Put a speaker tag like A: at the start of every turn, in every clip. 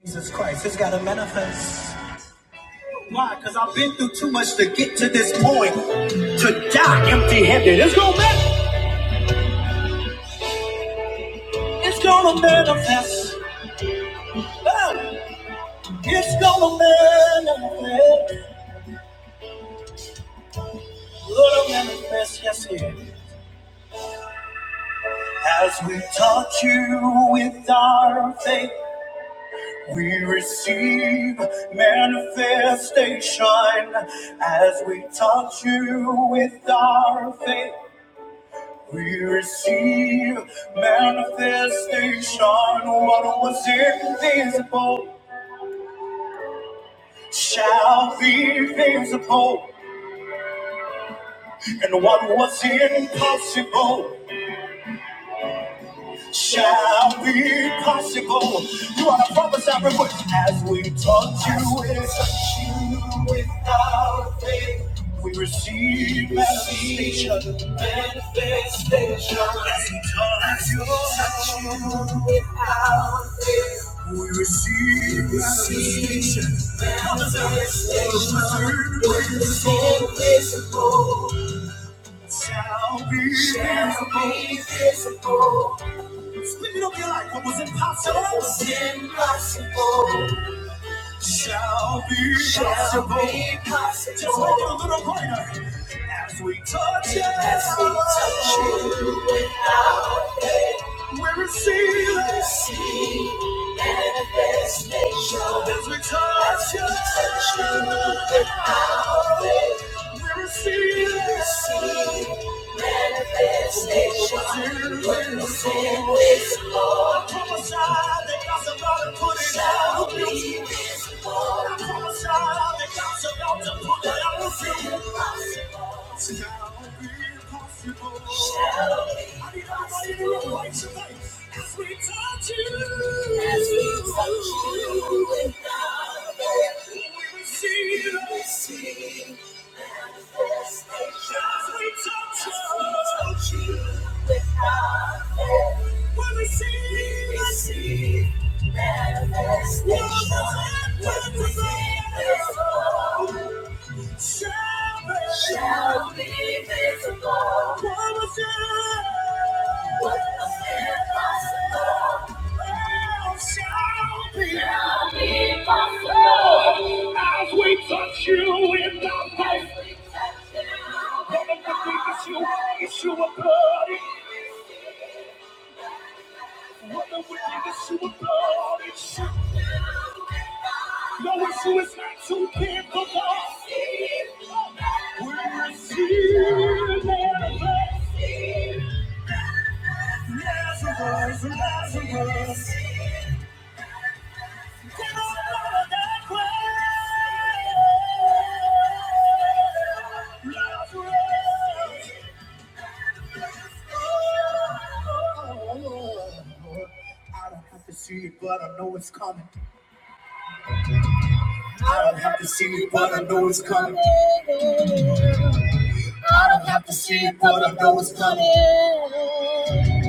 A: Jesus Christ, it's gotta manifest. Why? Because I've been through too much to get to this point. To die empty handed. It's gonna manifest. It's gonna manifest. Oh, It's gonna manifest. Gonna manifest, yes, it. As we touch you with our faith, we receive manifestation. As we touch you with our faith, We receive manifestation. What was invisible shall be visible, and what was impossible. shall be possible. You are the promise every word as we touch you. As touch you with our faith. We receive manifestation. Manifestation. As we touch you, touch you with our faith. We receive manifestation. Manifestation. When it's Invisible. Shall be Shall be visible. Speaking over your life, what was impossible, was impossible shall be shall possible. Be possible. Just make it a little brighter as we touch it. As we touch it without it. We're receiving. Receive manifestation. As we touch you. Touch you with our faith. We're receiving. Receive manifestation. What you send this Lord. I prophesy that God's about to put it out of you. Shall be visible. I prophesy that God's about to put it out of you. Shall be possible. Shall be I need everybody in the room right tonight as we touch you. As we touch you with our faith. We receive it. We receive manifestation. As we touch you, As we touch you with our faith. We receive. We receive manifestation. What is it? What is it? shall be, shall be visible. What was impossible? What was impossible? Shall be, shall be possible. As we touch you in the face, As we touch you in the you, it's you blood. No issue is not too big for God. We receive manifest. Lazarus, Lazarus. Come on, Lord, that way. Lazarus. Oh, Lord. I don't have to see it, but I know it's coming. I don't have to see it, but I know it's coming. I don't have to see it, but I know it's coming.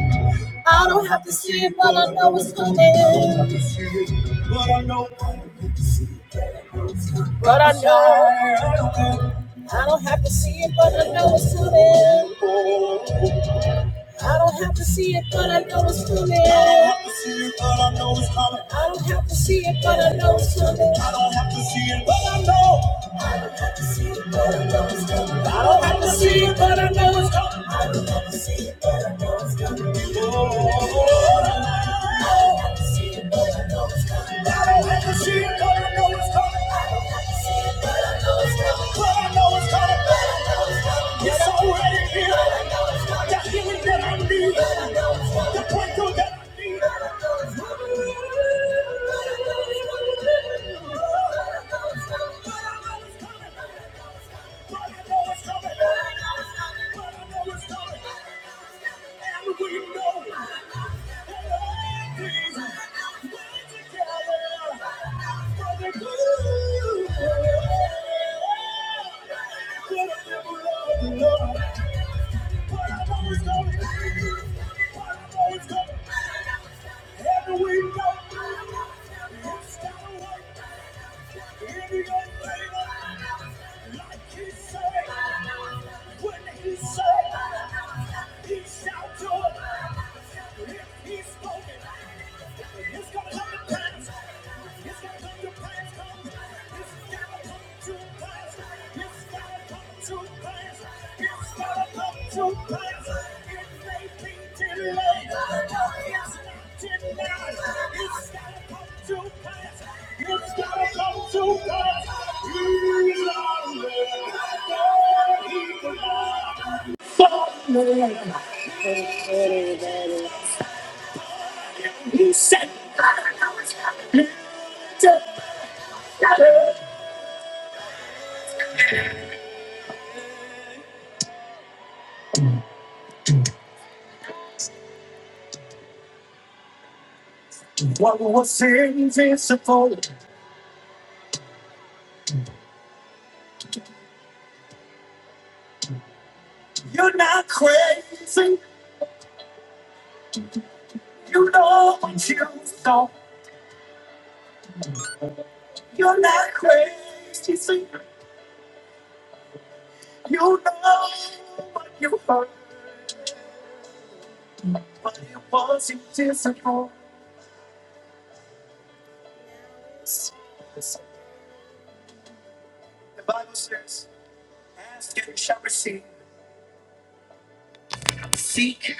A: I don't have to see it, but I know it's coming. I don't have to see it, But I know, it's coming. but I know, I don't have to see it, but I know it's coming. I don't have to see it, but I know it's coming. I don't have to see it, but I know it's coming. I don't have to see it, but I know it's coming. I don't have to see it, but I know. I don't have to see it, but I know. I don't have to see it, but I know it's coming. Oh, I don't have to see it, but I know it's coming. It's already here. Everything I need to point to that. I but I know it's coming. I know it's coming. But I know But I know it's coming.
B: Praise the Lord, everybody.
A: Seek,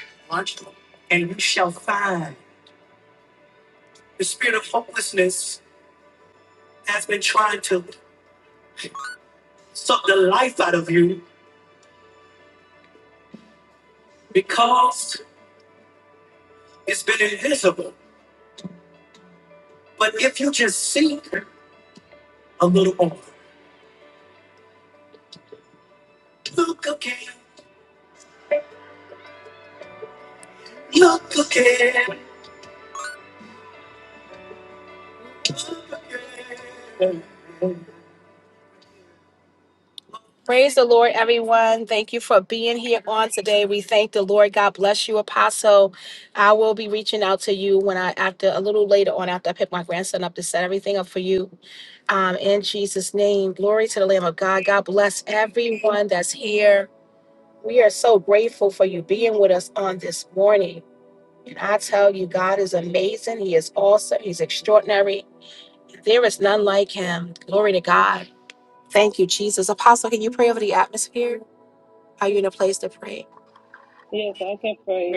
A: suck the life out of you. because it's been invisible. But if you just seek a little more, look again, look again. Praise the Lord, everyone. Thank you for being here on today. We thank the Lord. God bless you, Apostle. I will be reaching out to you when I, after a little later on, after I pick my grandson up to set everything up for you. Um, in Jesus' name, glory to the Lamb of God. God bless everyone that's here. We are so grateful for you being with us on this morning. And I tell you, God is amazing. He is awesome. He's extraordinary. There is none like him. Glory to God. Thank you, Jesus. Apostle, can you pray over the atmosphere? Are you in a place to pray?
B: Yes, I can pray.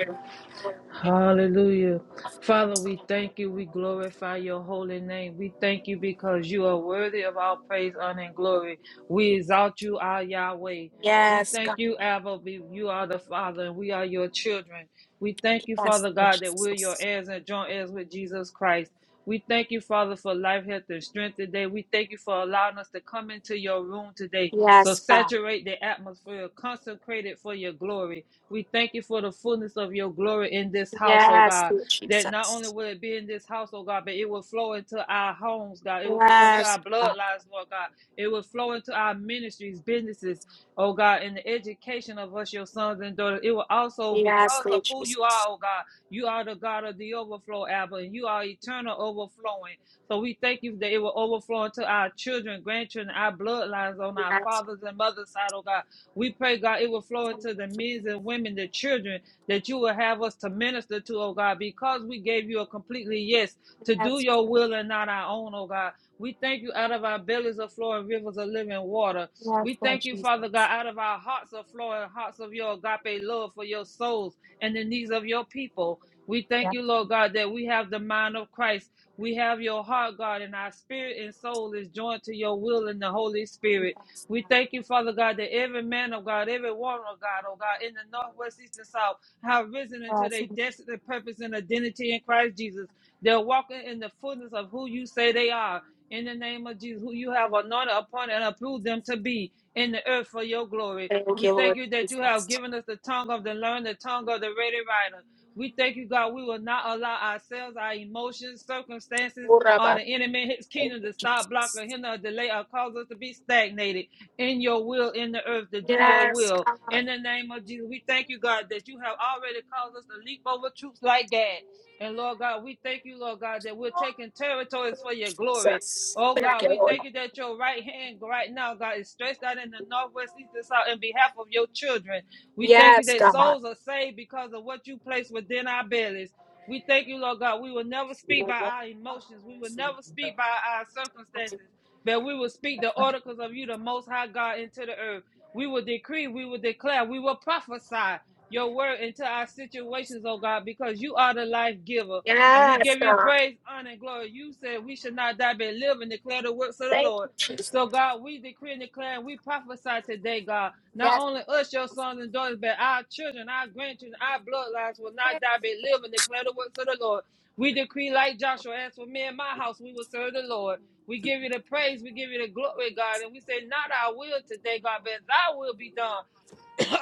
B: Hallelujah. Father, we thank you. We glorify your holy name. We thank you because you are worthy of all praise, honor, and glory. We exalt you, our Yahweh. We
A: Yes,
B: thank
A: God.
B: you, Abba. be- You are the Father, and we are your children. We thank you,
A: Yes,
B: Father
A: Lord
B: God, that we're your
A: Jesus.
B: heirs and joint heirs with Jesus Christ. We thank you, Father, for life, health, and strength today. We thank you for allowing us to come into your room today. So
A: Yes, God.
B: saturate the atmosphere, consecrate it for your glory. We thank you for the fullness of your glory in this house, oh
A: Yes,
B: God.
A: Lord
B: That not only
A: Jesus.
B: will it be in this house, oh God, but it will flow into our homes, God. It will flow into
A: Yes,
B: our
A: God.
B: bloodlines, Lord God. It will flow into our ministries, businesses, oh God, and the education of us, your sons and daughters. It will also,
A: Yes,
B: because
A: Lord
B: of who you are,
A: Jesus.
B: oh God, you are the God of the overflow, Abba, and you are eternal overflowing. So we thank you that it will overflow into our children, grandchildren, our bloodlines on our
A: Yes,
B: fathers and mothers' side, oh God. We pray, God, it will flow
A: Thank
B: into the
A: Jesus.
B: men and women, the children that you will have us to minister to, oh God, because we gave you a completely yes to do
A: yes,
B: your
A: God.
B: will and not our own, oh God. We thank you out of our bellies are flowing rivers of living water.
A: yes,
B: We
A: Lord
B: thank you, Father God,
A: Jesus.
B: out of our hearts are flowing hearts of your agape love for your souls and the needs of your people. We thank
A: Yes,
B: you, Lord God, that we have the mind of Christ. We have your heart, God, and our spirit and soul is joined to your will in the Holy Spirit.
A: yes,
B: We thank you, Father God, that every man of God, every woman of God, oh God, in the northwest, east, and south, have risen into
A: God.
B: their
A: Yes,
B: destiny, purpose, and identity in Christ Jesus. They're walking in the fullness of who you say they are. In the name of Jesus, who you have anointed appointed, and approved them to be in the earth for your glory.
A: Thank
B: We
A: you,
B: thank
A: Lord
B: you that you have
A: Jesus.
B: given us the tongue of the learned, the tongue of the ready writer. We thank you, God. We will not allow ourselves, our emotions, circumstances, or
A: Uraba.
B: the enemy, his
A: Thank
B: kingdom
A: you,
B: to stop, block,
A: Jesus.
B: or hinder, or delay, or cause us to be stagnated in your will in the earth to do your
A: Yes,
B: will.
A: God.
B: In the name of Jesus, we thank you, God, that you have already caused us to leap over troops like that. And Lord God, we thank you, Lord God, that we're taking territories for your glory.
A: Jesus.
B: Oh
A: Thank
B: God,
A: you,
B: we
A: Lord.
B: thank you that your right hand right now, God, is stretched out in the northwest, east, and south in behalf of your children. We thank you
A: Yes,
B: that
A: God.
B: souls are saved because of what you placed within our bellies. We thank you, Lord God. We will never speak by our emotions. We will never speak by our circumstances that we will speak the oracles of you, the Most High God, into the earth. We will decree, we will declare, we will prophesy your word into our situations, oh God, because you are the life giver. And we
A: Yes,
B: give you
A: God.
B: praise, honor, and glory. You said we should not die but live and declare the works of the
A: Thank
B: Lord.
A: you, Jesus.
B: So, God, we decree and declare and we prophesy today, God. Not
A: Yes.
B: only us, your sons and daughters, but our children, our grandchildren, our bloodlines will not die but live and declare the works of the Lord. We decree, like Joshua, as for me and my house, we will serve the Lord. We give you the praise. We give you the glory, God. And we say, not our will today, God, but thy will be done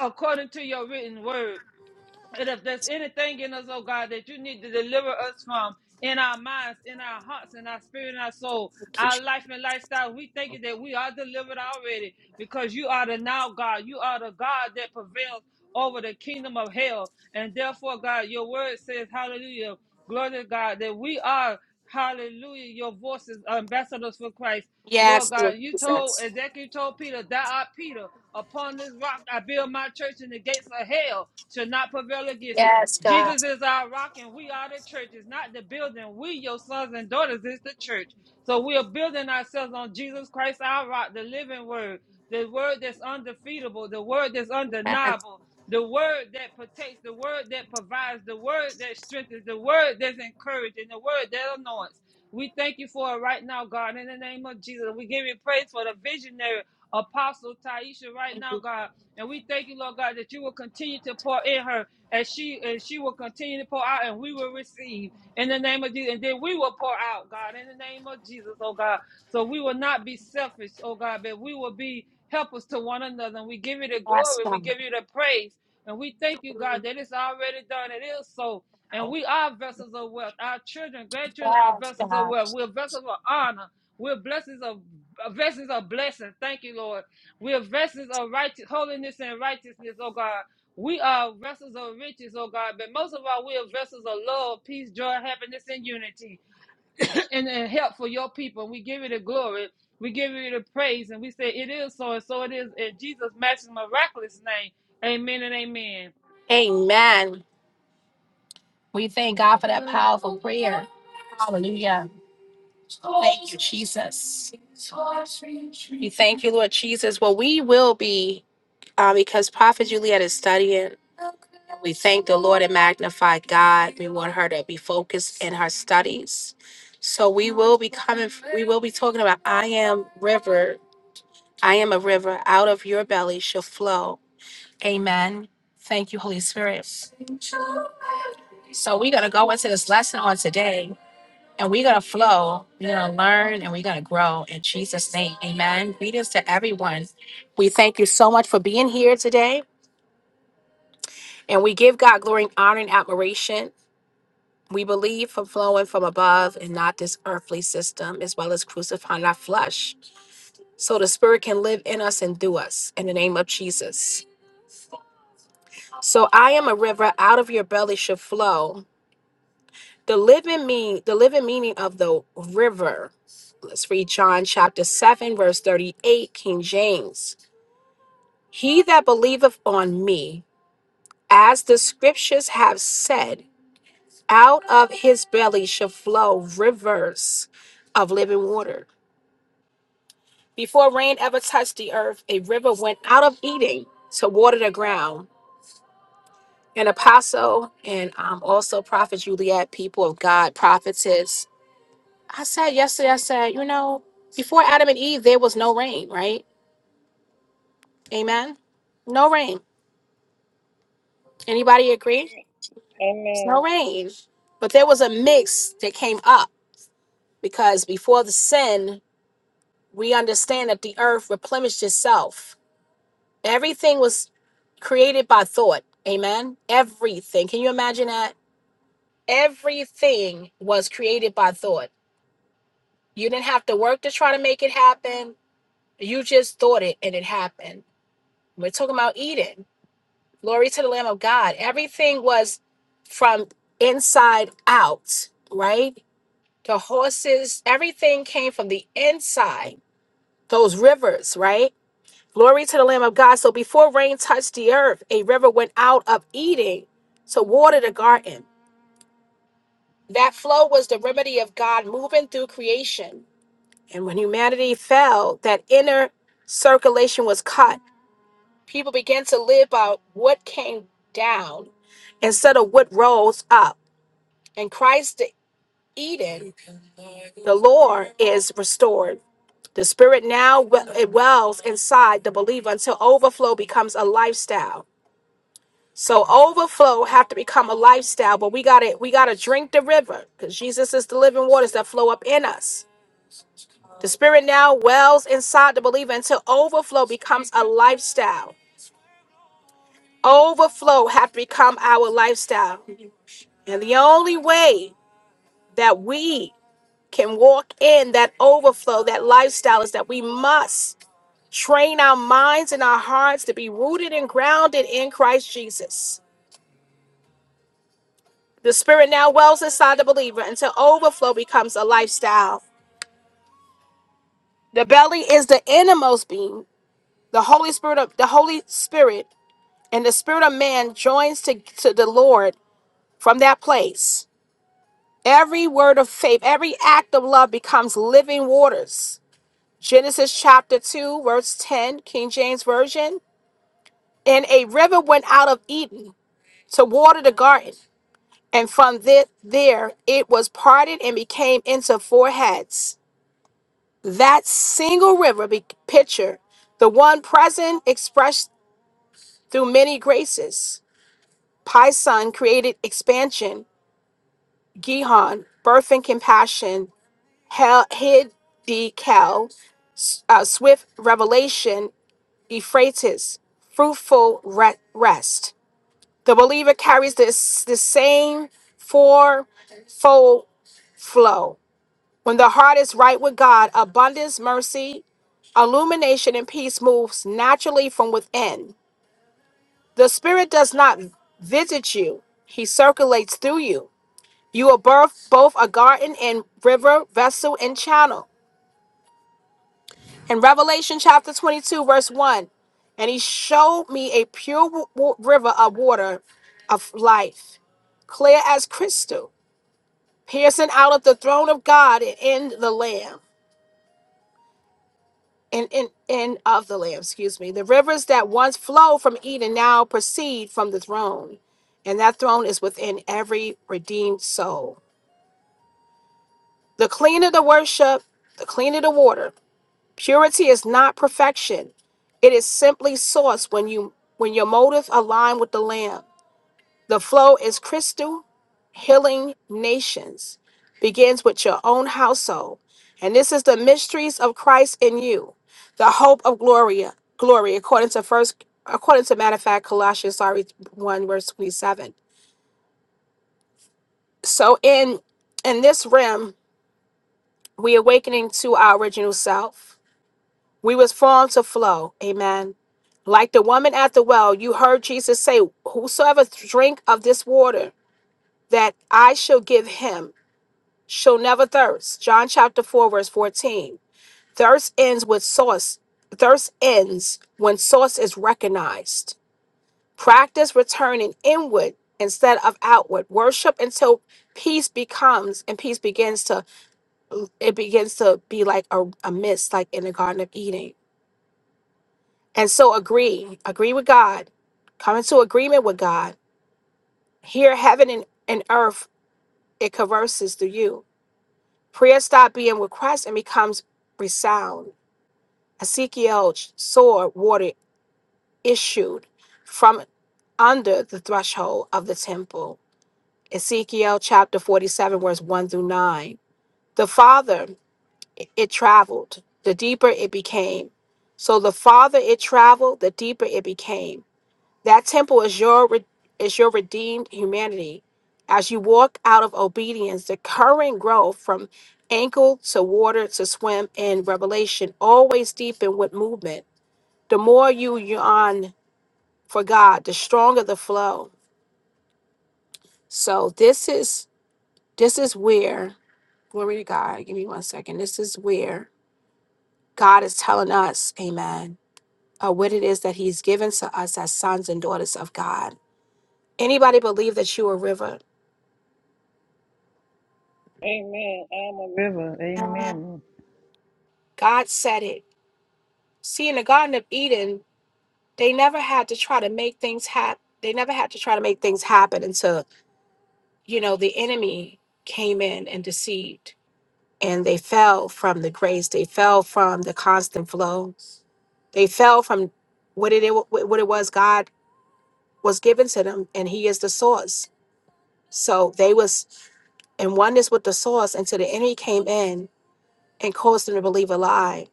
B: according to your written word. And if there's anything in us, oh God, that you need to deliver us from in our minds, in our hearts, in our spirit, in our soul, our life and lifestyle, we thank you that we are delivered already because you are the now God. You are the God that prevails over the kingdom of hell. And therefore, God, your word says, hallelujah, glory to God, that we are, hallelujah, your voices, ambassadors for Christ. Lord
A: Yes,
B: God,
A: Lord
B: you told,
A: Jesus.
B: exactly you told Peter, thou art Peter. Upon this rock I build my church, and the gates of hell shall not prevail against it.
A: Yes, God.
B: Jesus is our rock, and we are the church. It's not the building. We, your sons and daughters, is the church. So we are building ourselves on Jesus Christ, our rock, the living word, the word that's undefeatable, the word that's
A: Yes,
B: undeniable, the word that protects, the word that provides, the word that strengthens, the word that's encouraging, the word that anoints. We thank you for it right now, God, in the name of Jesus. We give you praise for the visionary Apostle Taisha right
A: thank
B: now,
A: you.
B: God. And we thank you, Lord God, that you will continue to pour in her and she and she will continue to pour out and we will receive in the name of Jesus. And then we will pour out, God, in the name of Jesus, oh God. So we will not be selfish, oh God, but we will be helpers to one another. And we give you the
A: Yes,
B: glory, we
A: God.
B: give you the praise. And we thank you, God, that it's already done. It is so. And we are vessels of wealth. Our children, grandchildren are
A: Yes,
B: vessels of
A: God.
B: wealth. We're vessels of honor. We're blessings of uh, vessels of blessing. Thank you, Lord. We're vessels of righteous holiness and righteousness, oh God. We are vessels of riches, oh God, but most of all, we are vessels of love, peace, joy, happiness, and unity, and, and help for your people. And we give you the glory, we give you the praise, and we say it is so, and so it is. In Jesus' matchless, miraculous name, amen and amen.
A: Amen. We thank God for that powerful prayer. Hallelujah. Thank you, Jesus. We thank you, Lord Jesus. Well, we will be, uh, because Prophet Juliet is studying. and We thank the Lord and magnify God. We want her to be focused in her studies. So we will be coming, we will be talking about I am river. I am a river. Out of your belly shall flow. Amen. Thank you, Holy Spirit. So we're going to go into this lesson on today. And we're going to flow, we're going to learn, and we're going to grow in Jesus' name. Amen. Greetings to everyone. We thank you so much for being here today. And we give God glory and honor and admiration. We believe from flowing from above and not this earthly system, as well as crucifying our flesh, so the Spirit can live in us and through us in the name of Jesus. So I am a river, out of your belly should flow. The living mean the living meaning of the river Let's read John chapter 7, verse 38, King James. He that believeth on me, as the scriptures have said, out of his belly shall flow rivers of living water. Before rain ever touched the earth, a river went out of Eden to water the ground. An apostle and um, also Prophet Juliet, people of God, prophetess. I said yesterday, I said, you know, before Adam and Eve, there was no rain, right? Amen. No rain. Anybody agree? It's no
B: Amen.
A: rain. But there was a mix that came up because before the sin, we understand that the earth replenished itself. Everything was created by thought. Amen. Everything. Can you imagine that? Everything was created by thought. You didn't have to work to try to make it happen. You just thought it and it happened. We're talking about Eden. Glory to the Lamb of God. Everything was from inside out, right? the horses, everything came from the inside, those rivers, right? Glory to the Lamb of God. So before rain touched the earth, a river went out of Eden to water the garden. That flow was the remedy of God moving through creation. And when humanity fell, that inner circulation was cut. People began to live by what came down instead of what rose up. And Christ, the Eden, the Lord, is restored. The spirit now we- it wells inside the believer until overflow becomes a lifestyle. So overflow have to become a lifestyle, but we got to we got to drink the river because Jesus is the living waters that flow up in us. The spirit now wells inside the believer until overflow becomes a lifestyle. Overflow have to become our lifestyle, and the only way that we can walk in that overflow, that lifestyle, is that we must Train our minds and our hearts to be rooted and grounded in Christ Jesus. The Spirit now wells inside the believer until overflow becomes a lifestyle. The belly is the innermost being. The Holy Spirit of the Holy Spirit and the Spirit of man joins to, to the Lord from that place. Every word of faith, every act of love becomes living waters. Genesis chapter 2, verse 10, King James Version. And a river went out of Eden to water the garden. And from thi- there it was parted and became into four heads. That single river be- picture, the one present expressed through many graces. Pison created expansion, Gihon, birth and compassion, Hel- Hid Kel, s- uh, swift revelation, Euphrates, fruitful re- rest. The believer carries this the same fourfold flow When the heart is right with God, abundance, mercy, illumination, and peace moves naturally from within. The Spirit does not visit you, He circulates through you. You are birth, both a garden and river, vessel, and channel. In Revelation chapter 22, verse 1, and He showed me a pure w- w- river of water of life, clear as crystal, piercing out of the throne of God and in the Lamb. and, and, and of the Lamb, excuse me. The rivers that once flowed from Eden now proceed from the throne, and that throne is within every redeemed soul. The cleaner the worship, the cleaner the water. Purity is not perfection. It is simply source when you when your motive align with the Lamb. The flow is crystal healing nations begins with your own household. And this is the mysteries of Christ in you, the hope of glory, glory, according to first according to matter of fact, Colossians sorry, one verse twenty-seven. So in in this realm, we awakening to our original self. We was formed to flow. Amen. Like the woman at the well, you heard Jesus say, Whosoever drink of this water that I shall give him shall never thirst. John chapter 4, verse 14. Thirst ends with source. Thirst ends when source is recognized. Practice returning inward instead of outward. Worship until peace becomes and peace begins to it begins to be like a, a mist, like in the Garden of Eden. And so agree. Agree with God. Come into agreement with God. Here heaven and, and earth it converses through you. Prayer stop being with Christ and becomes resound. Ezekiel's sword water issued from under the threshold of the temple. Ezekiel chapter 47, verse 1 through 9. The farther it traveled, the deeper it became. So the farther it traveled, the deeper it became. That temple is your re- is your redeemed humanity. As you walk out of obedience, the current growth from ankle to water to swim in revelation always deepen with movement the more you yawn for God, the stronger the flow. So this is this is where glory to God. Give me one second. This is where God is telling us, Amen, uh, what it is that He's given to us as sons and daughters of God. Anybody believe that you are a river?
B: Amen. I'm a river. Amen.
A: God said it. See, in the Garden of Eden, they never had to try to make things happen. They never had to try to make things happen until you know the enemy came in and deceived and they fell from the grace. They fell from the constant flow. They fell from what it what it was God was given to them, and He is the source. So they was in oneness with the source until the enemy came in and caused them to believe a lie.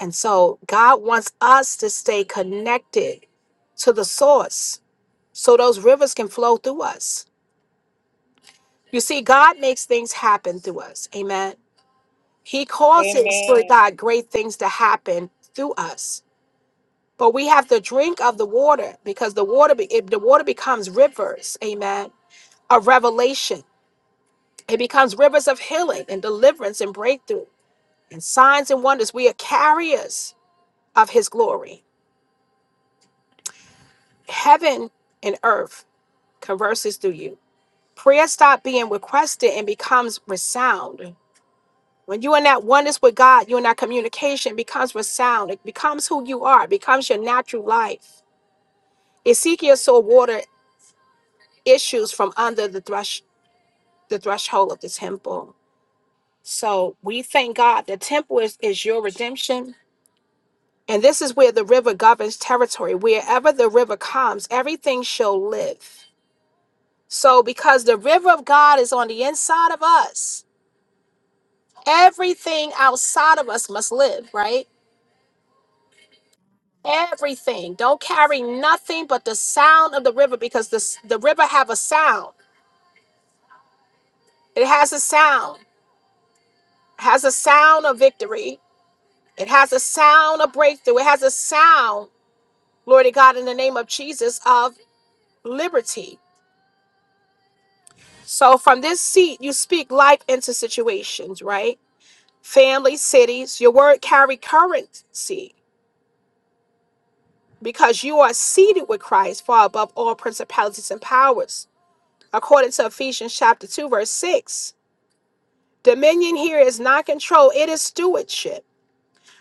A: And so God wants us to stay connected to the source so those rivers can flow through us. You see, God makes things happen through us. Amen. He causes, Lord
B: Amen.
A: God, great things to happen through us. But we have to drink of the water because the water, be, it, the water becomes rivers, amen, of revelation. It becomes rivers of healing and deliverance and breakthrough and signs and wonders. We are carriers of his glory. Heaven and earth converses through you. Prayer stop being requested and becomes resound. When you're in that oneness with God, you're in that communication, it becomes resound. It becomes who you are, it becomes your natural life. Ezekiel saw water issues from under the threshold the threshold of the temple. So we thank God. The temple is, is your redemption. And this is where the river governs territory. Wherever the river comes, everything shall live. So because the river of God is on the inside of us, everything outside of us must live, right? Everything. Don't carry nothing but the sound of the river because this, the river have a sound. It has a sound. It has a sound of victory. It has a sound of breakthrough. It has a sound glory to God, in the name of Jesus, of liberty. So from this seat, you speak life into situations, right? Family, cities, your word carry currency because you are seated with Christ far above all principalities and powers. According to Ephesians chapter 2, verse 6, dominion here is not control, it is stewardship.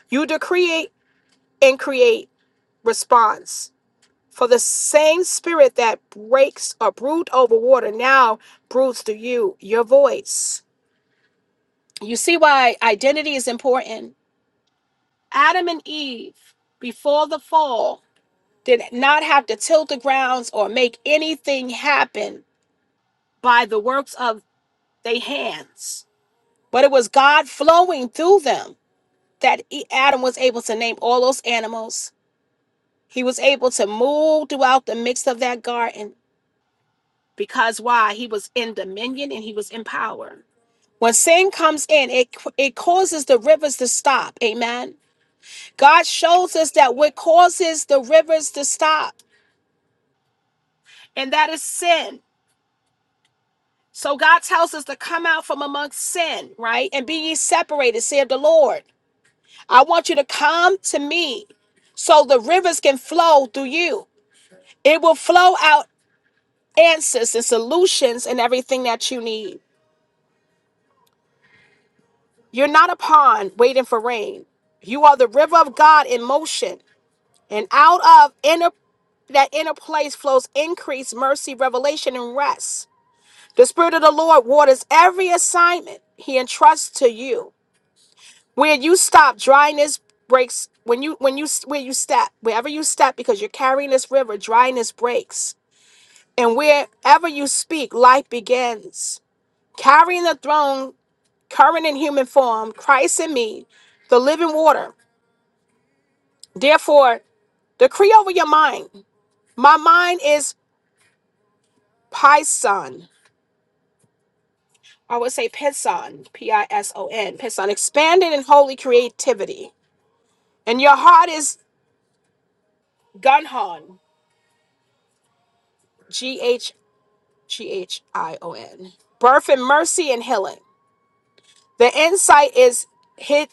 A: You decree and create response. For the same spirit that breaks or brood over water now broods through you, your voice. You see why identity is important? Adam and Eve, before the fall, did not have to till the grounds or make anything happen by the works of their hands, but it was God flowing through them that E- Adam was able to name all those animals. He was able to move throughout the midst of that garden because why? He was in dominion and he was in power. When sin comes in, it, it causes the rivers to stop. Amen God shows us that what causes the rivers to stop, and that is sin. So God tells us to come out from amongst sin, right? And be ye separated, saith the Lord. I want you to come to me so the rivers can flow through you. It will flow out answers and solutions and everything that you need. You're not a pond waiting for rain. You are the river of God in motion. And out of inner that inner place flows increase, mercy, revelation, and rest. The Spirit of the Lord waters every assignment He entrusts to you. Where you stop, dryness breaks. When you when you where you step, wherever you step, because you're carrying this river, dryness breaks. And wherever you speak, life begins. Carrying the throne, current in human form, Christ in me, the living water. Therefore, decree over your mind. My mind is Pison. I would say Pison, P I S O N, Pison, expanded in holy creativity. And your heart is Gunhon, G H G H I O N. Birth and mercy and healing. The insight is Hit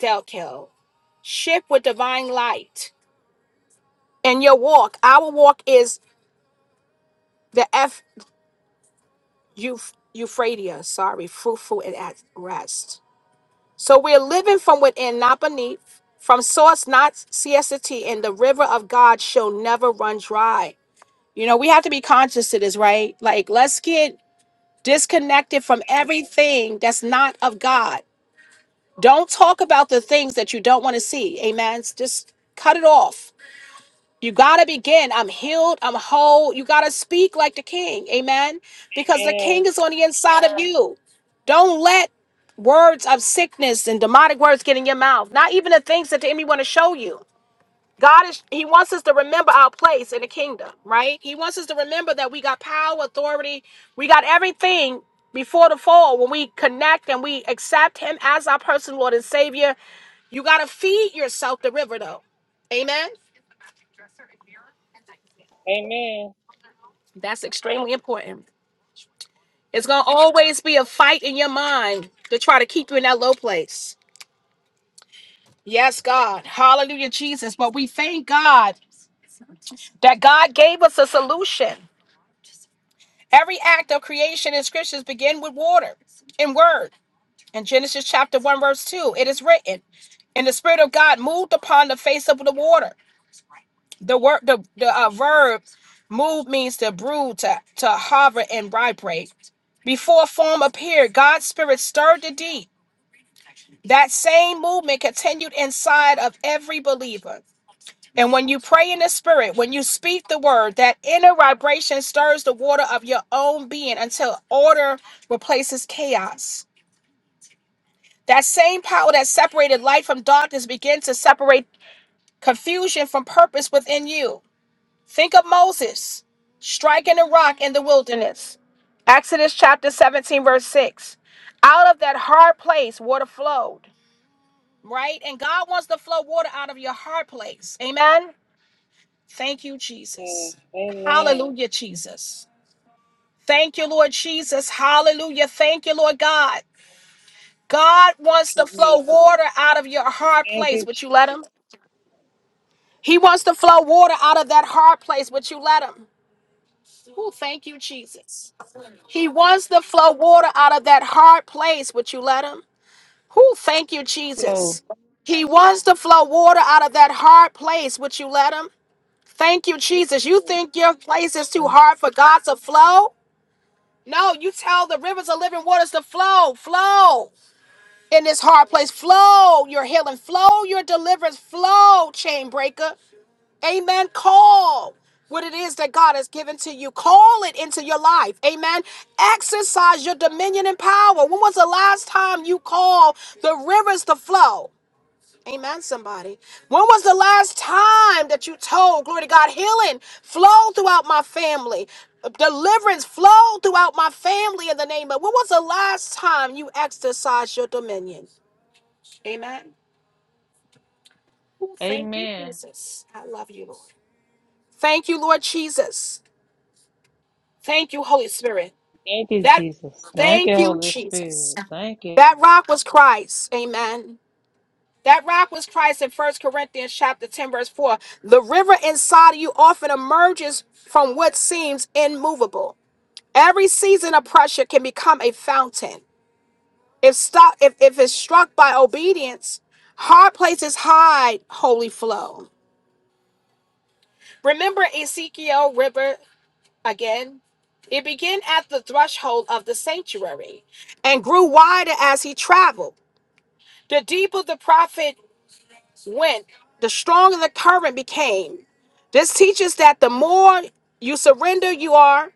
A: Delkel, ship with divine light. And your walk, our walk is the F Euph- Euphradia, sorry, fruitful and at rest. So we're living from within, not beneath, from source, not CST, and the river of God shall never run dry. You know, we have to be conscious of this, right? Like, let's get disconnected from everything that's not of God. Don't talk about the things that you don't want to see. Amen. Just cut it off. You got to begin. I'm healed. I'm whole. You got to speak like the king. Amen. Because the
B: Amen.
A: king is on the inside of you. Don't let words of sickness and demonic words get in your mouth. Not even the things that the enemy want to show you. God is He wants us to remember our place in the kingdom, right? He wants us to remember that we got power, authority, we got everything before the fall when we connect and we accept Him as our personal Lord and Savior. You gotta feed yourself the river though. Amen.
B: Amen.
A: That's extremely important. It's gonna always be a fight in your mind to try to keep you in that low place. Yes, God. Hallelujah, Jesus. But we thank God that God gave us a solution. Every act of creation in scriptures begin with water and word. In Genesis chapter 1, verse 2, it is written, And the Spirit of God moved upon the face of the water. The word the, the uh, verb move means to brew, to, to hover and vibrate. Before form appeared, God's spirit stirred the deep. That same movement continued inside of every believer. And when you pray in the spirit, when you speak the word, that inner vibration stirs the water of your own being until order replaces chaos. That same power that separated light from darkness begins to separate confusion from purpose within you. Think of Moses striking the rock in the wilderness. Exodus chapter 17, verse 6. Out of that hard place, water flowed, right? And God wants to flow water out of your hard place. Amen. Thank you, Jesus.
B: Amen.
A: Hallelujah, Jesus. Thank you, Lord Jesus. Hallelujah. Thank you, Lord God. God wants to
B: Glory
A: flow
B: to God.
A: water out of your hard
B: Thank
A: place.
B: you,
A: Would you let
B: Jesus.
A: him? He wants to flow water out of that hard place, but you let him. Oh, thank you, Jesus. He wants to flow water out of that hard place, but you let him. Oh, thank you,
B: Flow.
A: Jesus. He wants to flow water out of that hard place, would you let him? Thank you,
B: Yes,
A: Jesus. You
B: Lord.
A: think your place is too
B: Flow.
A: hard for God to flow? No, you tell the rivers of living waters to flow, flow in this hard place, flow your healing, flow your deliverance, flow, chain breaker. Amen. Call what it is that God has given to you. Call it into your life. Amen. Exercise your dominion and power. When was the last time you called the rivers to flow? Amen, somebody. When was the last time that you told, glory to God, healing flow throughout my family? Deliverance flow throughout my family in the name of. When was the last time you exercised your dominion? Amen. Ooh, Thank you,
B: Amen.
A: Jesus. I love you, Lord. Thank you, Lord Jesus. Thank you, Holy Spirit.
B: Thank you,
A: That
B: Jesus. Thank
A: thank
B: you,
A: you,
B: Holy
A: Jesus.
B: Spirit. Thank you.
A: That rock was Christ. Amen. That rock was Christ in First Corinthians chapter 10, verse 4. The river inside of you often emerges from what seems immovable. Every season of pressure can become a fountain. If stuck, if, if it's struck by obedience, hard places hide holy flow. Remember Ezekiel River again? It began at the threshold of the sanctuary and grew wider as he traveled. The deeper the prophet went, the stronger the current became. This teaches that the more you surrender, you are,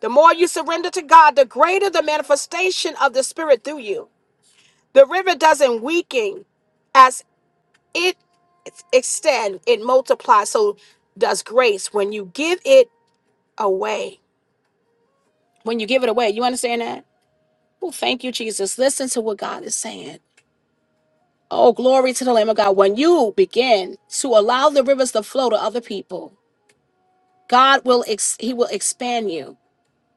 A: the more you surrender to God, the greater the manifestation of the Spirit through you. The river doesn't weaken as it extends, it multiplies. So does grace when you give it away. When you give it away, you understand that? Well, thank you, Jesus. Listen to what God is saying. Oh, glory to the Lamb of God. When you begin to allow the rivers to flow to other people, God will ex- He will expand you.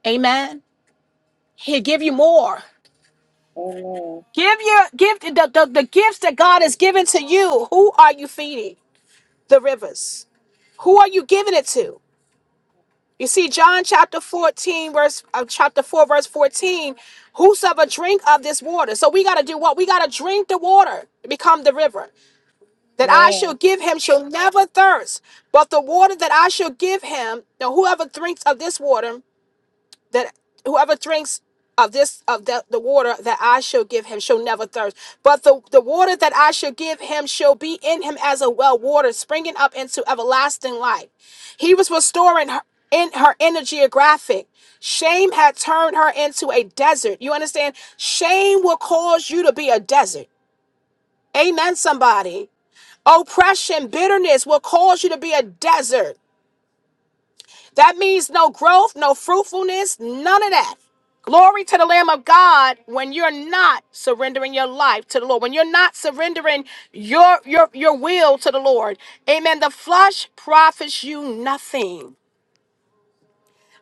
A: Amen. He'll give you more.
B: Amen.
A: Give your give the, the, the gifts that God has given to you. Who are you feeding? The rivers. Who are you giving it to? You see, John chapter 14, verse uh, chapter 4, verse 14, whosoever drink of this water. So we gotta do what? We gotta drink the water, to become the river. that I shall
B: Amen.
A: give him shall never thirst, but the water that I shall give him, now whoever drinks of this water, that whoever drinks of this of the, the water that I shall give him shall never thirst. But the, the water that I shall give him shall be in him as a well water, springing up into everlasting life. He was restoring her in her inner geographic. Shame had turned her into a desert. You understand? Shame will cause you to be a desert. Amen, somebody. Oppression, bitterness will cause you to be a desert. That means no growth, no fruitfulness, none of that. Glory to the Lamb of God when you're not surrendering your life to the Lord, when you're not surrendering your your your will to the Lord. Amen. The flesh profits you nothing.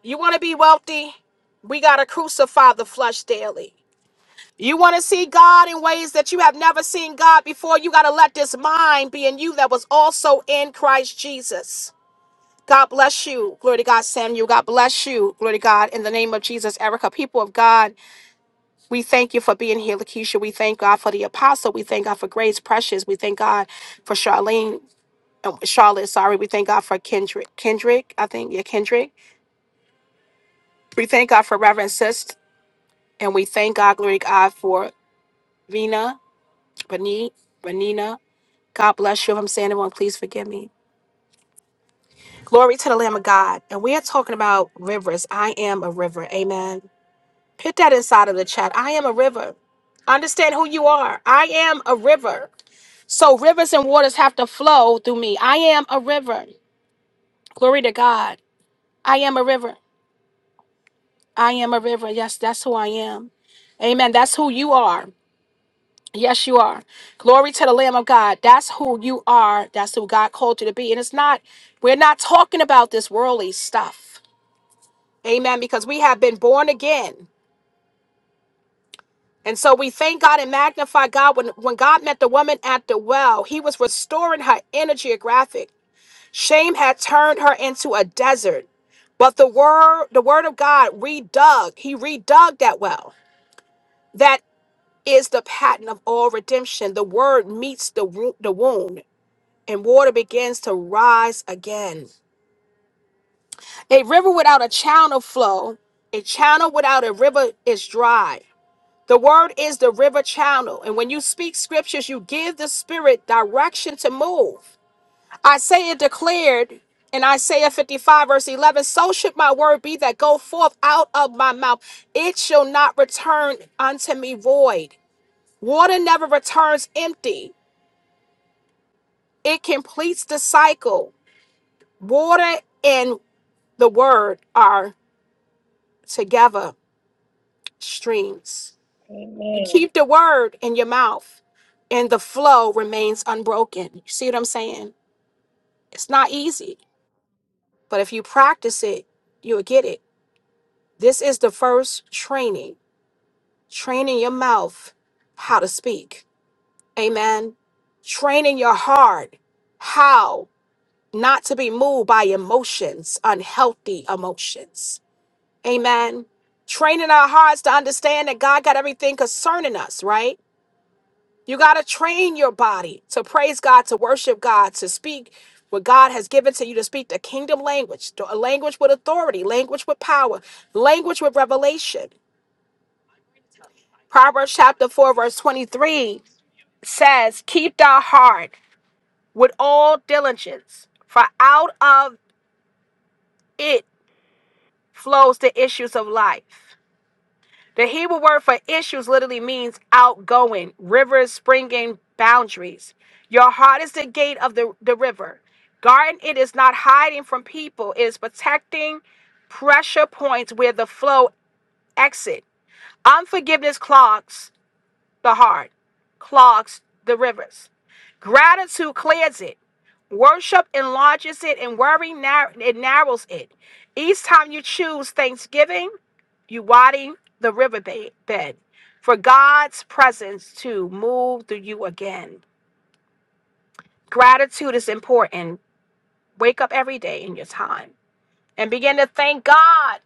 A: You want to be wealthy? We got to crucify the flesh daily. You want to see God in ways that you have never seen God before? You got to let this mind be in you that was also in Christ Jesus. God bless you. Glory to God, Samuel. God bless you. Glory to God. In the name of Jesus, Erica, people of God, we thank you for being here, Lakeisha. We thank God for the apostle. We thank God for Grace Precious. We thank God for Charlene. um, Charlotte, sorry. We thank God for Kendrick. Kendrick, I think. Yeah, Kendrick. We thank God for Reverend Sist. And we thank God, glory to God, for Vina, Renee, Renina. God bless you. If I'm saying it wrong, please forgive me. Glory to the Lamb of God. And we are talking about rivers. I am a river. Amen. Put that inside of the chat. I am a river. Understand who you are. I am a river. So rivers and waters have to flow through me. I am a river. Glory to God. I am a river. I am a river. Yes, that's who I am. Amen. That's who you are. Yes, you are. Glory to the Lamb of God. That's who you are. That's who God called you to be. And it's not, we're not talking about this worldly stuff. Amen. Because we have been born again. And so we thank God and magnify God. When, when God met the woman at the well, he was restoring her inner geographic. Shame had turned her into a desert. But the word, the word of God redug. He redug that well. That is the pattern of all redemption. The word meets the, wo- the wound, and water begins to rise again. A river without a channel flow, a channel without a river is dry. The word is the river channel. And when you speak scriptures, you give the spirit direction to move. Isaiah declared in Isaiah 55, verse 11, So should my word be that go forth out of my mouth. It shall not return unto me void. Water never returns empty, it completes the cycle. Water and the word are together streams. You
B: Amen.
A: keep the word in your mouth and the flow remains unbroken. You see what I'm saying? It's not easy, but if you practice it, you'll get it. This is the first training training your mouth how to speak. Amen. Training your heart how not to be moved by emotions, unhealthy emotions. Amen. Training our hearts to understand that God got everything concerning us, right? You got to train your body to praise God, to worship God, to speak what God has given to you to speak the kingdom language, the- a language with authority, language with power, language with revelation. Proverbs chapter 4, verse 23 says, Keep thy heart with all diligence, for out of it flows the issues of life. The Hebrew word for issues literally means outgoing, rivers springing boundaries. Your heart is the gate of the, the river. Guarding it is not hiding from people, it is protecting pressure points where the flow exit. Unforgiveness clogs the heart, clogs the rivers. Gratitude clears it. Worship enlarges it, and worry nar- it narrows it. Each time you choose thanksgiving, you widen the riverbed bed for God's presence to move through you again. Gratitude is important. Wake up every day in your time and begin to thank God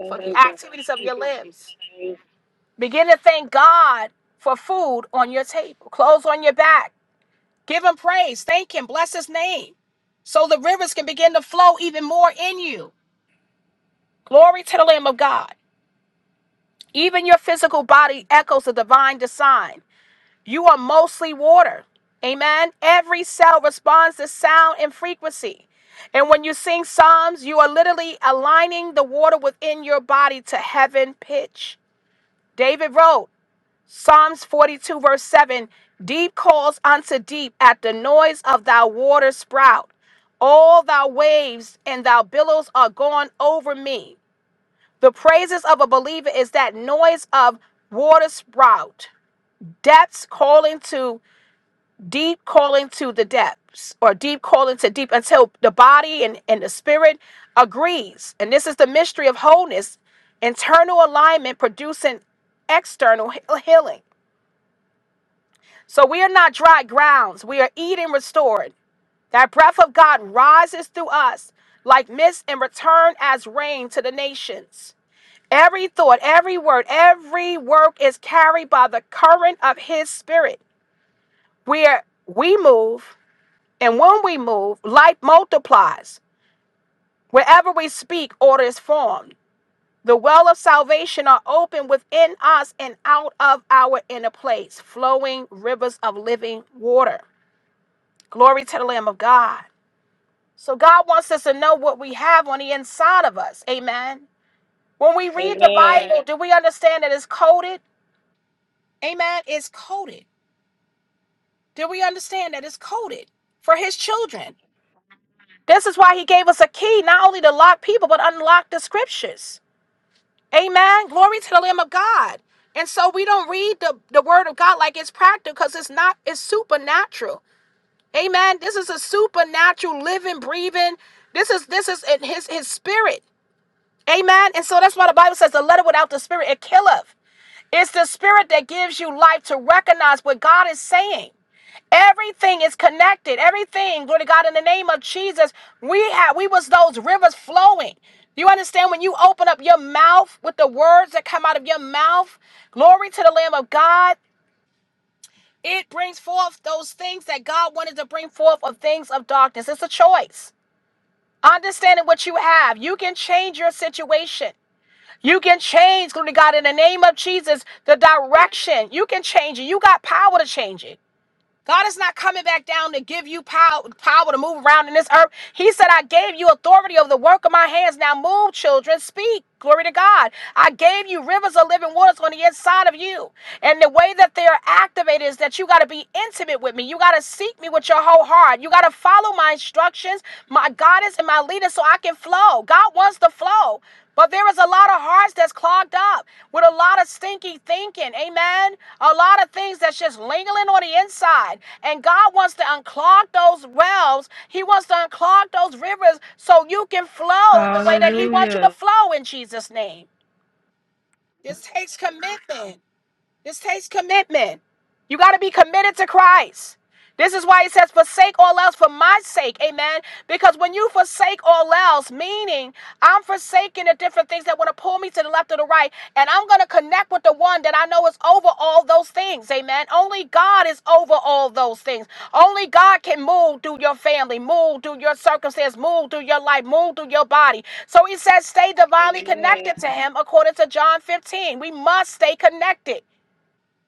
A: for the
B: you, God.
A: activities
B: Thank
A: of
B: you,
A: your
B: Jesus.
A: limbs.
B: Thank you, Holy
A: Begin to thank God for food on your table, clothes on your back. Give him praise. Thank him. Bless his name. So the rivers can begin to flow even more in you. Glory to the Lamb of God. Even your physical body echoes the divine design. You are mostly water. Amen. Every cell responds to sound and frequency. And when you sing Psalms, you are literally aligning the water within your body to heaven pitch. David wrote Psalms 42, verse 7 Deep calls unto deep at the noise of thy water sprout. All thy waves and thy billows are gone over me. The praises of a believer is that noise of water sprout, depths calling to deep calling to the depths or deep calling to deep until the body and, and the spirit agrees and this is the mystery of wholeness internal alignment producing external he- healing so we are not dry grounds we are eating restored that breath of god rises through us like mist and return as rain to the nations every thought every word every work is carried by the current of his spirit where we move And when we move, light multiplies. Wherever we speak, order is formed. The well of salvation are open within us and out of our inner place, flowing rivers of living water. Glory to the Lamb of God. So God wants us to know what we have on the inside of us. Amen. When we
B: Spirit.
A: read the
B: Amen.
A: Bible, do we understand that it's coded? Amen. It's coded. Do we understand that it's coded for his children? This is why he gave us a key, not only to lock people, but unlock the scriptures. Amen. Glory to the Lamb of God. And so we don't read the, the word of God like it's practical because it's not, it's supernatural. Amen. This is a supernatural living, breathing. This is this is in his his spirit. Amen. And so that's why the Bible says the letter without the spirit, it killeth. It's the spirit that gives you life to recognize what God is saying. Everything is connected. Everything, glory to God, in the name of Jesus, we have we was those rivers flowing. You understand when you open up your mouth with the words that come out of your mouth, glory to the Lamb of God, it brings forth those things that God wanted to bring forth of things of darkness. It's a choice. Understanding what you have, you can change your situation. You can change, glory to God, in the name of Jesus, the direction. You can change it. You got power to change it. God is not coming back down to give you power, power to move around in this earth. He said, I gave you authority over the work of my hands. Now move, children, speak. Glory to God. I gave you rivers of living waters on the inside of you. And the way that they are activated is that you got to be intimate with me. You got to seek me with your whole heart. You got to follow my instructions. My God guidance and my leading so I can flow. God wants to flow. But there is a lot of hearts that's clogged up with a lot of stinky thinking. Amen. A lot of things that's just lingering on the inside. And God wants to unclog those wells. He wants to unclog those rivers so you can flow the way that He wants you to
B: Hallelujah.
A: flow in Jesus' name. This takes commitment. This takes commitment. You got to be committed to Christ. This is why he says, forsake all else for my sake. Amen. Because when you forsake all else, meaning I'm forsaking the different things that want to pull me to the left or the right, and I'm going to connect with the one that I know is over all those things. Amen. Only God is over all those things. Only God can move through your family, move through your circumstance, move through your life, move through your body. So he says, stay divinely
B: Amen.
A: connected to him according to John 15. We must stay connected.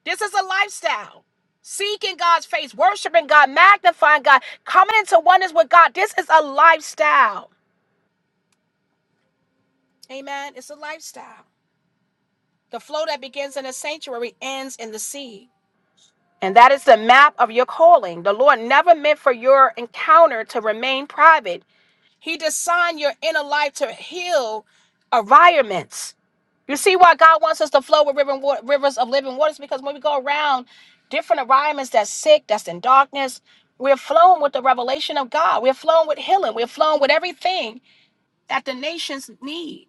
A: This is a lifestyle. Seeking God's face, worshiping God, magnifying God, coming into oneness with God. This is a lifestyle. Amen. It's a lifestyle. The flow that begins in the sanctuary ends in the sea. And that is the map of your calling. The Lord never made your encounter to remain private. He designed your inner life to heal environments see why God wants us to flow with river, wa- rivers of living waters because when we go around different environments that's sick, that's in darkness, we're flowing with the revelation of God. We're flowing with healing. We're flowing with everything at the nations. need.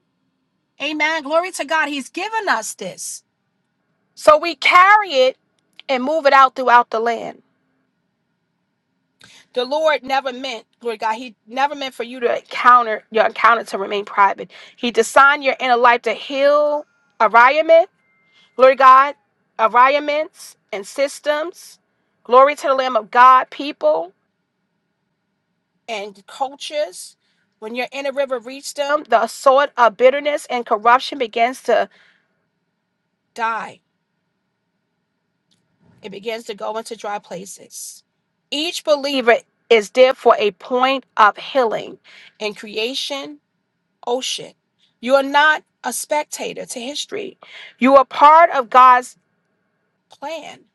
A: And glory to God, He's given us this. So we carry it and move it out throughout the land. The Lord never meant, Lord God, He never meant for you to encounter your encounter to remain private. He designed your inner life to heal environment, Lord God, environments and systems Glory to the Lamb of God, people and cultures. When you're in a river reaches them, the sword of bitterness and corruption begins to die. It begins to go into dry places. Each believer is there for a point of healing in creation, ocean. You are not a spectator to history. You are part of God's plan.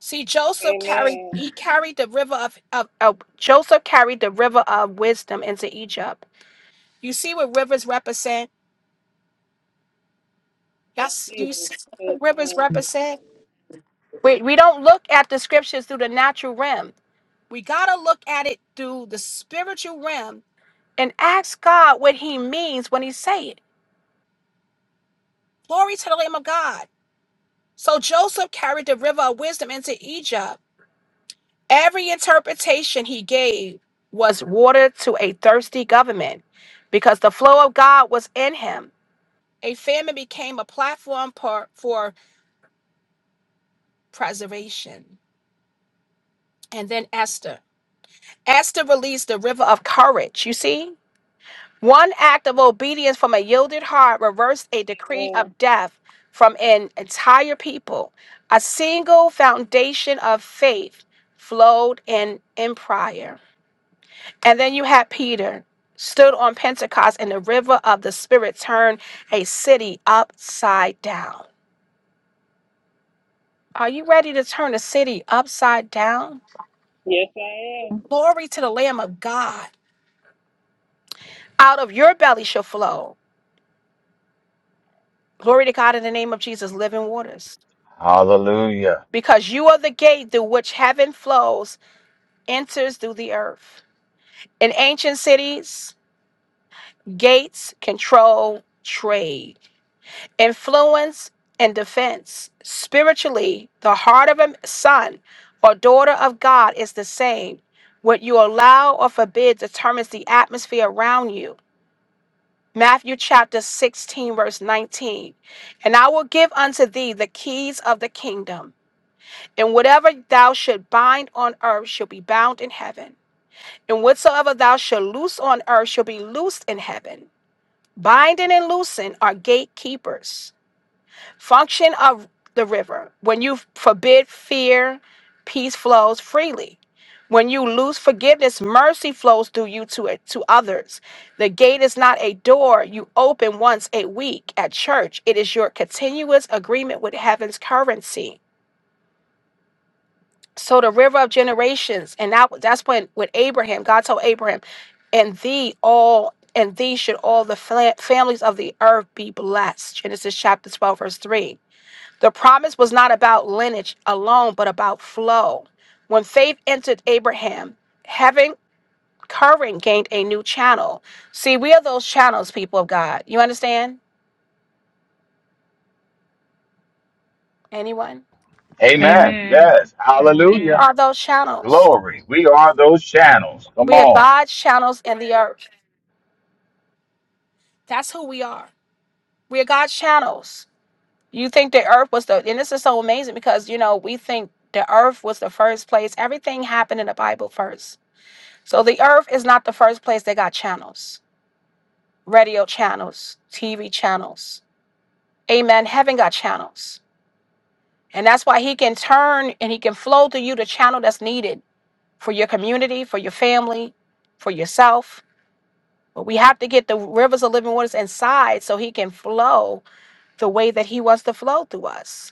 A: See, Joseph carried
B: Amen.
A: he carried the river of, of of- Joseph carried the river of wisdom into Egypt. You see what rivers represent? That's do you
B: Jesus.
A: see what rivers
B: Amen.
A: represent? We we don't look at the scriptures through the natural realm. We gotta look at it through the spiritual realm and ask God what He means when He say it. Glory to the Lamb of God. So Joseph carried the river of wisdom into Egypt. Every interpretation he gave was water to a thirsty government, because the flow of God was in him. A famine became a platform for, for preservation. and then Esther. Esther released the river of courage, you see? One act of obedience from a yielded heart reversed a decree
B: Amen.
A: of death from an entire people. A single foundation of faith flowed in empire. And then you had Peter stood on Pentecost and the river of the Spirit turned a city upside down. Are you ready to turn a city upside down?
B: Yes, I am.
A: Glory to the Lamb of God. Out of your belly shall flow. Glory to God in the name of Jesus, living waters.
C: Hallelujah.
A: Because you are the gate through which heaven flows, enters through the earth. In ancient cities, gates control trade, influence, and defense. Spiritually, the heart of a son or daughter of God is the same. What you allow or forbid determines the atmosphere around you. Matthew chapter 16, verse 19. And I will give unto thee the keys of the kingdom And whatever thou should bind on earth shall be bound in heaven. And whatsoever thou shalt loose on earth shall be loosed in heaven. Binding and loosing are gatekeepers. Function of the river. When you forbid fear, peace flows freely. When you lose forgiveness, mercy flows through you to it to others. The gate is not a door you open once a week at church. It is your continuous agreement with heaven's currency. So the river of generations, and that that's when with Abraham, God told Abraham, and thee all and thee should all the fla- families of the earth be blessed. Genesis chapter 12, verse 3. The promise was not about lineage alone, but about flow. When faith entered Abraham, heaven current gained a new channel. See, we are those channels, people of God. You understand? Anyone?
C: Amen.
B: Amen.
C: Yes.
A: We
C: Hallelujah.
B: Amen.
A: are those channels.
C: Glory. We are those channels. Come
A: We are
C: on.
A: God's channels in the earth. That's who we are. We are God's channels. You think the earth was the, and this is so amazing because, you know, we think the earth was the first place. Everything happened in the Bible first. So the earth is not the first place they got channels, radio channels, TV channels. Amen. Heaven got channels. And that's why he can turn and he can flow to you the channel that's needed for your community, for your family, for yourself. But we have to get the rivers of living waters inside so he can flow the way that he wants to flow through us.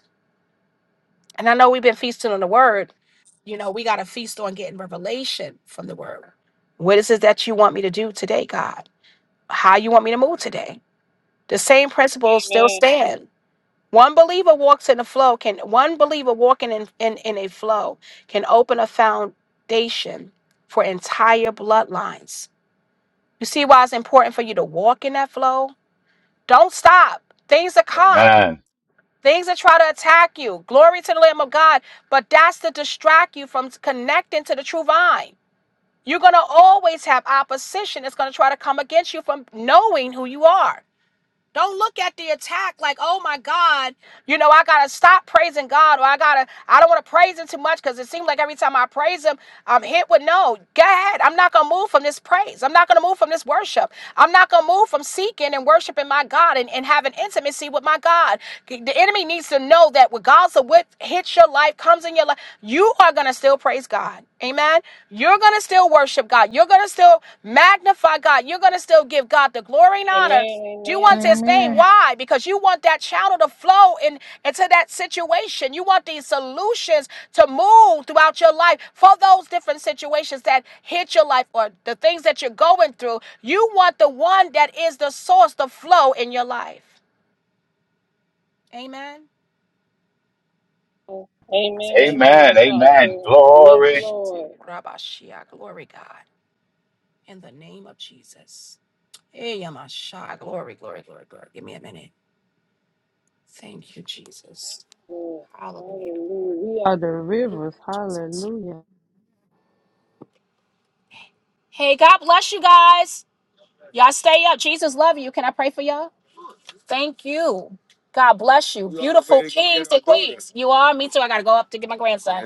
A: And I know we've been feasting on the word. You know, we got to feast on getting revelation from the word. What is it that you want me to do today, God? How you want me to move today? The same principles still
B: Amen.
A: stand. One believer walks in the flow can one believer walking in, in, in a flow can open a foundation for entire bloodlines. You see why it's important for you to walk in that flow? Don't stop. Things are calm.
C: Amen.
A: Things that try to attack you. Glory to the Lamb of God. But that's to distract you from connecting to the true vine. You're going to always have opposition that's going to try to come against you from knowing who you are. Don't look at the attack like, oh my God, you know, I gotta stop praising God, or I gotta, I don't wanna praise him too much because it seems like every time I praise him, I'm hit with no. Go ahead. I'm not gonna move from this praise. I'm not gonna move from this worship. I'm not gonna move from seeking and worshiping my God and, and having intimacy with my God. The enemy needs to know that regardless of what hits your life, comes in your life, you are gonna still praise God. Amen. You're gonna still worship God. You're gonna still magnify God. You're gonna still give God the glory and honor
B: Amen.
A: you
B: Amen.
A: want his
B: Amen.
A: name. Why? Because you want that channel to flow in, into that situation. You want these solutions to move throughout your life for those different situations that hit your life or the things that you're going through. You want the one that is the source, the flow in your life. Amen. That's
B: Amen,
A: what you want.
B: amen,
C: Amen. Amen.
B: Apostle.
A: Oh,
B: Yes,
C: Glory.
B: Lord.
A: Rabashia. Glory, God. In the name of Jesus. Hey, Yamasha. Glory, glory, glory, glory. Give me a minute. Thank you, Jesus.
B: Yes,
A: Hallelujah.
B: Hallelujah. We are the rivers. Hallelujah.
A: Hey, God bless you guys. Y'all stay up. Jesus love you. Can I pray for y'all? Thank you. God bless you. You all. Me too. I gotta go up to get my grandson.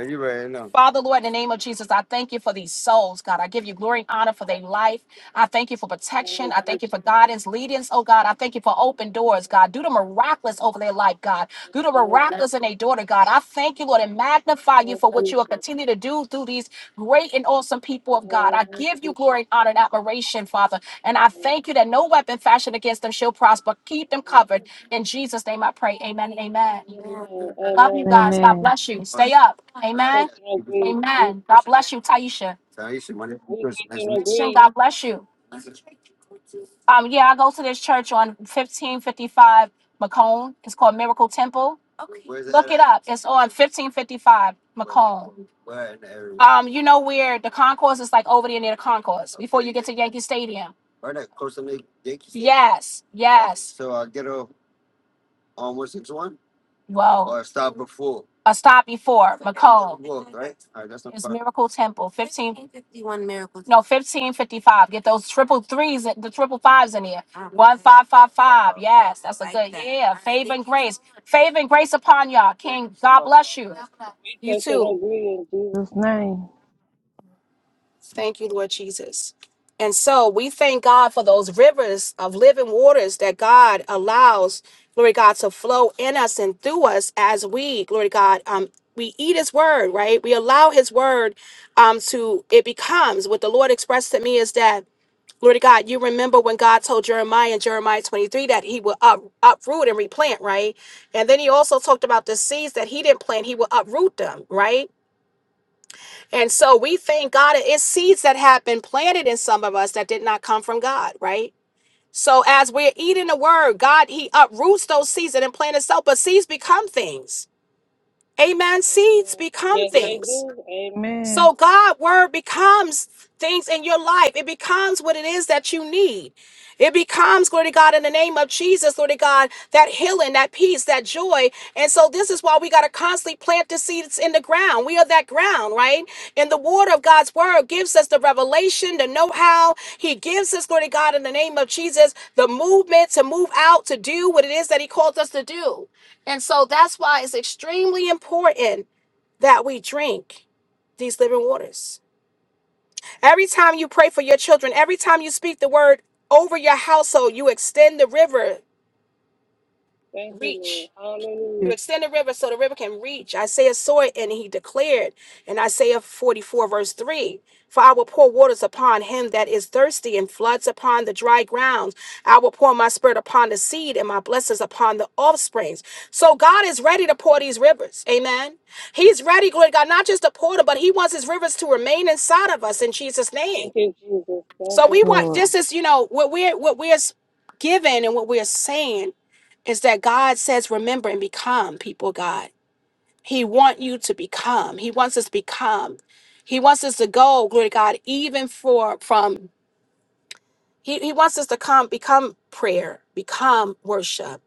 B: Thank
A: Father, Lord, in the name of Jesus, I thank you for these souls, God. I give you glory and honor for their life. I thank you for protection.
B: you,
A: I thank you for
B: Jesus.
A: guidance, leadings, oh God. I thank you for open doors,
B: Thank
A: God. Do the
B: you,
A: miraculous over their life, God. Do the
B: Lord. In
A: miraculous in their daughter, God. I thank you, Lord, and
B: the
A: magnify
B: name
A: you
B: of
A: for what you will
B: Jesus.
A: continue to do through these great and awesome
B: In
A: people
B: the
A: of God. I
B: name of
A: give you glory
B: Jesus.
A: and honor and admiration, Father. And I
B: In the name of Jesus.
A: thank you that no weapon fashioned against them shall prosper. Keep them
B: In the name of Jesus. In the name of Jesus. In the name of Jesus. In
A: covered.
B: Jesus.
A: In Jesus' name I pray. Amen. and Amen.
B: name.
A: Love
B: Amen.
A: you guys. God
B: Amen.
A: bless you. Stay up.
B: We
A: Amen.
B: touch and agree. We,
A: Amen. God bless you, Taisha.
B: we touch and
A: Shin,
B: agree.
A: God bless you. Um, yeah, I go to this church on 1555 Macomb. It's called Miracle Temple. Uh, It's on 1555. Mac- Um, you know where the concourse is like over there near the concourse. Get to Yankee Stadium. Yes, yes. Well, a stop before Macomb. Miracle Temple, 15, no, 1555. Get those triple threes, and the triple fives in here. 1555. Yes, that's a good, yeah. Favor and grace. Favor and grace upon y'all. King, God bless you.
B: We
A: You
B: touch
A: too.
B: and agree in Jesus' Jesus' name.
A: Thank you, Lord Jesus. And so we thank God for those rivers of living waters that God allows, glory to God, to flow in us and through us as we, glory to God, um, we eat his word, right? We allow his word um to it becomes what the Lord expressed to me is that Lord God, you remember when God told Jeremiah in Jeremiah 23 that he will up, uproot and replant, right? And then he also talked about the seeds that he didn't plant, he will uproot them, right? And so we thank God it's seeds that have been planted in some of us that did not come from God, right? So as we're eating the word, God, He uproots those seeds and implant itself, but seeds become things. Amen. Seeds
B: Amen.
A: become
B: Yes,
A: Yeah.
B: they
A: things.
B: do. Amen.
A: So God word becomes things in your life. It becomes what it is that you need. It becomes, glory to God, in the name of Jesus, glory to God, that healing, that peace, that joy. And so this is why we got to constantly plant the seeds in the ground. We are that ground, right? And the water of God's word gives us the revelation, the know-how. He gives us, glory to God, in the name of Jesus, the movement to move out, to do what it is that he called us to do. And so that's why it's extremely important that we drink these living waters. Every time you pray for your children, every time you speak the word over your household, you extend the river
B: Thank you, Lord.
A: reach. You
B: Hallelujah.
A: extend the river so the river can reach. Isaiah saw it and he declared in Isaiah 44, verse 3 For I will pour waters upon him that is thirsty and floods upon the dry grounds. I will pour my spirit upon the seed and my blessings upon the offsprings. So God is ready to pour these rivers. Amen. He's ready, glory to God, not just to pour them, but he wants his rivers to remain inside of us in Jesus' name.
B: Thank you, Jesus. Thank
A: So
B: you,
A: we
B: Lord.
A: want
B: Lord.
A: this is you know what we're what we're s- given and what we're saying is that God says remember and become people of God. He want you to become. He wants us to become. He wants us to go glory to God even for from he, he wants us to come become prayer, become worship,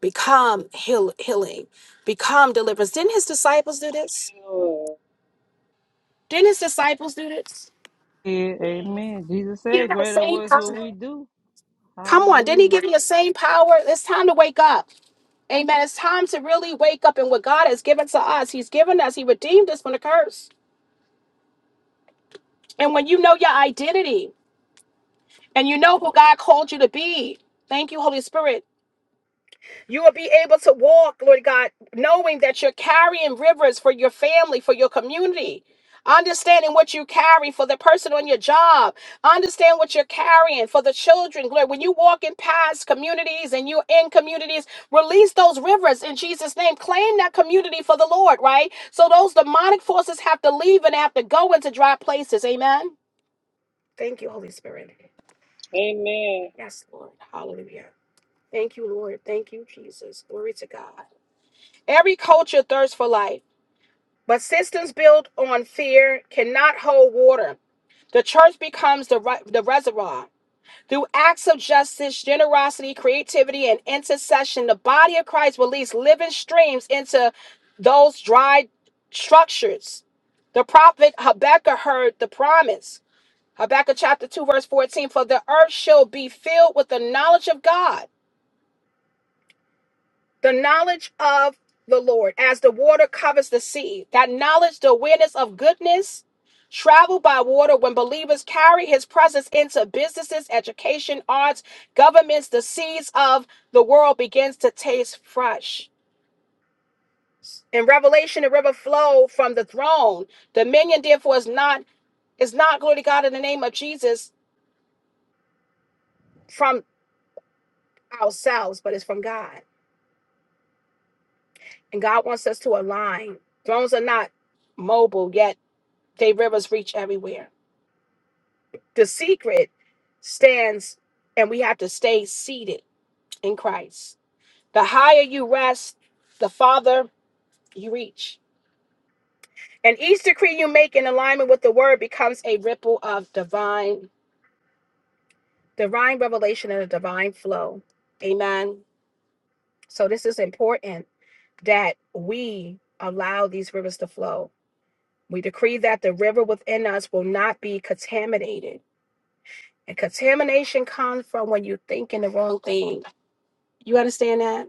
A: become heal, healing, become deliverance. Didn't his disciples do
B: thank
A: this?
B: you, Lord.
A: Didn't his disciples do this?
B: Yeah, amen. Jesus said, Greater works will we do.
A: Come on, didn't he
B: Hallelujah.
A: give you the same power? It's time to wake up. Amen. It's time to really wake up and what God has given to us. He's given us, He redeemed us from the curse. And when you know your identity and you know who God called you to be, thank you, Holy Spirit. You will be able to walk, Lord God, knowing that you're carrying rivers for your family, for your community. Understanding what you carry for the person on your job. Understand what you're carrying for the children. Lord, when you walk in past communities and you're in communities, release those rivers in Jesus' name. Claim that community for the Lord, right? So those demonic forces have to leave and they have to go into dry places. Amen. Thank you, Holy Spirit.
B: Amen.
A: Yes, Lord. Hallelujah. Thank you, Lord. Thank you, Jesus. Glory to God. Every culture thirsts for life, but systems built on fear cannot hold water. The church becomes the, re- the reservoir. Through acts of justice, generosity, creativity, and intercession, the body of Christ released living streams into those dry structures. The prophet Habakkuk heard the promise. Habakkuk chapter 2, verse 14 For the earth shall be filled with the knowledge of God, the knowledge of the Lord, as the water covers the sea. That knowledge, the awareness of goodness, Travel by water when believers carry his presence into businesses, education, arts, governments, the seeds of the world begins to taste fresh. In Revelation, the river flowed from the throne. Dominion, therefore, is not is not glory to God in the name of Jesus from ourselves, but it's from God. And God wants us to align. Thrones are not mobile, yet they rivers reach everywhere. The secret stands, and we have to stay seated in Christ. The higher you rest, the farther you reach. And each decree you make in alignment with the word becomes a ripple of divine, divine revelation and a divine flow. Amen. So this is important that we allow these rivers to flow. We decree that the river within us will not be contaminated. And contamination comes from when you think in the wrong thing. You understand that?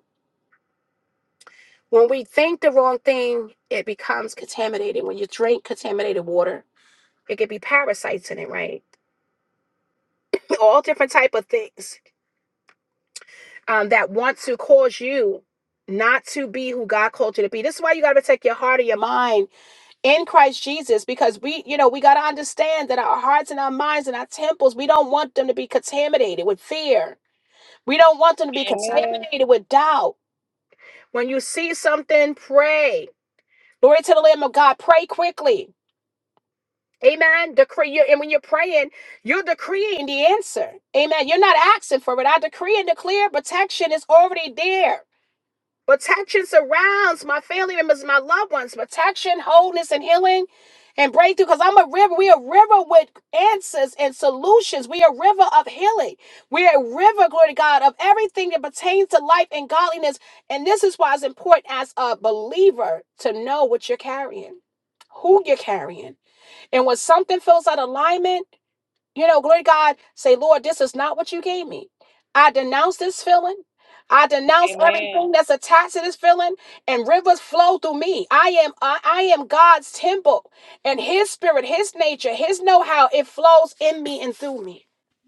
A: When we think the wrong thing, it becomes contaminated. When you drink contaminated water, It could be parasites in it, right? All different type of things um, that want to cause you not to be who God called you to be. This is why you got to protect your heart and your mind in Christ Jesus, because we, you know, we got to understand that our hearts and our minds and our temples, we don't want them to be contaminated with fear. We don't want them to be
B: Amen.
A: contaminated with doubt. When you see something, pray. Glory to the Lamb of God. Pray quickly Amen. Decree you, and when you're praying, you're decreeing the answer. Amen. You're not asking for it. I decree and declare protection is already there. Protection surrounds my family members, my loved ones. Protection, wholeness, and healing and breakthrough. Because I'm a river. We're a river with answers and solutions. We're a river of healing. We're a river, glory to God, of everything that pertains to life and godliness. And this is why it's important as a believer to know what you're carrying, who you're carrying and when something feels out of alignment, you know, glory to God, say, Lord, this is not what you gave me. I denounce this feeling. I denounce
B: Amen.
A: everything that's attached to this feeling, and rivers flow through me. I am I, I am God's temple, and His spirit, His nature, His know-how, it flows in me and through me.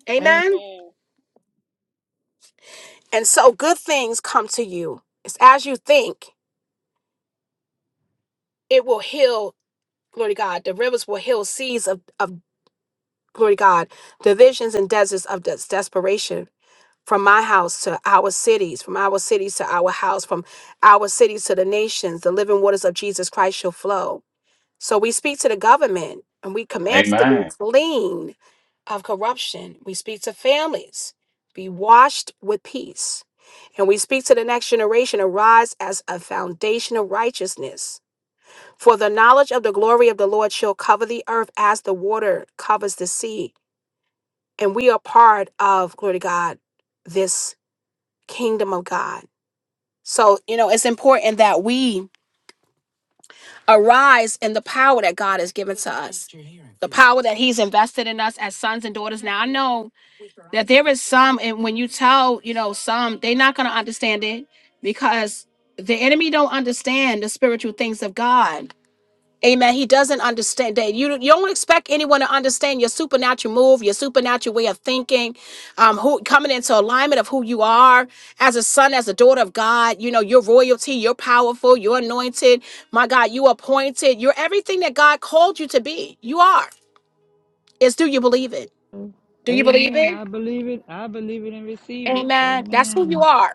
A: Amen.
B: Amen.
A: And so good things come to you. It's as you think, it will heal, glory to God. The rivers will heal seas of, of glory to God, divisions and deserts of des- desperation from my house to our cities, from our cities to our house, from our cities to the nations, the living waters of Jesus Christ shall flow. So we speak to the government and we command it to be
C: Amen.
A: clean of corruption. We speak to families, be washed with peace. And we speak to the next generation, arise as a foundation of righteousness. For the knowledge of the glory of the Lord shall cover the earth as the water covers the sea. And we are part of, glory to God, this kingdom of God. So, you know, it's important that we arise in the power that God has given to us, the power that He's invested in us as sons and daughters. Now, I know that there is some, and when you tell, you know, some, they're not going to understand it because the enemy don't understand the spiritual things of God Amen. He doesn't understand that. You, you don't expect anyone to understand your supernatural move, your supernatural way of thinking, um, who coming into alignment of who you are as a son, as a daughter of God. You know, you're royalty, you're powerful, you're anointed. My God, you appointed. You're everything that God called you to be. You are. It's do you believe it?
B: Amen.
A: Do you believe
B: Amen.
A: it?
B: I believe it. I believe it and receive it.
A: Amen. That's who you
B: Amen.
A: are.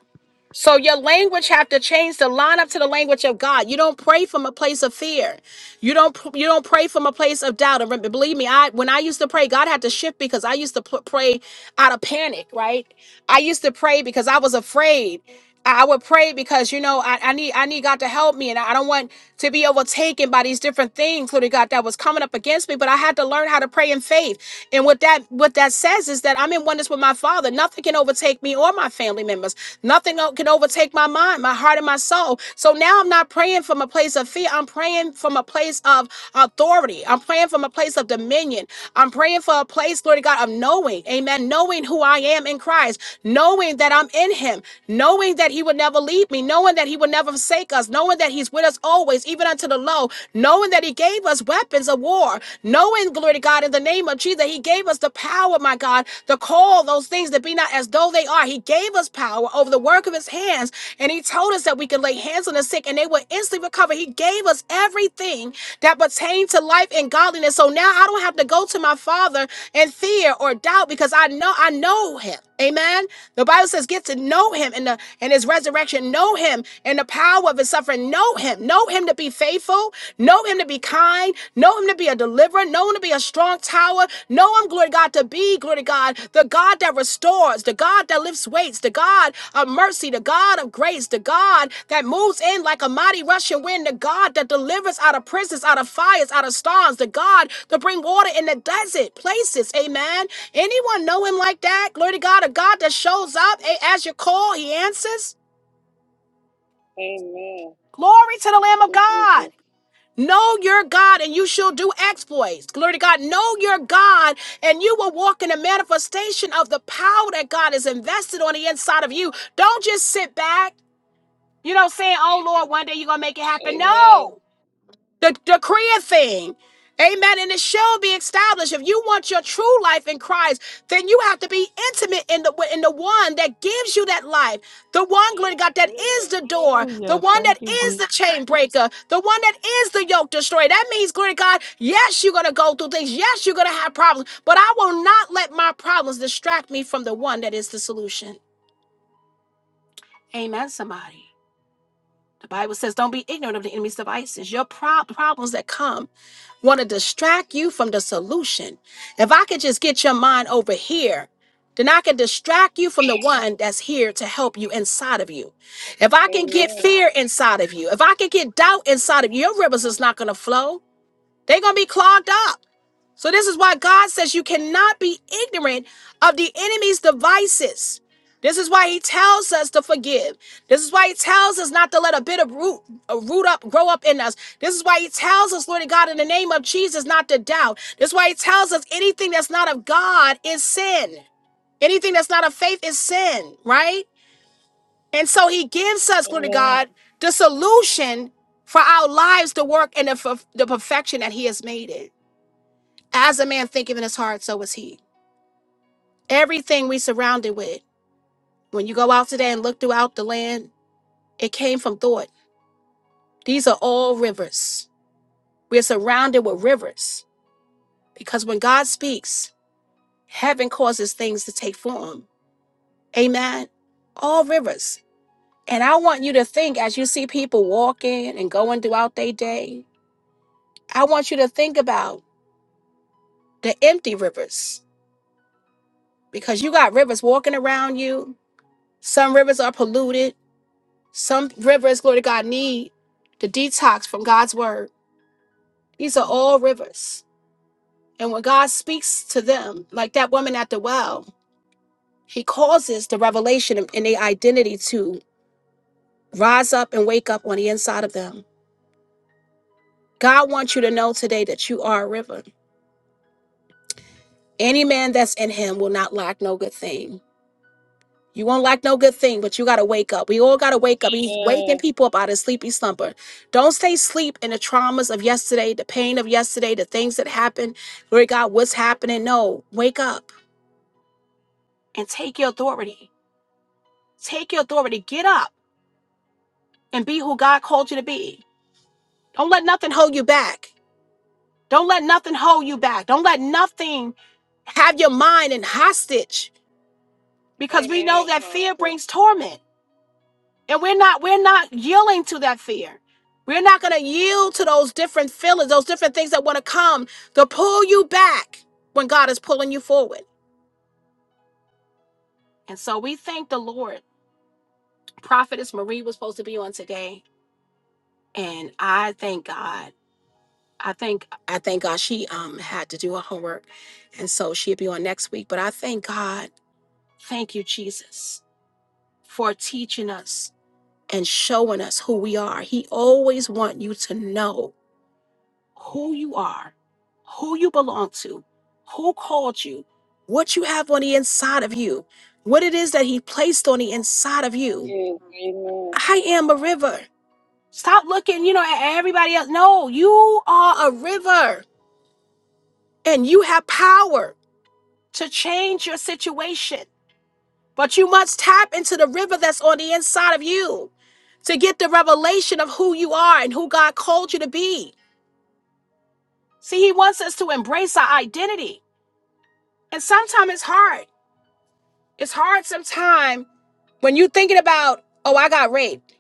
A: So your language have to change to line up to the language of God. You don't pray from a place of fear. You don't you don't pray from a place of doubt. And remember, believe me, I when I used to pray, God had to shift because I used to pl- pray out of panic. Right? I used to pray because I was afraid. I I would pray because you know I, I need I need God to help me, and I I don't want to be overtaken by these different things, Lord God, that was coming up against me. But I had to learn how to pray in faith. And what that what that says is that I'm in oneness with my Father. Nothing can overtake me or my family members. Nothing o- can overtake my mind, my heart, and my soul. So now I'm not praying from a place of fear. I'm praying from a place of authority. I'm praying from a place of dominion. I'm praying for a place, glory to God, of knowing, amen, knowing who I am in Christ, knowing that I'm in Him, knowing that He would never leave me, knowing that He would never forsake us, knowing that He's with us always, even unto the low, knowing that He gave us weapons of war, knowing, glory Glory to God. In the name of Jesus, He gave us the power, my God, to call those things that be not as though they are. He gave us power over the work of His hands. And He told us that we can lay hands on the sick and they will instantly recover. He gave us everything that pertained to life and godliness. So now I don't have to go to my Father in fear or doubt because I know I know Him. Amen. The Bible says, get to know him in the in his resurrection, know him in the power of his suffering, know him, know him to be faithful, know him to be kind, know him to be a deliverer, know him to be a strong tower, know him, glory to God, to be, glory to God, the God that restores, the God that lifts weights, the God of mercy, the God of grace, the God that moves in like a mighty rushing wind, the God that delivers out of prisons, out of fires, out of storms, the God to bring water in the desert places. Amen. Anyone know him like that? Glory to God, a God that shows up eh, as you call, he answers.
B: Amen.
A: Glory to the
B: Thank
A: Lamb of
B: you,
A: God.
B: Jesus.
A: Know your God and you shall do exploits. Glory to God. Know your God and you will walk in a manifestation of the power that God has invested on the inside of you. Don't just sit back, you know, saying, oh
B: Thank you,
A: Lord, one day you're going
B: Jesus.
A: to make it happen.
B: Amen.
A: No. the decree a thing. Amen. And it shall be established. If you want your true life in Christ, then you have to be intimate in the in the one that gives you that life, the one glory
B: Yes,
A: to God that is
B: glory.
A: the
B: Hallelujah.
A: door, the
B: Hallelujah.
A: one that
B: Thank you,
A: is
B: Jesus.
A: the chain breaker, the one that is the yoke destroyer. That means, glory to God, yes, you're gonna go through things, yes, you're gonna have problems, but I will not let my problems distract me from the one that is the solution. Amen, somebody. The Bible says, don't be ignorant of the enemy's devices. Your prob- problems that come want to
B: Thank
A: distract
B: you,
A: you from the
B: Jesus.
A: solution. If I could just get your mind over here, then I can distract you from the one that's here to help you inside of you. If I can get
B: Amen.
A: fear inside of you, if I can get doubt inside of you, your rivers is not going to flow. They up. This is why God says you eat of the enemy's devices. He tells you. This is why he tells us not to let a bit of root, a root up, grow up in us. This is why he tells us, Lord God, in the name of Jesus, not to doubt. This is why he tells us anything that's not of God is sin. Anything that's not of faith is sin, right? And so he gives us, glory to
B: Amen.
A: God, the solution for our lives to work in the, f- the perfection that he has made it. As a man thinketh in his heart, so is he. Everything we surrounded with, when you go out today and look throughout the land, it came from thought. These are all rivers. We're surrounded with rivers because when God speaks, heaven causes things to take form. Amen. All rivers. And I want you to think as you see people walking and going throughout their day, I want you to think about the empty rivers because you got rivers walking around you. Some rivers are polluted. Some rivers, glory to God, need the detox from God's word. These are all rivers. And when God speaks to them, like that woman at the well, he causes the revelation and their identity to rise up and wake up on the inside of them. God wants you to know today that you are a river. Any man that's in him will not lack no good thing. You won't lack no good thing, but you gotta wake up. We all gotta wake up. He's
B: Amen.
A: waking people up out of sleepy slumber. Don't stay asleep in the traumas of yesterday, the pain of yesterday, the things that happened. Glory to God, what's happening? No, wake up and take your authority. Take your authority. Get up and be who God called you to be. Don't let nothing hold you back. Don't let nothing hold you back. Don't let nothing have your mind in hostage because we
B: Amen,
A: know that fear
B: Apostle.
A: brings torment. And we're not we're not yielding to that fear. We're not going to yield to those different feelings, those different things that want to come to pull you back when God is pulling you forward. And so we thank the Lord. Prophetess Marie was supposed to be on today, and I thank God. I think I thank God she um had to do her homework, and so she'll be on next week. But I thank God, thank you Jesus, for teaching us and showing us who we are. He always wants you to know who you are, who you belong to, who called you, what you have on the inside of you, what it is that He placed on the inside of you.
B: Yes, amen.
A: I am a river. Stop looking, you know, at everybody else. No, you are a river and you have power to change your situation. But you must tap into the river that's on the inside of you to get the revelation of who you are and who God called you to be. See, He wants us to embrace our identity. And sometimes it's hard It's hard sometimes when you thinking about, oh, I got raped.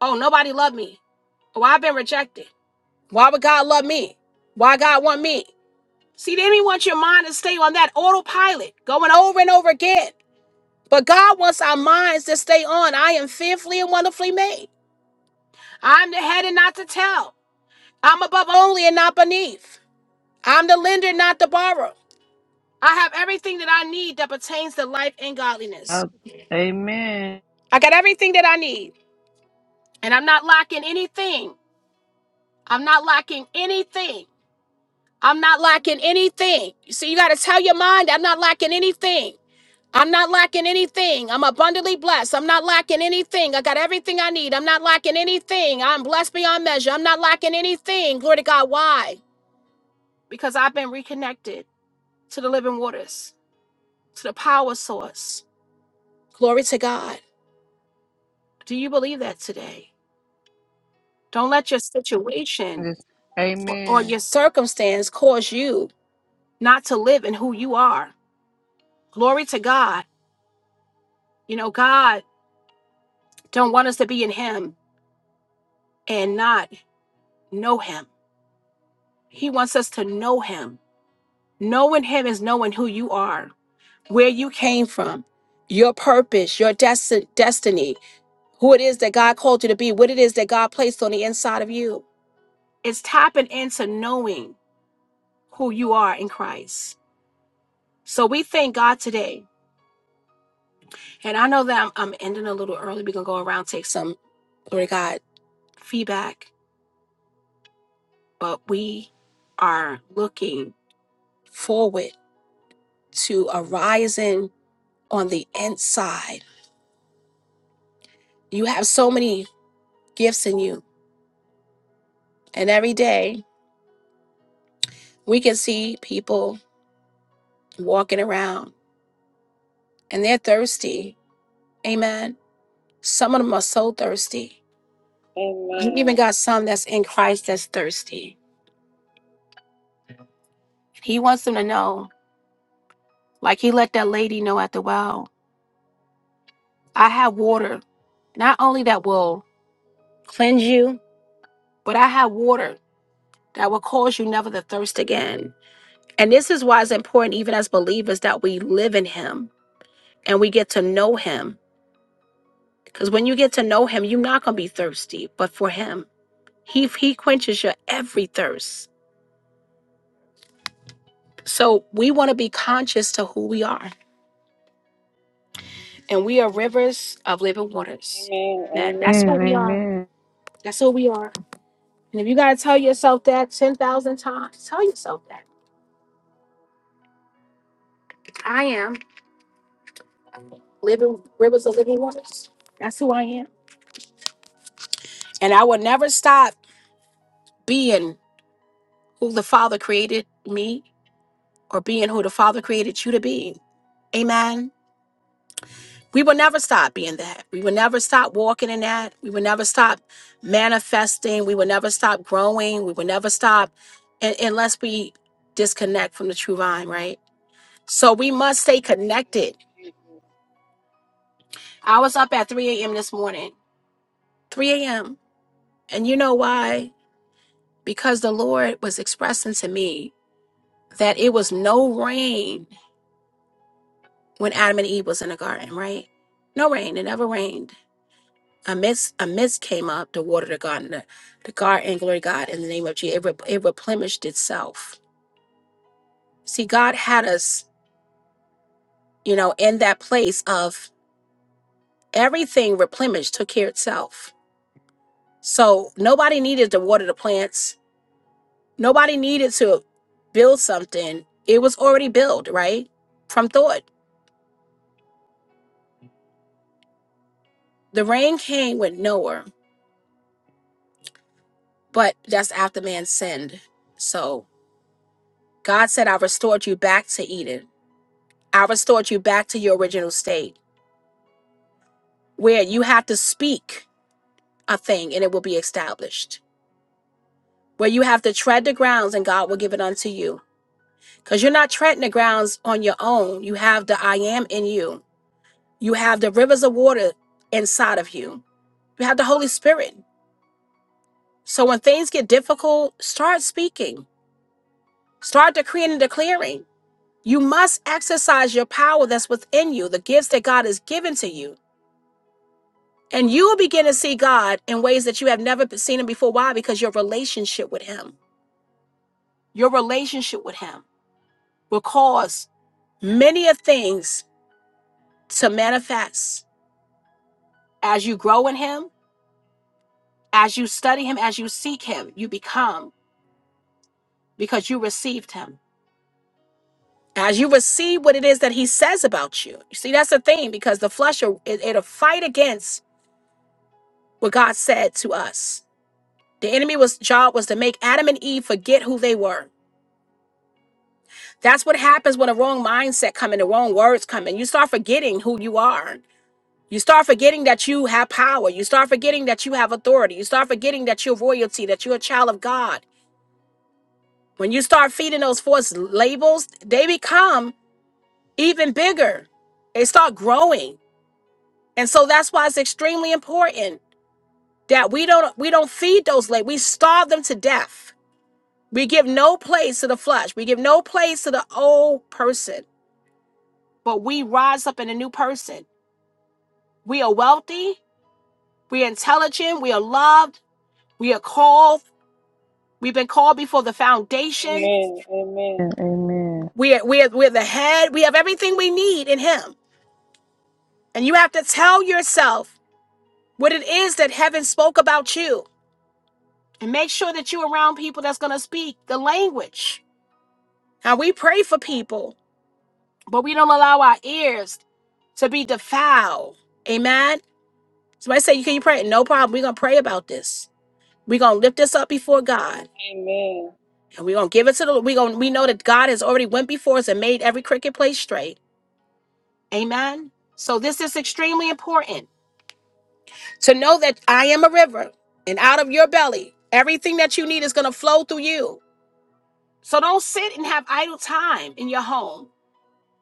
A: Oh, nobody loved me. Oh, I've been rejected. Why would God love me? Why God want me? See, the enemy wants your mind to stay on that autopilot, going over and over again. But God wants our minds to stay on. I am fearfully and wonderfully made. I'm the head and not the tail. I'm above only and not beneath. I'm the lender, not the borrower. I have everything that I need that pertains to life and godliness.
B: Uh, amen.
A: I got everything that I need, and I'm not lacking anything I'm not lacking anything. I'm not lacking anything. So you got to tell your mind, I'm not lacking anything. I'm not lacking anything. I'm abundantly blessed. I'm not lacking anything. I got everything I need. I'm not lacking anything. I'm blessed beyond measure. I'm not lacking anything. Glory to God. Why? Because I've been reconnected to the living waters, to the power source. Glory to God. Do you believe that today? Don't let your situation
B: Yes,
A: or or
B: Amen.
A: your circumstance cause you not to live in who you are. Glory to God. You know, God don't want us to be in him and not know him. He wants us to know him. Knowing him is knowing who you are, where you came from, your purpose, your desti- destiny, who it is that God called you to be, what it is that God placed on the inside of you. It's tapping into knowing who you are in Christ. So we thank God today. And I know that I'm, I'm ending a little early. We're going to go around, take some, glory to God, feedback. but we are looking forward to a rising on the inside. You have so many gifts in you, and every day we can see people walking around and they're thirsty. Amen. Some of them are so thirsty. You even
B: Amen.
A: got some that's in Christ that's thirsty. He wants them to know, like he let that lady know at the well, I have water, not only that will cleanse you, but I have water that will cause you never to thirst again. And this is why it's important, even as believers, that we live in Him and we get to know Him. Because when you get to know Him, you're not going to be thirsty, but for Him, He, he quenches your every thirst. So we want to be conscious to who we are. And we are rivers of living waters.
B: Amen. Amen.
A: And that's who
B: Amen.
A: we are.
B: Amen.
A: That's who we are. And if you got to tell yourself that 10,000 times, tell yourself that. I am living rivers of living waters. That's who I am. And I will never stop being who the Father created me or being who the Father created you to be. Amen. We will never stop being that. We will never stop walking in that. We will never stop manifesting. We will never stop growing. We will never stop un- unless we disconnect from the true vine, right? So we must stay
B: Thank
A: connected.
B: you, Jesus.
A: I was up at 3 a.m. this morning, 3 a.m. And you know why? Because the Lord was expressing to me that it was no rain when Adam and Eve was in the garden, right? No rain. It never rained. A mist, a mist came up to water the garden, the, the garden, glory to God, in the name of Jesus. It, re- it replenished itself. See, God had us, you know, in that place of everything replenished, took care of itself. So nobody needed to water the plants. Nobody needed to build something. It was already built, right? From thought. The rain came with Noah, but that's after man sinned. So God said, I restored you back to Eden. I restored you back to your original state where you have to speak a thing and it will be established, where you have to tread the grounds and God will give it unto you. Because you're not treading the grounds on your own. You have the I am in you, you have the rivers of water inside of you, you have the Holy Spirit. So when things get difficult, start speaking, start decreeing and declaring. You must exercise your power that's within you, the gifts that God has given you, and you will begin God in ways that you have never seen him before. Why? Because your relationship with him, your relationship with him will cause many of things to manifest as you grow in him, as you study him, as you seek him, you become because you received him. As you receive what it is that he says about you. You see, that's the thing because the flesh, will- it, it'll fight against what God said to us. The enemy was job was to make Adam and Eve forget who they were That's what happens when a wrong mindset come in, the wrong words come in. You start forgetting who you are. You start forgetting that you have power. You start forgetting that you have authority. You start forgetting that you're royalty, that you're a child of God. When you start feeding those false labels, they become even bigger. They start growing. And so that's why it's extremely important that we don't we don't feed those labels. We starve them to death. We give no place to the flesh. We give no place to the old person, but we rise up in a new person. We are wealthy. We are intelligent. We are loved. We are called. Foundation
B: Amen. Amen. Amen.
A: of you. And pray about this. We're gonna lift this up before God,
B: Amen.
A: and we're gonna give it to the. We gonna we know that God has already went before us and made every cricket place straight. Amen. So this is extremely important to know that I am a river, and out of your belly, everything that you need is gonna flow through you. So don't sit and have idle time in your home.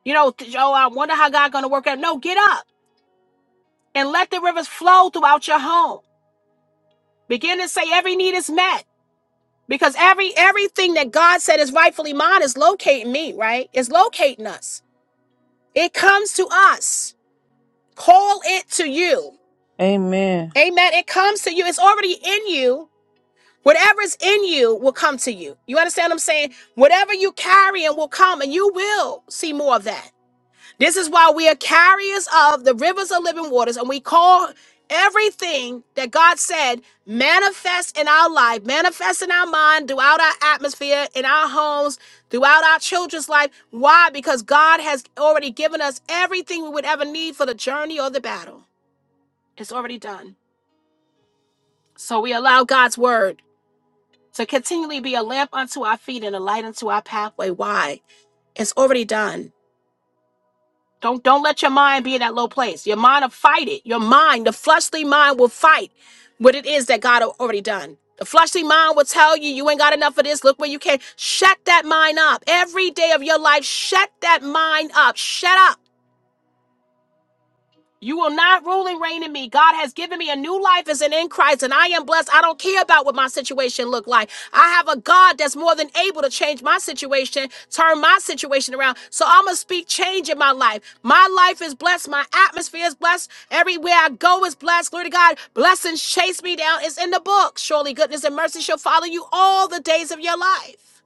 A: You know, th- oh, I wonder how God gonna work out. No, get up. and let the rivers flow throughout your home. Begin to say every need is met because every everything that God said is rightfully mine is locating me, right? It's locating us. It comes to us. Call it to you.
B: Amen.
A: Amen. It comes to you. It's already in you. Whatever's in you will come to you. You understand what I'm saying? Whatever you carry and will come and you will see more of that. This is why we are carriers of the rivers of living waters, and we call everything that God said manifest in our life, manifest in our mind, throughout our atmosphere, in our homes, throughout our children's life. Why? Because God has already given us everything we would ever need for the journey or the battle. It's already done. So we allow God's word to continually be a lamp unto our feet and a light unto our pathway. Why? It's already done. Don't don't let your mind be in that low place. Your mind will fight it. Your mind, the fleshly mind, will fight what it is that God already done. The fleshly mind will tell you you ain't got enough of this. Look where you came. Shut that mind up. Every day of your life, shut that mind up. Shut up. You will not rule and reign in me. God has given me a new life as an in Christ, and I am blessed. I don't care about what my situation look like. I have a God that's more than able to change my situation, turn my situation around. So I'm gonna speak change in my life. My life is blessed. My atmosphere is blessed. Everywhere I go is blessed. Glory to God. Blessings chase me down. It's in the book. Surely goodness and mercy shall follow you all the days of your life.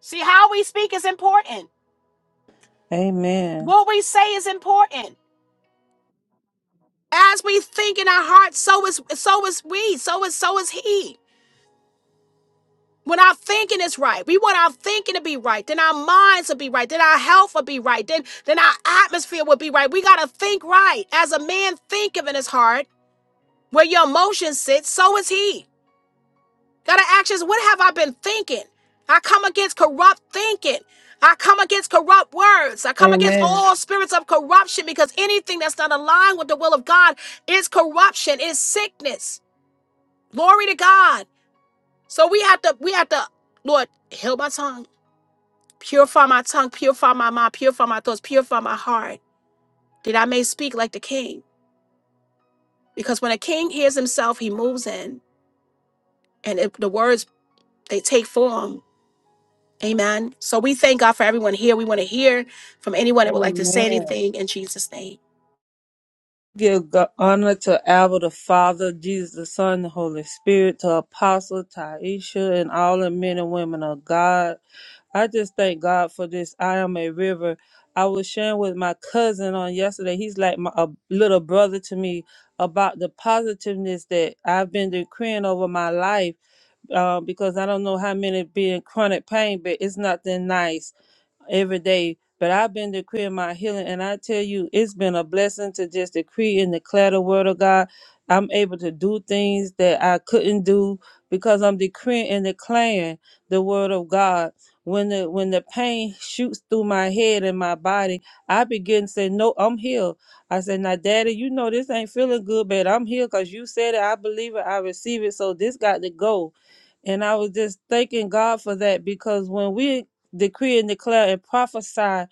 A: See how we speak is important.
B: Amen.
A: What we say is important. As we think in our hearts, so is so is we, so is so is he. When our thinking is right, we want our thinking to be right, then our minds will be right, then our health will be right, then then our atmosphere will be right. We gotta think right. As a man thinketh in his heart, where your emotions sit, so is he. Gotta ask yourself, what have I been thinking? I come against corrupt thinking. I come against corrupt words. I come against
B: Amen.
A: all spirits of corruption because anything that's not aligned with the will of God is corruption, is sickness. Glory to God. So we have to, we have to, Lord, heal my tongue, purify my tongue, purify my mind, purify my thoughts, purify my heart, that I may speak like the king. Because when a king hears himself, he moves in, and if the words they take form. Amen. So we thank God for everyone here. We want to hear from anyone that would like to say
B: Amen.
A: anything in Jesus' name.
B: Give go- honor to Abba the Father, Jesus the Son, the Holy Spirit, to Apostle Taisha, and all the men and women of God. I just thank God for this. I am a river. I was sharing with my cousin on yesterday. He's like my, a little brother to me about the positiveness that I've been decreeing over my life uh, because I don't know how many be in chronic pain, but it's nothing nice every day. But I've been decreeing my healing, and I tell you, it's been a blessing to just decree and declare the word of God. I'm able to do things that I couldn't do because I'm decreeing and declaring the word of God. When the when the pain shoots through my head and my body, I begin to say, "No, I'm healed." I said, "Now, Daddy, you know this ain't feeling good, but I'm here because you said it. I believe it. I receive it. So this got to go." And I was just thanking God for that because when we decree and declare and prophesy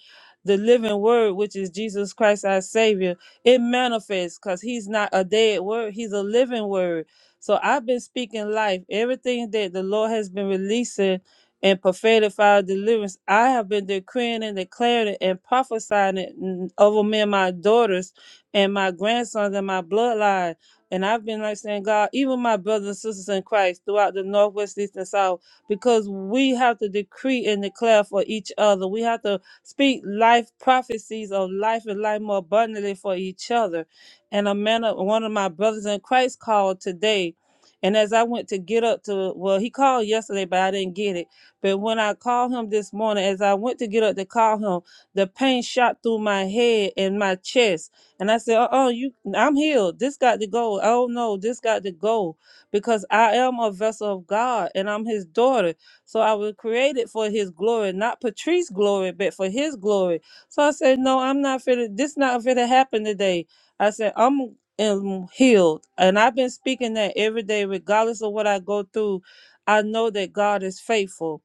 B: the living word, which is Jesus Christ our Savior, it manifests because He's not a dead word, He's a living word. So I've been speaking life. Everything that the Lord has been releasing and prophetic for deliverance, I have been decreeing and declaring it and prophesying it mm, over me and my daughters and my grandsons and my bloodline. And I've been like saying, God, even my brothers and sisters in Christ throughout the Northwest, East, and South, because we have to decree and declare for each other. We have to Speak life prophecies of life and life more abundantly for each other. And a man, of, one of my brothers in Christ called today. And as I went to get up to, well, he called yesterday, but I didn't get it. But when I called him this morning, as I went to get up to call him, the pain shot through my head and my chest. And I said, "Uh oh, you, I'm healed. This got to go. Oh no, this got to go because I am a vessel of God and I'm His daughter so I was created for his glory, not Patrice's glory, but for his glory. So I said, No, I'm not finna this not finna happen today. I said, I'm am healed. And I've been speaking that every day, regardless of what I go through. I know that God is faithful.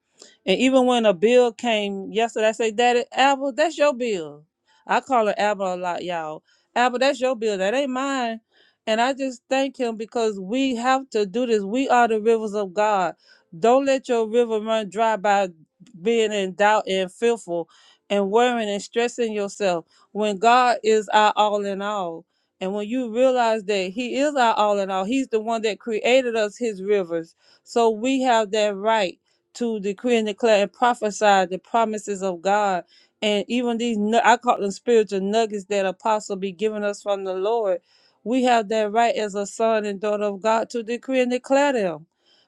B: And even when a bill came yesterday, I said, Daddy, Abel, that's your bill. I call her Abel a lot, y'all. Abel, that's your bill. That ain't mine. And I just thank him because we have to do this. We are the rivers of God don't let your river run dry by being in doubt and fearful and worrying and stressing yourself when God is our all in all. And when you realize that He is our all in all, He's the one that created us His rivers. So we have that right to decree and declare and prophesy the promises of God. And even these, nu- I call them spiritual nuggets that Apostle be giving us from the Lord. We have that right as a son and daughter of God to decree and declare them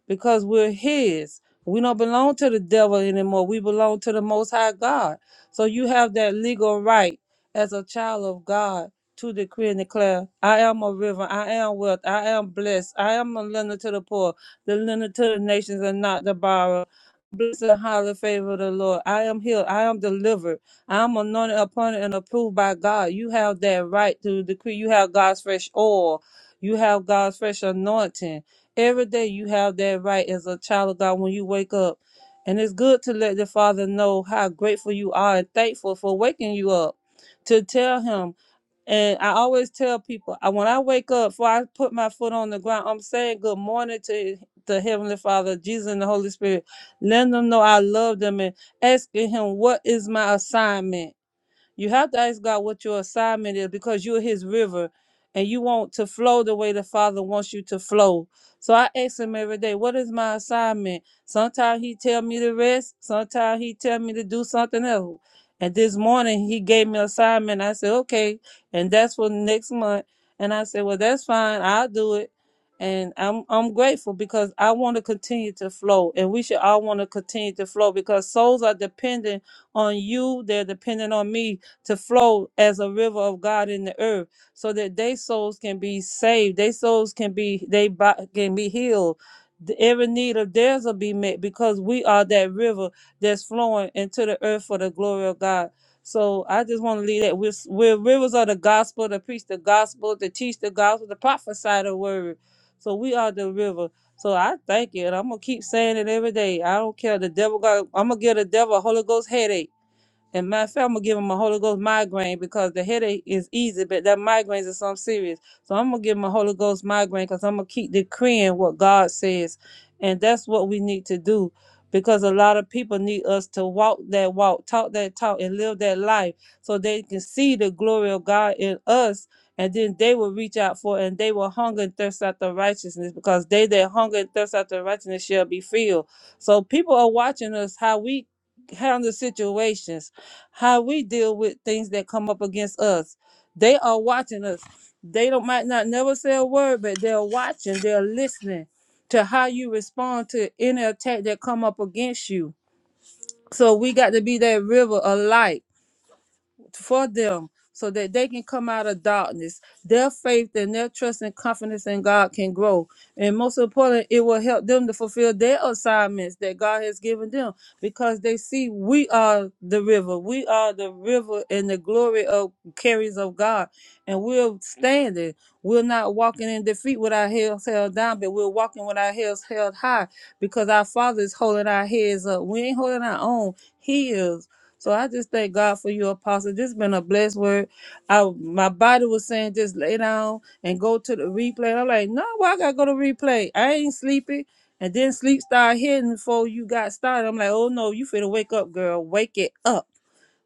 B: because we're his. We don't belong to the devil anymore. We belong to the most high God. So you have that legal right as a child of God to decree and declare, I am a river, I am wealth, I am blessed, I am a lender to the poor, the lender to the nations and not the borrower. Blessed and highly favored of the Lord. I am healed. I am delivered. I am anointed, appointed, and approved by God. You have that right to decree. You have God's fresh oil. You have God's fresh anointing. Every day you have that right as a child of God when you wake up. And it's good to let the Father know how grateful you are and thankful for waking you up. To tell him, and I always tell people, I, when I wake up, before I put my foot on the ground, I'm saying good morning to the Heavenly Father, Jesus, and the Holy Spirit. Letting them know I love them and asking Him, what is my assignment? You have to ask God what your assignment is because you're His river and you want to flow the way the Father wants you to flow. So I ask Him every day, what is my assignment? Sometimes He tell me to rest. Sometimes He tell me to do something else. And this morning He gave me an assignment. I said, okay, and that's for next month. And I said, well, that's fine. I'll do it. And I'm I'm grateful because I want to continue to flow, and we should all want to continue to flow because souls are dependent on you. They're dependent on me to flow as a river of God in the earth so that their souls can be saved, their souls can be they bo- can be healed. The- Every need of theirs will be met because we are that river that's flowing into the earth for the glory of God. So I just want to leave that we're, we're rivers of the gospel to preach the gospel, to teach the gospel, to prophesy the word. So we are the river. So I thank you, and I'm gonna keep saying it every day. I don't care. The devil got. I'm gonna give the devil a Holy Ghost headache and matter of fact, I'm gonna give him a Holy Ghost migraine because the headache is easy, but that migraines is something serious. So I'm gonna give him a Holy Ghost migraine because I'm gonna keep decreeing what God says, and that's what we need to do. Because a lot of people need us to walk that walk, talk that talk, and live that life, so they can see the glory of God in us, and then they will reach out for, it, and they will hunger and thirst after righteousness, because they that hunger and thirst after righteousness shall be filled. So people are watching us how we handle situations, how we deal with things that come up against us. They are watching us. They don't might not never say a word, but they're watching, they're listening to how you respond to any attack that come up against you. So we got to be that river of light for them so that they can come out of darkness. Their faith and their trust and confidence in God can grow. And most important, it will help them to fulfill their assignments that God has given them because they see we are the river. We are the river and the glory of carries of God. And we're standing. We're not walking in defeat with our heads held down, but we're walking with our heads held high because our Father is holding our heads up. We ain't holding our own. He is. So I just thank God for you, Apostle. This has been a blessed word. I my body was saying just lay down and go to the replay. And I'm like, no, why I gotta go to replay? I ain't sleepy. And then sleep started hitting before you got started. I'm like, oh no, you finna wake up, girl. Wake it up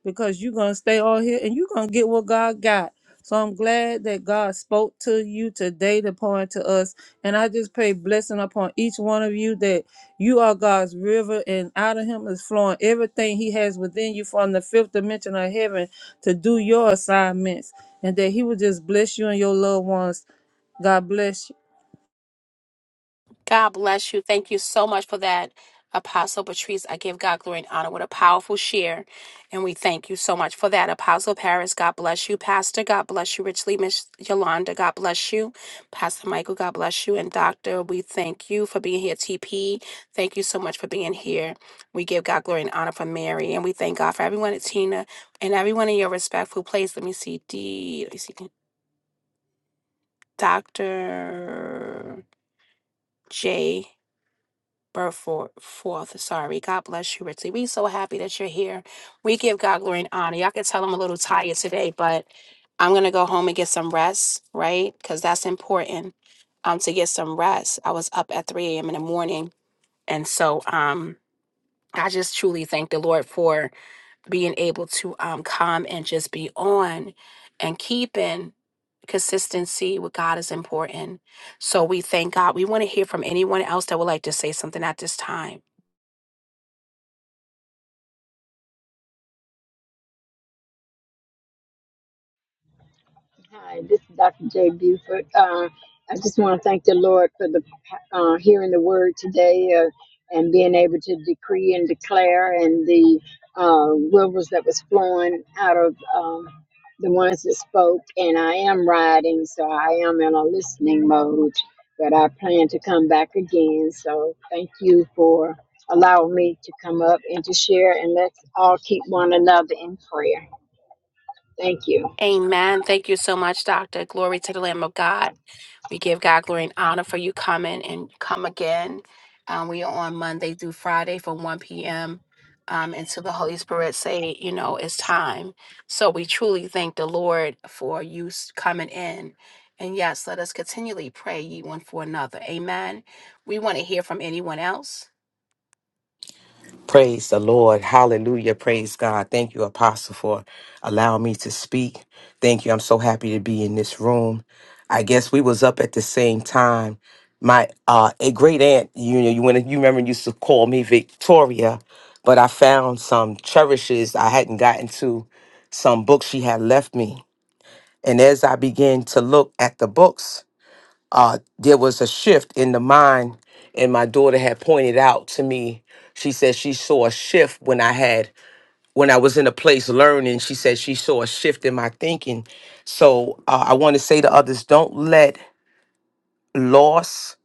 B: because you're going to stay all here and you're going to get what God got. So I'm glad that God spoke to you today to point to us. And I just pray blessing upon each one of you that you are God's river and out of him is flowing everything he has within you from the fifth dimension of heaven to do your assignments and that he will just bless you and your loved ones. God bless you.
A: God bless you. Thank you so much for that, Apostle Patrice. I give God glory and honor. What a powerful share. And we thank you so much for that, Apostle Paris. God bless you, Pastor. God bless you, Richly Miss Yolanda. God bless you, Pastor Michael. God bless you. And Doctor, we thank you. Thank you so much for being here. We give God glory and honor for Mary Tina and everyone in your respectful place. Let me see. D, let me see. Dr. J. birth for, forth. Sorry. God bless you, Richly. We so happy that you're here. We give God glory and honor. Y'all can tell I'm a little tired today, but I'm gonna go home and get some rest, right? Because that's important. Um, to get some rest. I was up at 3 a.m. in the morning. And so um I just truly thank the Lord for being able to um come and just be on and keeping consistency with God is important. So we thank God. We want to hear from anyone else that would like to say something at this time.
D: Hi, this is Dr. Jay Buford. Uh, I just want to thank the Lord for the uh, hearing the word today uh, and being able to decree and declare and the uh, rivers that was flowing out of um, the ones that spoke. And I am riding, so I am in a listening mode, but I plan to come back again. So thank you for allowing me to come up and to share, and let's all keep one another in prayer. Thank you.
A: Amen. Thank you so much, Doctor. Glory to the Lamb of God. We give God glory and honor for you coming and come again. Um, we are on Monday through Friday from 1 p.m. Um, until the Holy Spirit say, you know, it's time. So we truly thank the Lord for you s- coming in. And yes, let us continually pray ye one for another. Amen. We want to hear from one else.
E: Praise the Lord. Hallelujah. Praise God. Thank you, Apostle, for allowing me to speak. Thank you. I'm so happy to be in this room. I guess we was up at the same time. My uh a great aunt, you know, you when you remember used to call me Victoria, but I found some cherishes I hadn't gotten to, some books she had left me. And as I began to look at the books, uh, there was a shift in the mind, and my daughter had pointed out to me. She said she saw a shift when I had when I was in a place learning. She said she saw a shift in my thinking. So uh, I want to say to others, don't let loss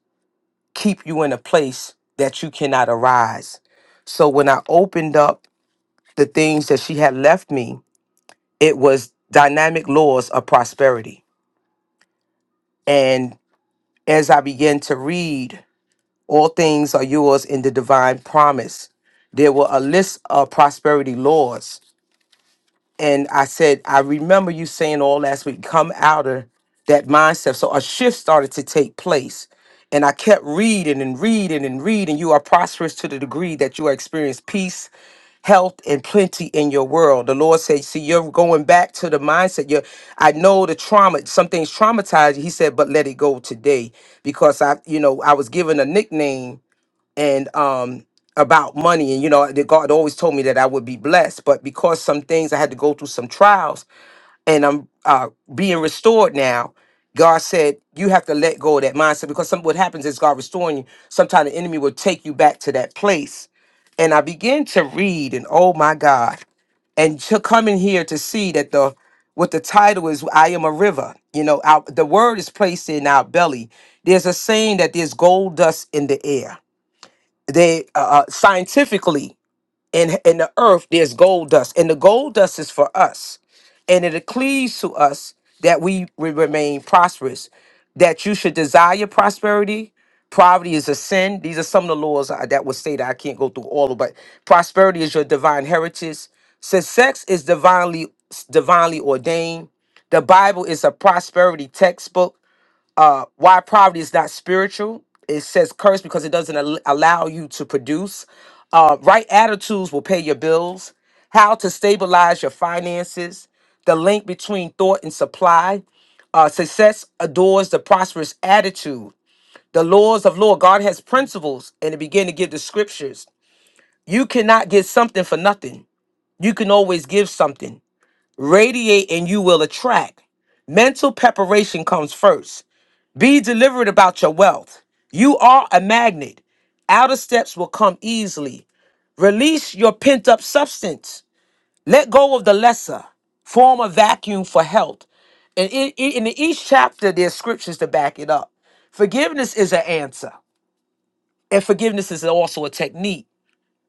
E: keep you in a place that you cannot arise. So when I opened up the things that she had left me, it was dynamic laws of prosperity. And as I began to read. All things are yours in the divine promise. There were a list of prosperity laws. And I said, I remember you saying all last week, come out of that mindset. So a shift started to take place. And I kept reading and reading and reading. You are prosperous to the degree that you experience peace, health, and plenty in your world. The Lord said, See, you're going back to the mindset. You're, I know the trauma, something's traumatized. He said, But let it go today. Because I, you know, I was given a nickname and um about money and you know that god always told me that i would be blessed but because some things i had to go through some trials and i'm uh being restored now god said you have to let go of that mindset because some what happens is god restoring you sometimes the enemy will take you back to that place and i began to read and oh my god and to come in here to see that the what the title is i am a river you know our, the word is placed in our belly there's a saying that there's gold dust in the air they uh, uh, scientifically in in the earth there's gold dust and the gold dust is for us and it cleaves to us that we will remain prosperous that you should desire prosperity poverty is a sin these are some of the laws I- that would say that i can't go through all of them, but prosperity is your divine heritage since sex is divinely divinely ordained the bible is a prosperity textbook uh, why poverty is not spiritual. It says curse because it doesn't al- allow you to produce. Uh, right attitudes will pay your bills. How to stabilize your finances. The link between thought and supply. Uh, success adores the prosperous attitude. The laws of law. God has principles, and it began to give the scriptures. You cannot get something for nothing. You can always give something. Radiate, and you will attract. Mental preparation comes first. Be deliberate about your wealth. You are a magnet. Outer steps will come easily. Release your pent up substance. Let go of the lesser. Form a vacuum for health. And in, in each chapter, there's scriptures to back it up. Forgiveness is an answer, and forgiveness is also a technique.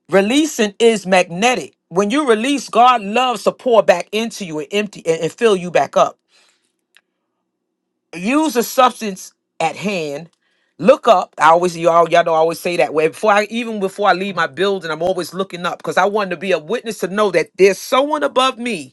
E: Releasing is magnetic. When you release, God loves to pour back into you and empty and, and fill you back up. use the substance at hand. Look up. I always you all y'all know I always say that way. Before I even before I leave my building, I'm always looking up because I want to be a witness to know that there's someone above me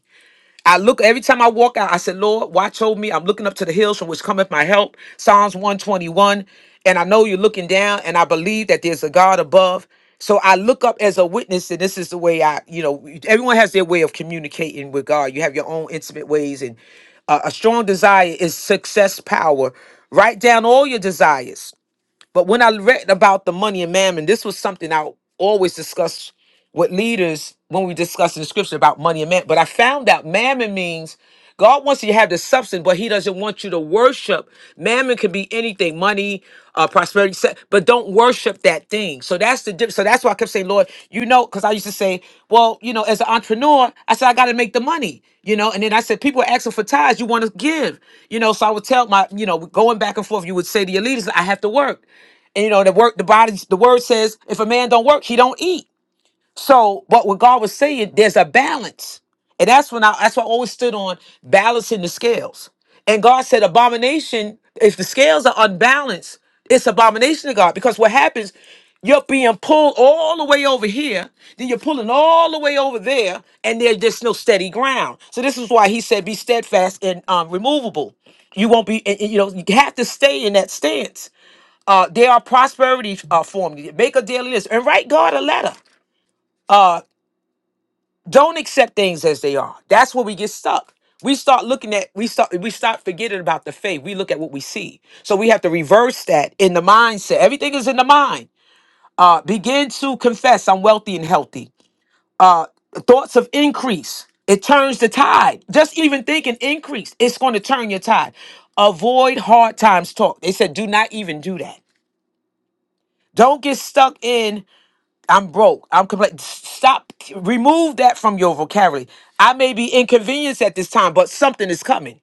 E: I look every time I walk out, I said, Lord, watch over me. I'm looking up to the hills from which cometh my help. Psalms 121. And I know you're looking down, and I believe that there's a God above. So I look up as a witness, and this is the way I, you know, everyone has their way of communicating with God. You have your own intimate ways, and uh, a strong desire is success power. Write down all your desires but when I read about the money and mammon, this was something I always discuss with leaders when we discuss in the scripture about money and mammon. But I found out mammon means God wants you to have the substance, but He doesn't want you to worship. Mammon can be anything money, uh, prosperity, 37, but don't worship that thing. So that's the difference. So that's why I kept saying, Lord, you know, because I used to say, well, you know, as an entrepreneur, I said, I got to make the money, you know, and then I said, people are asking for tithes, you want to give, you know, so I would tell my, you know, going back and forth, you would say to your leaders, I have to work. And, you know, the work, the body, the word says, if a man don't work, he don't eat. So what what God was saying, there's a balance. And that's when I that's what I always stood on balancing the scales. And God said, abomination, if the scales are unbalanced, it's abomination to God. Because what happens, you're being pulled all the way over here, then you're pulling all the way over there, and there- there's no steady ground. So this is why he said, be steadfast and um, removable. You won't be, and- and, you know, you have to stay in that stance. Uh, there are prosperity uh, formulas. Make a daily list and write God a letter. Uh, don't accept things as they are. That's where we get stuck. We start looking at we start we start forgetting about the faith. We look at what we see. So we have to reverse that in the mindset. Everything is in the mind. Uh, begin to confess I'm wealthy and healthy. Uh, thoughts of increase. It turns the tide. Just even thinking increase, it's going to turn your tide. Avoid hard times talk. They said do not even do that. Don't get stuck in. I'm broke. I'm complaining. Stop. Remove that from your vocabulary. I may be inconvenienced at this time, but something is coming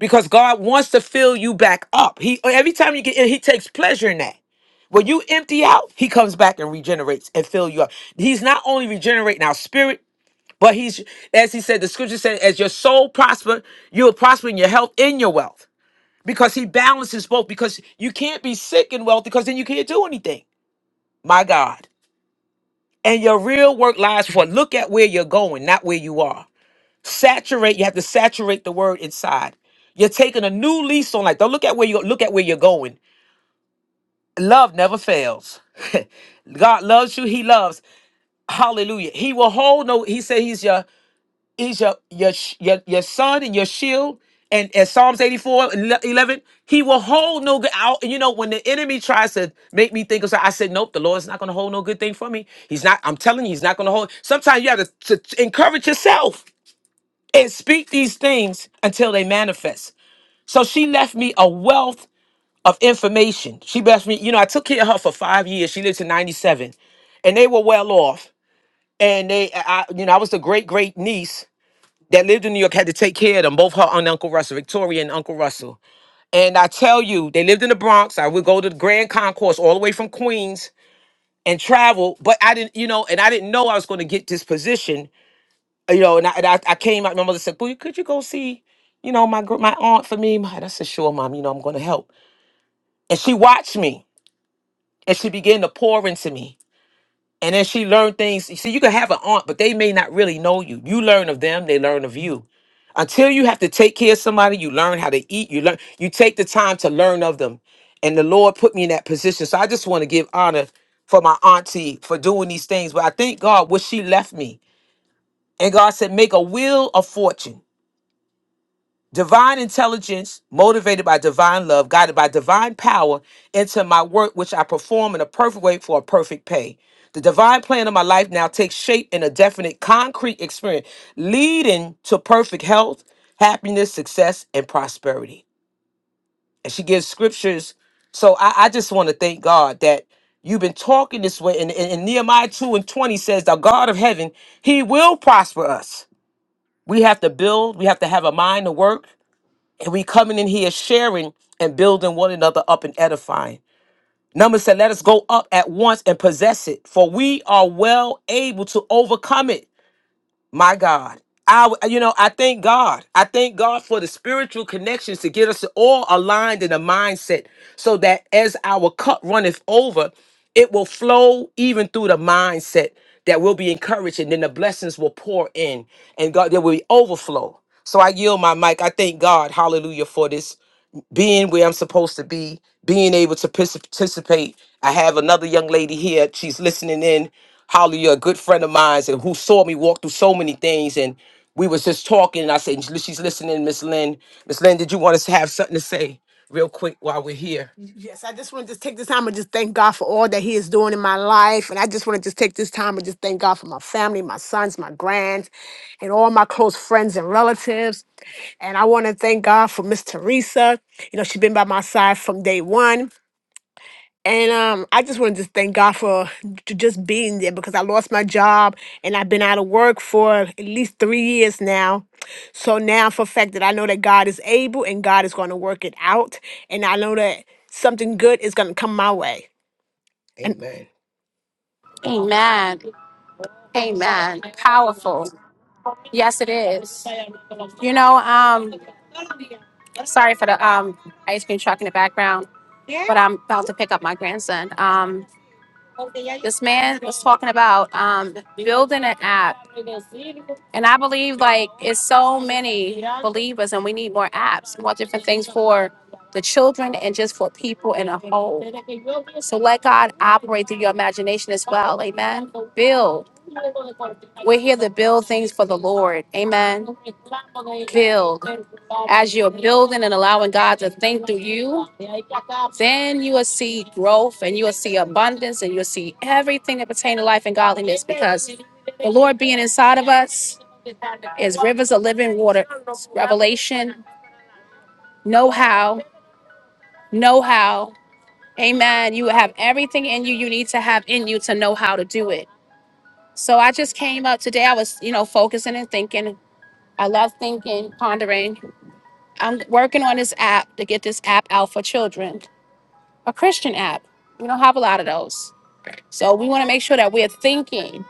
E: because God wants to fill you back up. He every time you get in, He takes pleasure in that. When you empty out, He comes back and regenerates and fill you up. He's not only regenerating our spirit, but He's as He said, the Scripture said, as your soul prosper, you will prosper in your health and your wealth because He balances both. Because you can't be sick and wealthy because then you can't do anything. My God and your real work lies for look at where you're going not where you are saturate you have to saturate the word inside you're taking a new lease on life don't look at where you look at where you're going love never fails god loves you he loves hallelujah he will hold no he said he's your He's your your sh- your, your son and your shield. And as Psalms 84, ele- 11, he will hold no good out. You know, when the enemy tries to make me think of something, I said, nope, the Lord's not going to hold no good thing for me. He's not, I'm telling you, he's not going to hold. Sometimes you have to, to encourage yourself and speak these things until they manifest. So she left me a wealth of information. She left me, you know, I took care of her for five years. She lived to 97 and they were well off. And they, I, I- you know, I was the great great niece that lived in New York had to take care of them, both her and Uncle Russell, Victoria and Uncle Russell. And I tell you, they lived in the Bronx. I would go to the Grand Concourse all the way from Queens and travel, but I didn't, you know, and I didn't know I was going to get this position, you know. And I, and I, I came out, my mother said, Well, could you go see, you know, my gr- my aunt for me? And I said, Sure, mom, you know, I'm going to help. And she watched me and she began to pour into me. And then she learned things. You See, you can have an aunt, but they may not really know you. You learn of them, they learn of you. Until you have to take care of somebody, you learn how to eat, you learn you take the time to learn of them. And the Lord put me in that position. So I just want to give honor for my auntie for doing these things. But I thank God what she left me. And God said, make a will of fortune divine intelligence, motivated by divine love, guided by divine power, into my work which I perform in a perfect way for a perfect pay. The divine plan of my life now takes shape in a definite, concrete experience, leading to perfect health, happiness, success, and prosperity. And she gives scriptures. So I, I just want to thank God that you've been talking this way. And, and, and Nehemiah 2 and 20 says, The God of heaven, he will prosper us. We have to build, we have to have a mind to work. And we coming in here sharing and building one another up and edifying. Number said, let us go up at once and possess it, for we are well able to overcome it. My God. I, you know, I thank God. I thank God for the spiritual connections to get us all aligned in a mindset so that as our cup runneth over, it will flow even through the mindset that we'll be encouraged and then the blessings will pour in and God, there will be overflow. So I yield my mic. I thank God, hallelujah, for this being where I'm supposed to be, being able to pis- participate. I have another young lady here. She's listening in. Holly, a good friend of mine, and who saw me walk through so many things. And we was just talking, and I said, "She's listening, Miss Lynn. Miss Lynn, did you want us to have something to say real quick while we're here?" Yes, I just want to just take this time and just thank God for all that He is doing in my life, and I just want to just take this time and just thank God for my family, my sons, my grands, and all my close friends and relatives. And I want to thank God for Miss Teresa. You know, she's been by my side from day one. And um, I just want to just thank God for j- just being there because I lost my job and I've been out of work for at least three years now. So now for a fact that I know that God is able and God is going to work it out. And I know that something good is going to come my way. And Amen.
A: Amen. Amen. Powerful. Yes, it is. You know, um, sorry for the um ice cream truck in the background. but I'm about to pick up my grandson. Um, this man was talking about um, building an app. And I believe like it's so many believers and we need more apps, more different things for the children and just for people in a whole. So let God operate through your imagination as well. Amen. Build. We're here to build things for the Lord. Amen. Build. As you're building and allowing God to think through you, then you will see growth and you will see abundance and you'll see everything that pertains to life and godliness because the Lord being inside of us is rivers of living water. Revelation, know how, know how. Amen. You have everything in you you need to have in you to know how to do it. So I just came up today. I was, you know, focusing and thinking. I love thinking, pondering. I'm working on this app to get this app out for children, a Christian app. We don't have a lot of those. So we want to make sure that we're thinking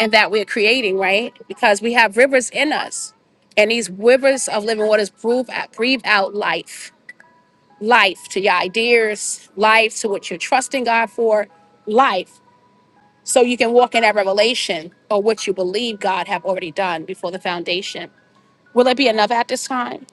A: and that we're creating, right? Because we have rivers in us. And these rivers of living waters breathe out, breathe out life, life to your ideas, life to what you're trusting God for, life. So you can walk in that revelation or what you believe God have already done before the foundation. Will there be another at this time?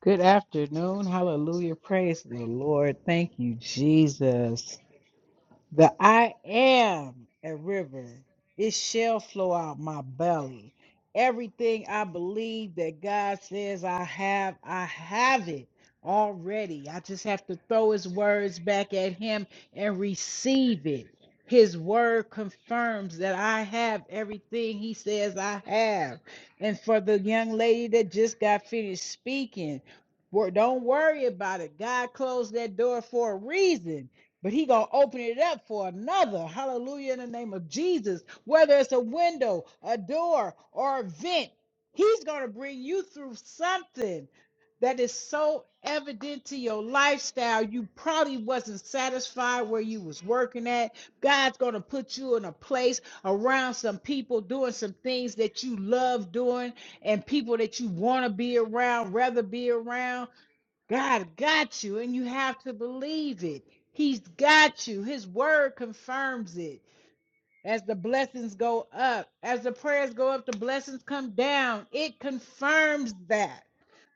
F: Good afternoon. Hallelujah. Praise the Lord. Thank you, Jesus. The I am a river. It shall flow out my belly. Everything I believe that God says I have, I have it already. I just have to throw his words back at him and receive it. His word confirms that I have everything he says I have. And for the young lady that just got finished speaking, wor- don't worry about it. God closed that door for a reason but he gonna open it up for another. Hallelujah in the name of Jesus. Whether it's a window, a door, or a vent, he's gonna bring you through something that is so evident to your lifestyle. You probably wasn't satisfied where you was working at. God's gonna put you in a place around some people doing some things that you love doing and people that you want to be around, rather be around. God got you, and you have to believe it. He's got you. His word confirms it. As the blessings go up, as the prayers go up, the blessings come down. It confirms that.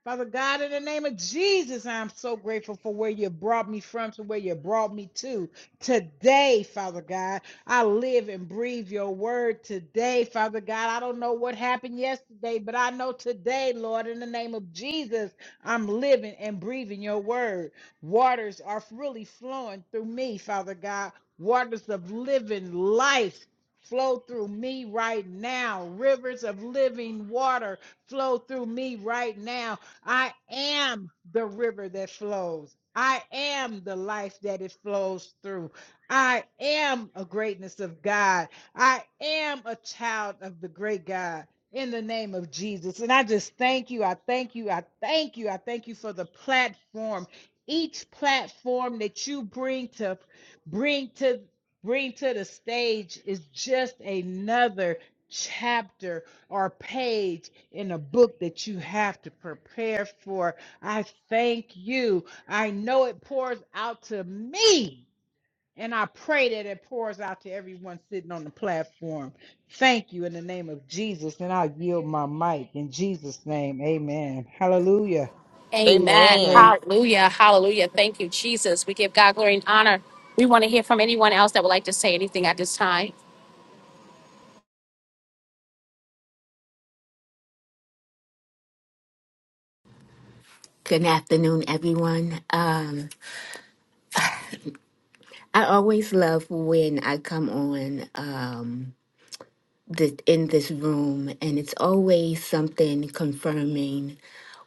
F: Father God, in the name of Jesus, I'm so grateful for where you brought me from to where you brought me to. Today, Father God, I live and breathe your word today, Father God. I don't know what happened yesterday, but I know today, Lord, in the name of Jesus, I'm living and breathing your word. Waters are really flowing through me, Father God. Waters of living life flow through me right now. Rivers of living water flow through me right now. I am the river that flows. I am the life that it flows through. I am a greatness of God. I am a child of the great God in the name of Jesus. And I just thank you. I thank you. I thank you. I thank you for the platform. Each platform that you bring to bring to bring to the stage is just another chapter or page in a book that you have to prepare for. I thank you. I know it pours out to me. And I pray that it pours out to everyone sitting on the platform. Thank you in the name of Jesus. And I yield my mic in Jesus' name. Amen. Hallelujah.
A: Amen.
G: Amen.
F: Praise.
A: Hallelujah. Hallelujah. Thank you, Jesus. We give God glory and honor. We want to hear from anyone else that would like to say anything at this time.
H: Good afternoon, everyone. Um, I always love when I come on um, the, in this room, and it's always something confirming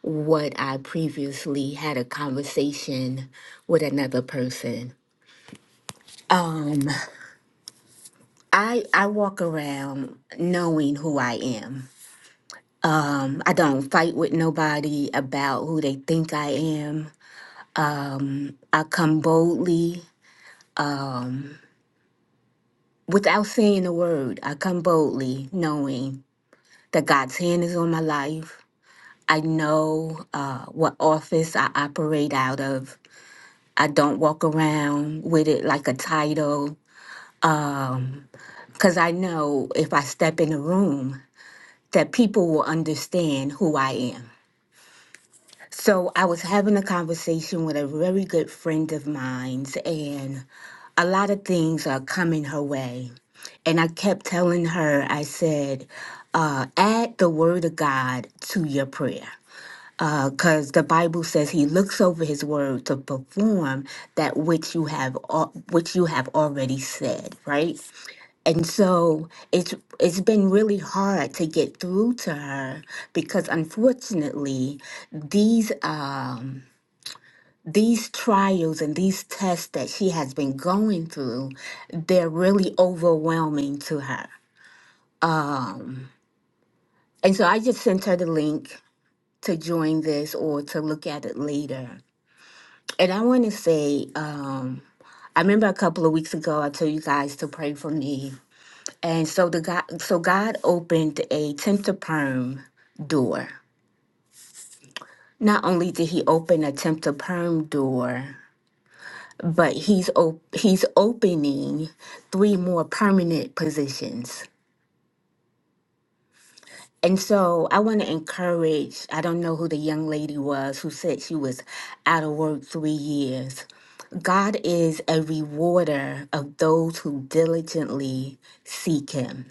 H: what I previously had a conversation with another person. Um, I I walk around knowing who I am. I don't fight with nobody about who they think I am. Um, I come boldly um, Without saying a word, I come boldly knowing that God's hand is on my life. I know uh, what office I operate out of. I don't walk around with it like a title because I know if I step in a room that people will understand who I am. So I was having a conversation with a very good friend of mine's and a lot of things are coming her way And I kept telling her, I said, uh, add the word of God to your prayer. Because the Bible says he looks over his word to perform that which you have al- which you have already said, right? And so it's it's been really hard to get through to her because unfortunately these um these trials and these tests that she has been going through, they're really overwhelming to her. And so I just sent her the link to join this or to look at it later. And I want to say, um, I remember a couple of weeks ago I told you guys to pray for me. And so the God, so God opened a temp to perm door. Not only did He open a temp to perm door, but He's op- He's opening three more permanent positions. And so I want to encourage, I don't know who the young lady was who said she was out of work three years. God is a rewarder of those who diligently seek him.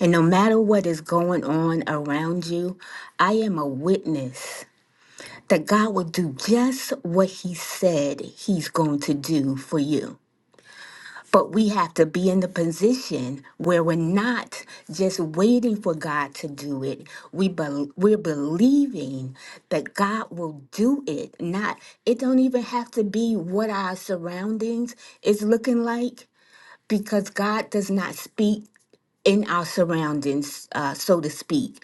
H: And no matter what is going on around you, I am a witness that God will do just what he said he's going to do for you. But we have to be in the position where we're not just waiting for God to do it. We bel we're believing that God will do it. Not it don't even have to be what our surroundings is looking like because God does not speak in our surroundings, uh, so to speak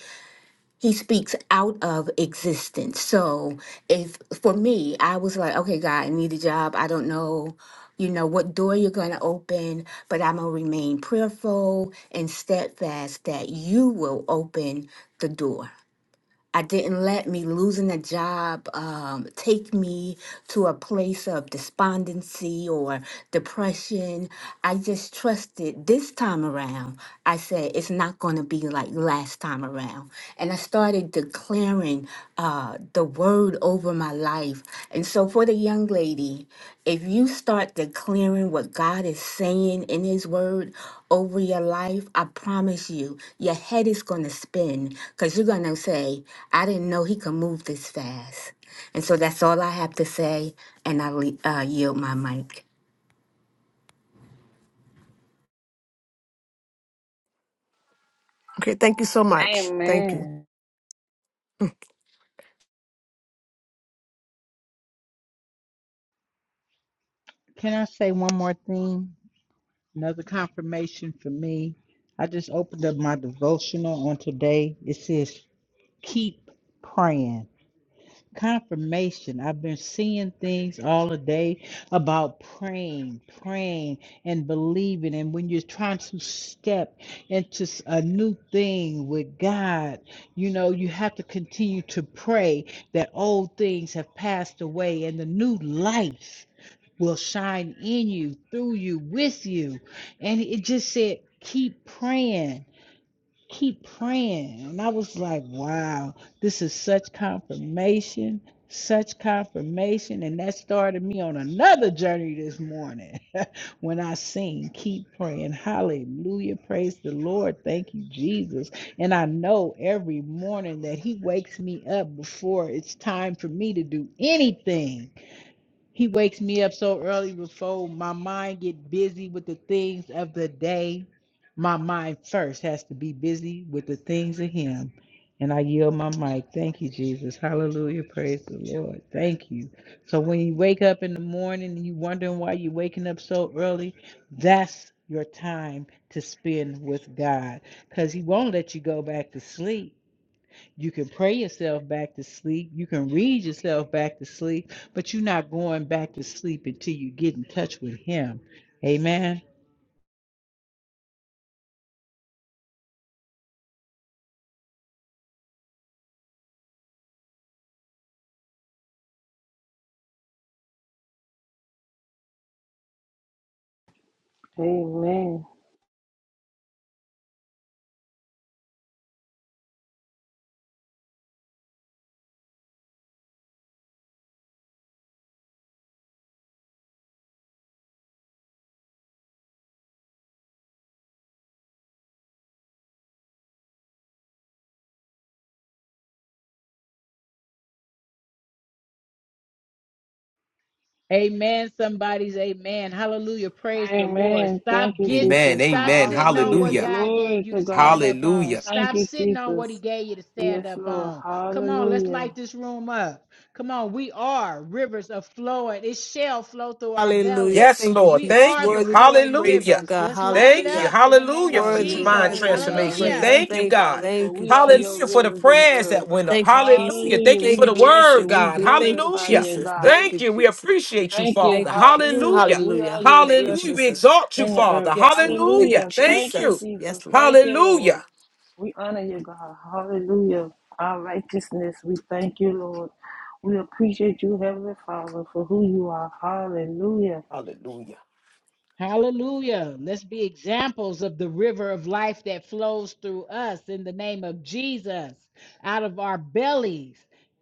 H: he speaks out of existence. So if for me, I was like, okay, God, I need a job. I don't know, you know, what door you're going to open, but I'm going to remain prayerful and steadfast that you will open the door. I didn't let me losing a job um, take me to a place of despondency or depression. I just trusted this time around. I said, it's not going to be like last time around. And I started declaring uh, the word over my life. And so, for the young lady, if you start declaring what God is saying in His Word over your life, I promise you, your head is going to spin because you're going to say, I didn't know He could move this fast. And so that's all I have to say, and I le- uh, yield my mic.
E: okay, thank you so much. Thank you.
B: Amen.
F: Can I say one more thing? Another confirmation for me. I just opened up my devotional on today. It says, keep praying. confirmation. I've been seeing things all the day about praying, praying, and believing. And when you're trying to step into s- a new thing with God, you know, you have to continue to pray that old things have passed away and the new life will shine in you, through you, with you. And it just said, keep praying keep praying. And I was like, wow, this is such confirmation, such confirmation. And that started me on another journey this morning when I seen, keep praying. Hallelujah. Praise the Lord. Thank you, Jesus. And I know every morning that He wakes me up before it's time for me to do anything. He wakes me up so early before my mind get busy with the things of the day. My mind first has to be busy with the things of him. And I yield my mic. Thank you, Jesus. Hallelujah. Praise the Lord. Thank you. So when you wake up in the morning and you wondering why you're waking up so early, that's your time to spend with God. Because he won't let you go back to sleep. You can pray yourself back to sleep. You can read yourself back to sleep, but you're not going back to sleep until you get in touch with Him. Amen.
B: Amen.
F: Amen. Somebody's amen. Hallelujah. Praise the Lord.
B: Amen. Thank
F: Stop
B: you,
F: get
E: Amen.
B: Jesus.
F: stop
E: Amen.
F: sitting on
B: Hallelujah.
F: what
E: Hallelujah.
F: God gave
B: Glory
F: you
B: to
F: to stand
B: God.
F: up
E: Hallelujah.
F: on.
B: Thank
F: Stop
B: you,
F: sitting on
B: Jesus.
F: what he gave you to stand
B: Yes,
F: up
B: Lord.
F: on. Come on, let's
B: Hallelujah.
F: light this room up. Come on, we are rivers of flowing. It shall flow through our
E: Hallelujah.
F: belly.
E: Yes, Thank you, Lord.
F: We
E: Jesus. Thank
F: are
E: you.
F: the
E: Worthy to be praised, oh
F: flowing
E: Hallelujah.
F: rivers.
E: God.
F: Let's light it
E: Thank you. Hallelujah.
F: up in the name
E: Hallelujah for
F: of
B: Uh,
E: Worthy,
B: you're
E: mind worthy
F: Jesus.
E: to be
B: holy, God.
E: transformation.
B: We
E: praised.
F: Hallelujah.
E: Thank you,
B: thank
E: Thank
B: you,
E: you. God.
B: Father, for
E: Thank you,
B: we are
E: Hallelujah
B: your
E: Jesus. for the
B: rivers in the
E: prayers
B: earth.
E: that went up. Thank you, Jesus. Hallelujah. Thank
B: Hallelujah.
E: you Thank
B: We
E: for you, the word,
B: bless
E: Jesus.
B: you. We
E: God. Thank you, Hallelujah.
B: glorify you,
E: Jesus. Thank
B: God.
E: Thank you, you. We Jesus.
B: We
E: appreciate you,
B: thank
E: Father.
B: you.
E: Thank you, Jesus. Hallelujah.
B: Hallelujah. We
E: Hallelujah.
B: are
E: Thank you,
B: your
E: Hallelujah. We Jesus.
B: blessings
E: exalt you,
B: in the
E: Father.
B: earth.
E: Yes, Lord. Thank you, Hallelujah.
B: Hallelujah.
E: Thank you.
B: Thank you,
E: Jesus.
B: Jesus.
E: Yes, Lord.
B: Thank you, Lord.
E: Hallelujah.
B: We honor you, God. Hallelujah. Our righteousness. We thank you, Lord. We appreciate you, Heavenly Father, for who you are. Hallelujah.
E: Hallelujah.
F: Hallelujah. Let's be examples of the river of life that flows through us in the name of Jesus. Out of our bellies,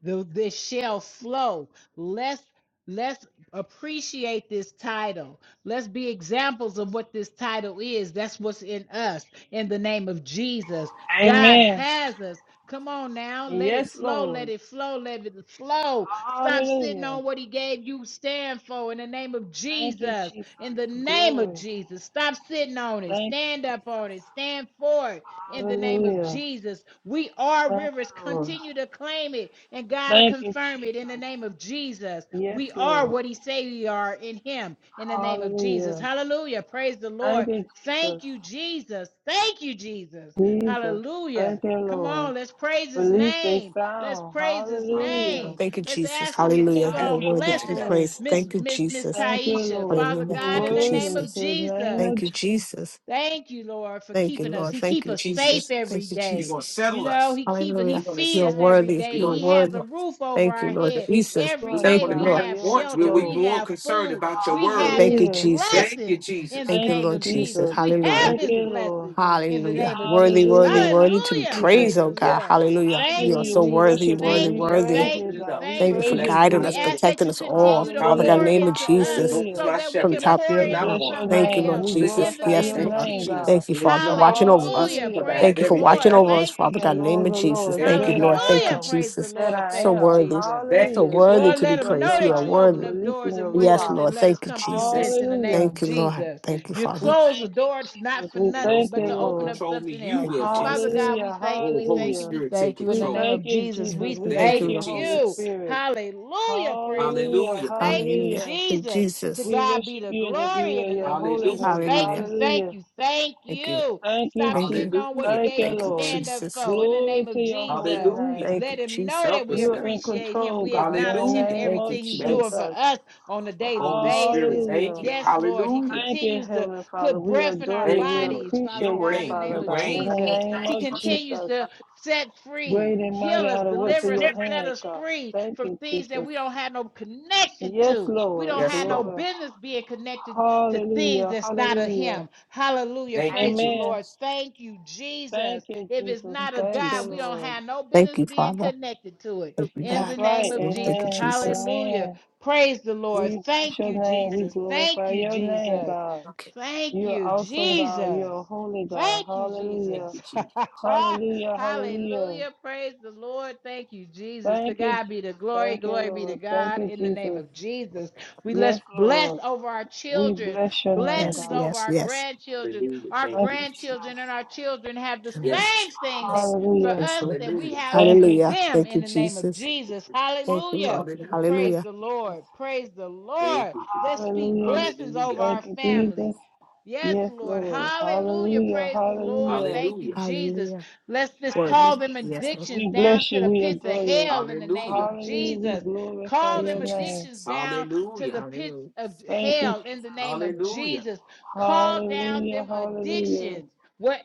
F: the, this shall flow. Let's let's appreciate this title. Let's be examples of what this title is. That's what's in us in the name of Jesus. God
B: Amen.
F: has us. Come on now. Let it
B: Yes,
F: flow.
B: Lord.
F: Let it flow. Let it flow. Stop sitting
B: Hallelujah.
F: on what he gave you. Stand for in the name of
B: Thank you,
F: Jesus
B: Jesus.
F: in the name of
B: Glory.
F: Jesus. Stop sitting on it.
B: Thank you,
F: Stand up on
B: Jesus.
F: it. Stand for it in the name of
B: Hallelujah.
F: Jesus. We are
B: Thank
F: rivers.
B: you, Lord.
F: Continue to claim it and God will
B: Thank you,
F: confirm it in the
B: Jesus.
F: name of Jesus.
B: Yes,
F: We are
B: Lord.
F: what He say we are in Him in the name of Jesus.
B: Hallelujah.
F: Hallelujah. Praise the Lord.
B: Thank you, Jesus.
F: Thank you, Jesus. Thank you, Jesus.
B: Jesus.
F: Hallelujah.
B: Thank you,
F: Come
B: Lord.
F: on, let's praise his
B: Release they
F: name. Let's
B: sound.
F: praise his
E: Hallelujah.
B: Hallelujah.
F: name.
E: Thank you,
F: Let's
E: Jesus.
F: ask him to
E: Hallelujah.
F: keep
E: You
B: Thank
E: are
F: on
B: you,
E: worthy to be
F: blessing the.
B: glory.
E: praised.
F: Miss
E: Thank you,
F: Miss Miss
E: Jesus.
B: Thank you,
F: Taisha.
B: Lord.
F: Father
E: Hallelujah.
B: Your
F: God,
E: Thank you,
F: in the
B: word
F: name
B: and
F: of
E: Jesus.
B: to the
F: Jesus.
B: name of
E: Thank you,
B: Jesus,
E: Jesus.
F: Thank you, Lord, for
E: Thank you,
F: keeping us.
E: Lord.
F: He
E: Thank
F: keep
E: you, Thank
F: us
E: you,
F: safe
E: Jesus.
F: every
E: Thank you, Jesus.
F: day.
E: You're going to
F: You
E: settle
F: know,
E: us.
F: he keep He
E: Hallelujah. You're
F: feed
E: You're
F: us every
E: worthy. You're
F: day.
E: You're
F: He has
E: worthy.
F: a
E: worthy.
F: roof over
E: Thank you,
F: our
E: Lord Thank
F: head
E: you, Jesus. Lord. We're
F: every
E: not
B: the
E: Thank
F: day.
E: gonna
B: God
F: We
B: of
E: you,
B: the
F: have
E: Lord. will
F: shelter.
E: we be
F: We
B: overflow.
E: more
F: have
E: concerned
F: food.
E: about your
F: We
E: word?
F: have
E: Thank you,
F: His
B: Hallelujah.
E: Jesus. Thank you,
F: blessings
E: Jesus.
F: in the
E: Thank you,
B: Thank
F: name
B: you,
E: Lord
F: of
E: Jesus.
F: Jesus.
B: Jesus.
F: We have
E: Hallelujah.
B: Thank
F: His
B: you,
E: Hallelujah.
B: Lord.
F: blessings in the
E: Hallelujah.
F: name of
E: Worthy,
F: Jesus.
E: worthy,
B: Hallelujah.
E: worthy
B: Thank
E: to
B: you,
E: be
F: Hallelujah!
B: Jesus.
F: Praise
E: praised, oh
F: the
E: God.
F: Lord.
E: Hallelujah. You
F: Thank
E: are
F: you,
B: Hallelujah.
E: so
B: We
F: Jesus.
E: worthy,
B: worship you.
E: worthy,
F: Thank
B: We
F: you.
E: worthy.
B: praise
F: Thank
B: you,
F: you.
B: God. We
F: Thank
E: Thank you for
B: praise
F: you.
B: you,
E: guiding
F: We
E: us,
B: Jesus.
F: ask that
E: protecting
F: you
E: us all.
F: continue to
E: Father God, in the
F: pour
B: Hallelujah.
E: name of
F: into us
E: Jesus.
B: Hallelujah.
F: so that we
E: From
F: can
E: top
F: pour
E: to
B: We
F: into
B: bless
E: bottom.
B: your
E: Thank you,
F: somebody
B: name.
F: else
E: Lord
B: We
F: in
E: Jesus.
F: the
B: glorify
E: Yes,
F: name
B: your
F: of
E: Lord.
B: name,
F: Jesus.
B: God.
E: Thank you, Father, for watching over us.
F: Hallelujah.
B: Hallelujah.
F: Praise
E: Thank you
F: the
E: for watching
F: Lord.
B: King
E: over
B: of
E: us,
F: Thank you,
E: Father
B: kings
E: God,
B: and
E: in the name
F: Jesus.
B: Lords
E: of
B: of
E: Jesus.
B: lords.
E: Thank you,
B: Great
E: Lord.
B: I
E: Thank you,
F: Hallelujah.
B: am
F: Praise the
E: Jesus.
B: that
F: Lord.
B: I
E: So
F: Thank you,
B: am.
E: worthy.
F: Jesus.
E: So
B: Hallelujah.
E: worthy
F: Lord,
B: Thank
E: to
B: you,
F: let
E: be
F: them
B: breath
F: know
E: praised.
B: of
E: You are
F: that
B: life,
F: you
B: for
F: open
E: worthy.
F: up
B: releasing
F: doors
B: your
F: and
E: Yes,
F: windows
B: ruah.
E: Lord.
F: and let us
E: Thank you,
F: come through
E: Jesus.
F: vents in the name
B: Hallelujah.
F: of
E: Thank you, Lord.
F: Jesus.
E: Thank you,
F: You
E: Father.
B: We
F: close the
B: thank you,
F: door, not
B: Jesus.
F: for
B: We
E: And
F: nothing,
E: those
B: thank
F: but
B: you,
E: things
F: to
E: won't
F: open
B: Lord.
F: up
E: control me.
F: something
E: You Thank
F: else.
E: will, you, Father.
F: Father
E: Jesus.
F: God, we
B: Hallelujah.
F: thank you,
E: Oh,
F: we
E: Holy
F: thank you,
B: Hallelujah.
F: we
E: Spirit, take
F: thank you. In
B: We
F: the
E: control.
F: name
B: thank
F: of
B: you,
F: Jesus,
E: Thank
B: Jesus.
F: we
B: We
E: Thank you,
B: thank
F: thank
E: you,
B: you,
E: Lord.
B: Holy
F: you.
E: Jesus.
B: Spirit.
F: Hallelujah. Praise the
B: Hallelujah.
F: Lord.
E: Hallelujah.
F: Thank you,
E: Hallelujah.
B: Hallelujah.
E: To
F: Jesus. To
E: Jesus.
B: We
F: God be
B: worship
F: the
B: you in the
F: glory
B: beauty
F: in
B: of
F: the
B: your
F: name of
E: Hallelujah.
F: Jesus.
B: holiness.
F: Thank
E: Hallelujah.
F: you, thank
B: Hallelujah.
F: you, thank
E: Thank you.
F: you.
B: Thank you,
F: Stop
E: Thank
B: Jesus.
F: sitting
E: you.
F: on what He
E: Hallelujah.
B: Thank
F: gave
B: you,
F: you
E: Thank
F: to
E: you,
B: Lord.
F: stand up
E: Jesus.
F: for in the
B: Glory
F: name
B: to
F: of
B: your holy
F: Jesus.
E: Hallelujah.
B: name.
E: Thank you,
F: Let Him
E: Jesus.
F: know that
E: Help
F: we
E: us
B: You're
E: now.
B: in
F: appreciate Him.
B: control,
F: We
B: God, in
F: acknowledge
B: the
F: Him and
E: Hallelujah.
B: name
E: Thank
B: of
E: you, Thank
F: everything He's doing
E: Jesus.
F: for
B: Jesus.
F: us on a daily
E: Holy Spirit.
F: basis.
E: Thank
B: Hallelujah.
E: you.
F: Yes, Lord, He
E: Hallelujah.
B: Thank you,
F: continues to
B: Heavenly Father.
F: put
B: We
F: breath in our
B: adore you.
E: Thank
B: We
E: you, Lord.
F: bodies, Father
E: You
B: appreciate you,
F: God, in
E: reign.
F: the
B: Father
E: You
F: name of
B: God, in
E: reign.
B: the
F: Jesus.
B: name
F: He
B: of
F: continues
B: Jesus.
F: to set free,
B: Great and
F: heal
B: mighty
F: us,
B: are the works of
E: Yes,
F: deliver us,
B: your
E: Lord.
F: and set
B: hands,
F: us
B: God.
F: free
B: Thank
F: from
B: you,
F: things that
B: Jesus.
F: we don't have no connection
B: Yes,
F: to. We
B: Lord.
F: don't
E: Yes,
F: have no
E: Lord.
B: Glory.
F: business being connected to things
B: Hallelujah.
F: that's not of
B: Hallelujah.
F: Him. Hallelujah.
E: Thank you,
F: Praise the
E: Jesus.
B: Amen.
F: Lord. Thank you,
B: Thank
F: Jesus.
B: you,
F: If it's
B: Jesus.
E: Thank
F: not
E: you,
F: of
B: Thank you,
F: God, we
E: Jesus.
F: don't
B: Lord.
F: have no
E: Thank
F: business
E: you,
F: being
E: Father.
F: connected to it.
E: Thank you,
F: In
B: That's
F: the
E: God.
B: right.
F: name of
E: Lord, Thank you,
F: Jesus.
B: Amen.
E: Jesus.
F: Hallelujah.
B: Amen.
F: Praise the Lord.
B: We bless
F: Thank
B: your
F: you,
B: name. We
F: Jesus. Thank
B: glorify
F: you,
B: your name,
F: Jesus.
B: God.
E: Okay.
F: Thank
B: You're
F: you,
B: awesome, God.
F: Jesus.
B: You're a holy God.
F: Thank you,
E: Thank
B: Hallelujah.
E: you,
F: Jesus.
E: Jesus.
B: Hallelujah. Hallelujah.
F: Hallelujah. Praise the Lord. Thank you, Jesus. To
B: Thank you,
F: God be
B: Jesus.
F: the glory.
B: Thank you,
F: Glory be to
B: Lord. Thank
F: God
B: you,
F: in the name
B: Jesus.
F: of Jesus. We let's
B: Yes,
F: bless
B: Lord.
F: over our
B: We
F: children,
B: bless your name,
E: Yes,
F: blessings
B: God.
F: over
E: yes,
F: our
E: yes.
F: grandchildren.
E: Hallelujah.
F: Our
E: Thank
B: Thank
E: you.
B: you, Jesus.
F: grandchildren and our children have the same
E: Yes.
F: thing that
E: Yes.
F: for
B: Hallelujah.
E: Yes.
F: us
E: Lord.
F: that we
E: Hallelujah.
F: have it
B: Thank
F: for
B: you,
E: Hallelujah.
B: Jesus.
F: them
E: Thank
F: in
E: you,
F: the name of
E: Jesus. Thank you.
F: Jesus.
E: Jesus. Thank you,
F: Hallelujah.
E: Lord. Hallelujah.
B: Thank
F: Praise
E: Hallelujah.
F: the
B: you, Jesus.
F: Lord. Praise the
E: Thank
F: Lord.
E: you, Jesus.
F: Let's speak
B: Hallelujah.
F: blessings
E: Hallelujah.
F: over
B: Thank
F: our
B: you,
F: family.
B: Jesus.
F: Yes,
B: Yes,
F: Lord.
B: Lord.
F: Hallelujah.
B: Hallelujah.
F: Praise the Lord.
B: Hallelujah.
F: Thank
E: Hallelujah.
F: you, Jesus.
E: Hallelujah.
F: Let's just
B: Thank
E: Worthy.
B: you,
F: call them
E: Yes,
B: Jesus.
E: Lord.
F: addictions
B: We
F: down
B: bless
F: to
B: you.
F: the
B: We
F: pits of
B: adore you.
F: hell in the name
E: Hallelujah.
F: of
B: Hallelujah. We
F: Jesus.
B: glorify
F: Call
E: Thank you,
F: them
B: your
E: Jesus.
B: name.
F: addictions down to
E: Hallelujah.
F: the pits
E: Hallelujah.
F: of
B: Thank you,
F: hell in the
B: Jesus.
F: name of
E: Hallelujah.
F: Jesus. Call down
B: Hallelujah.
F: them
B: Hallelujah.
F: addictions,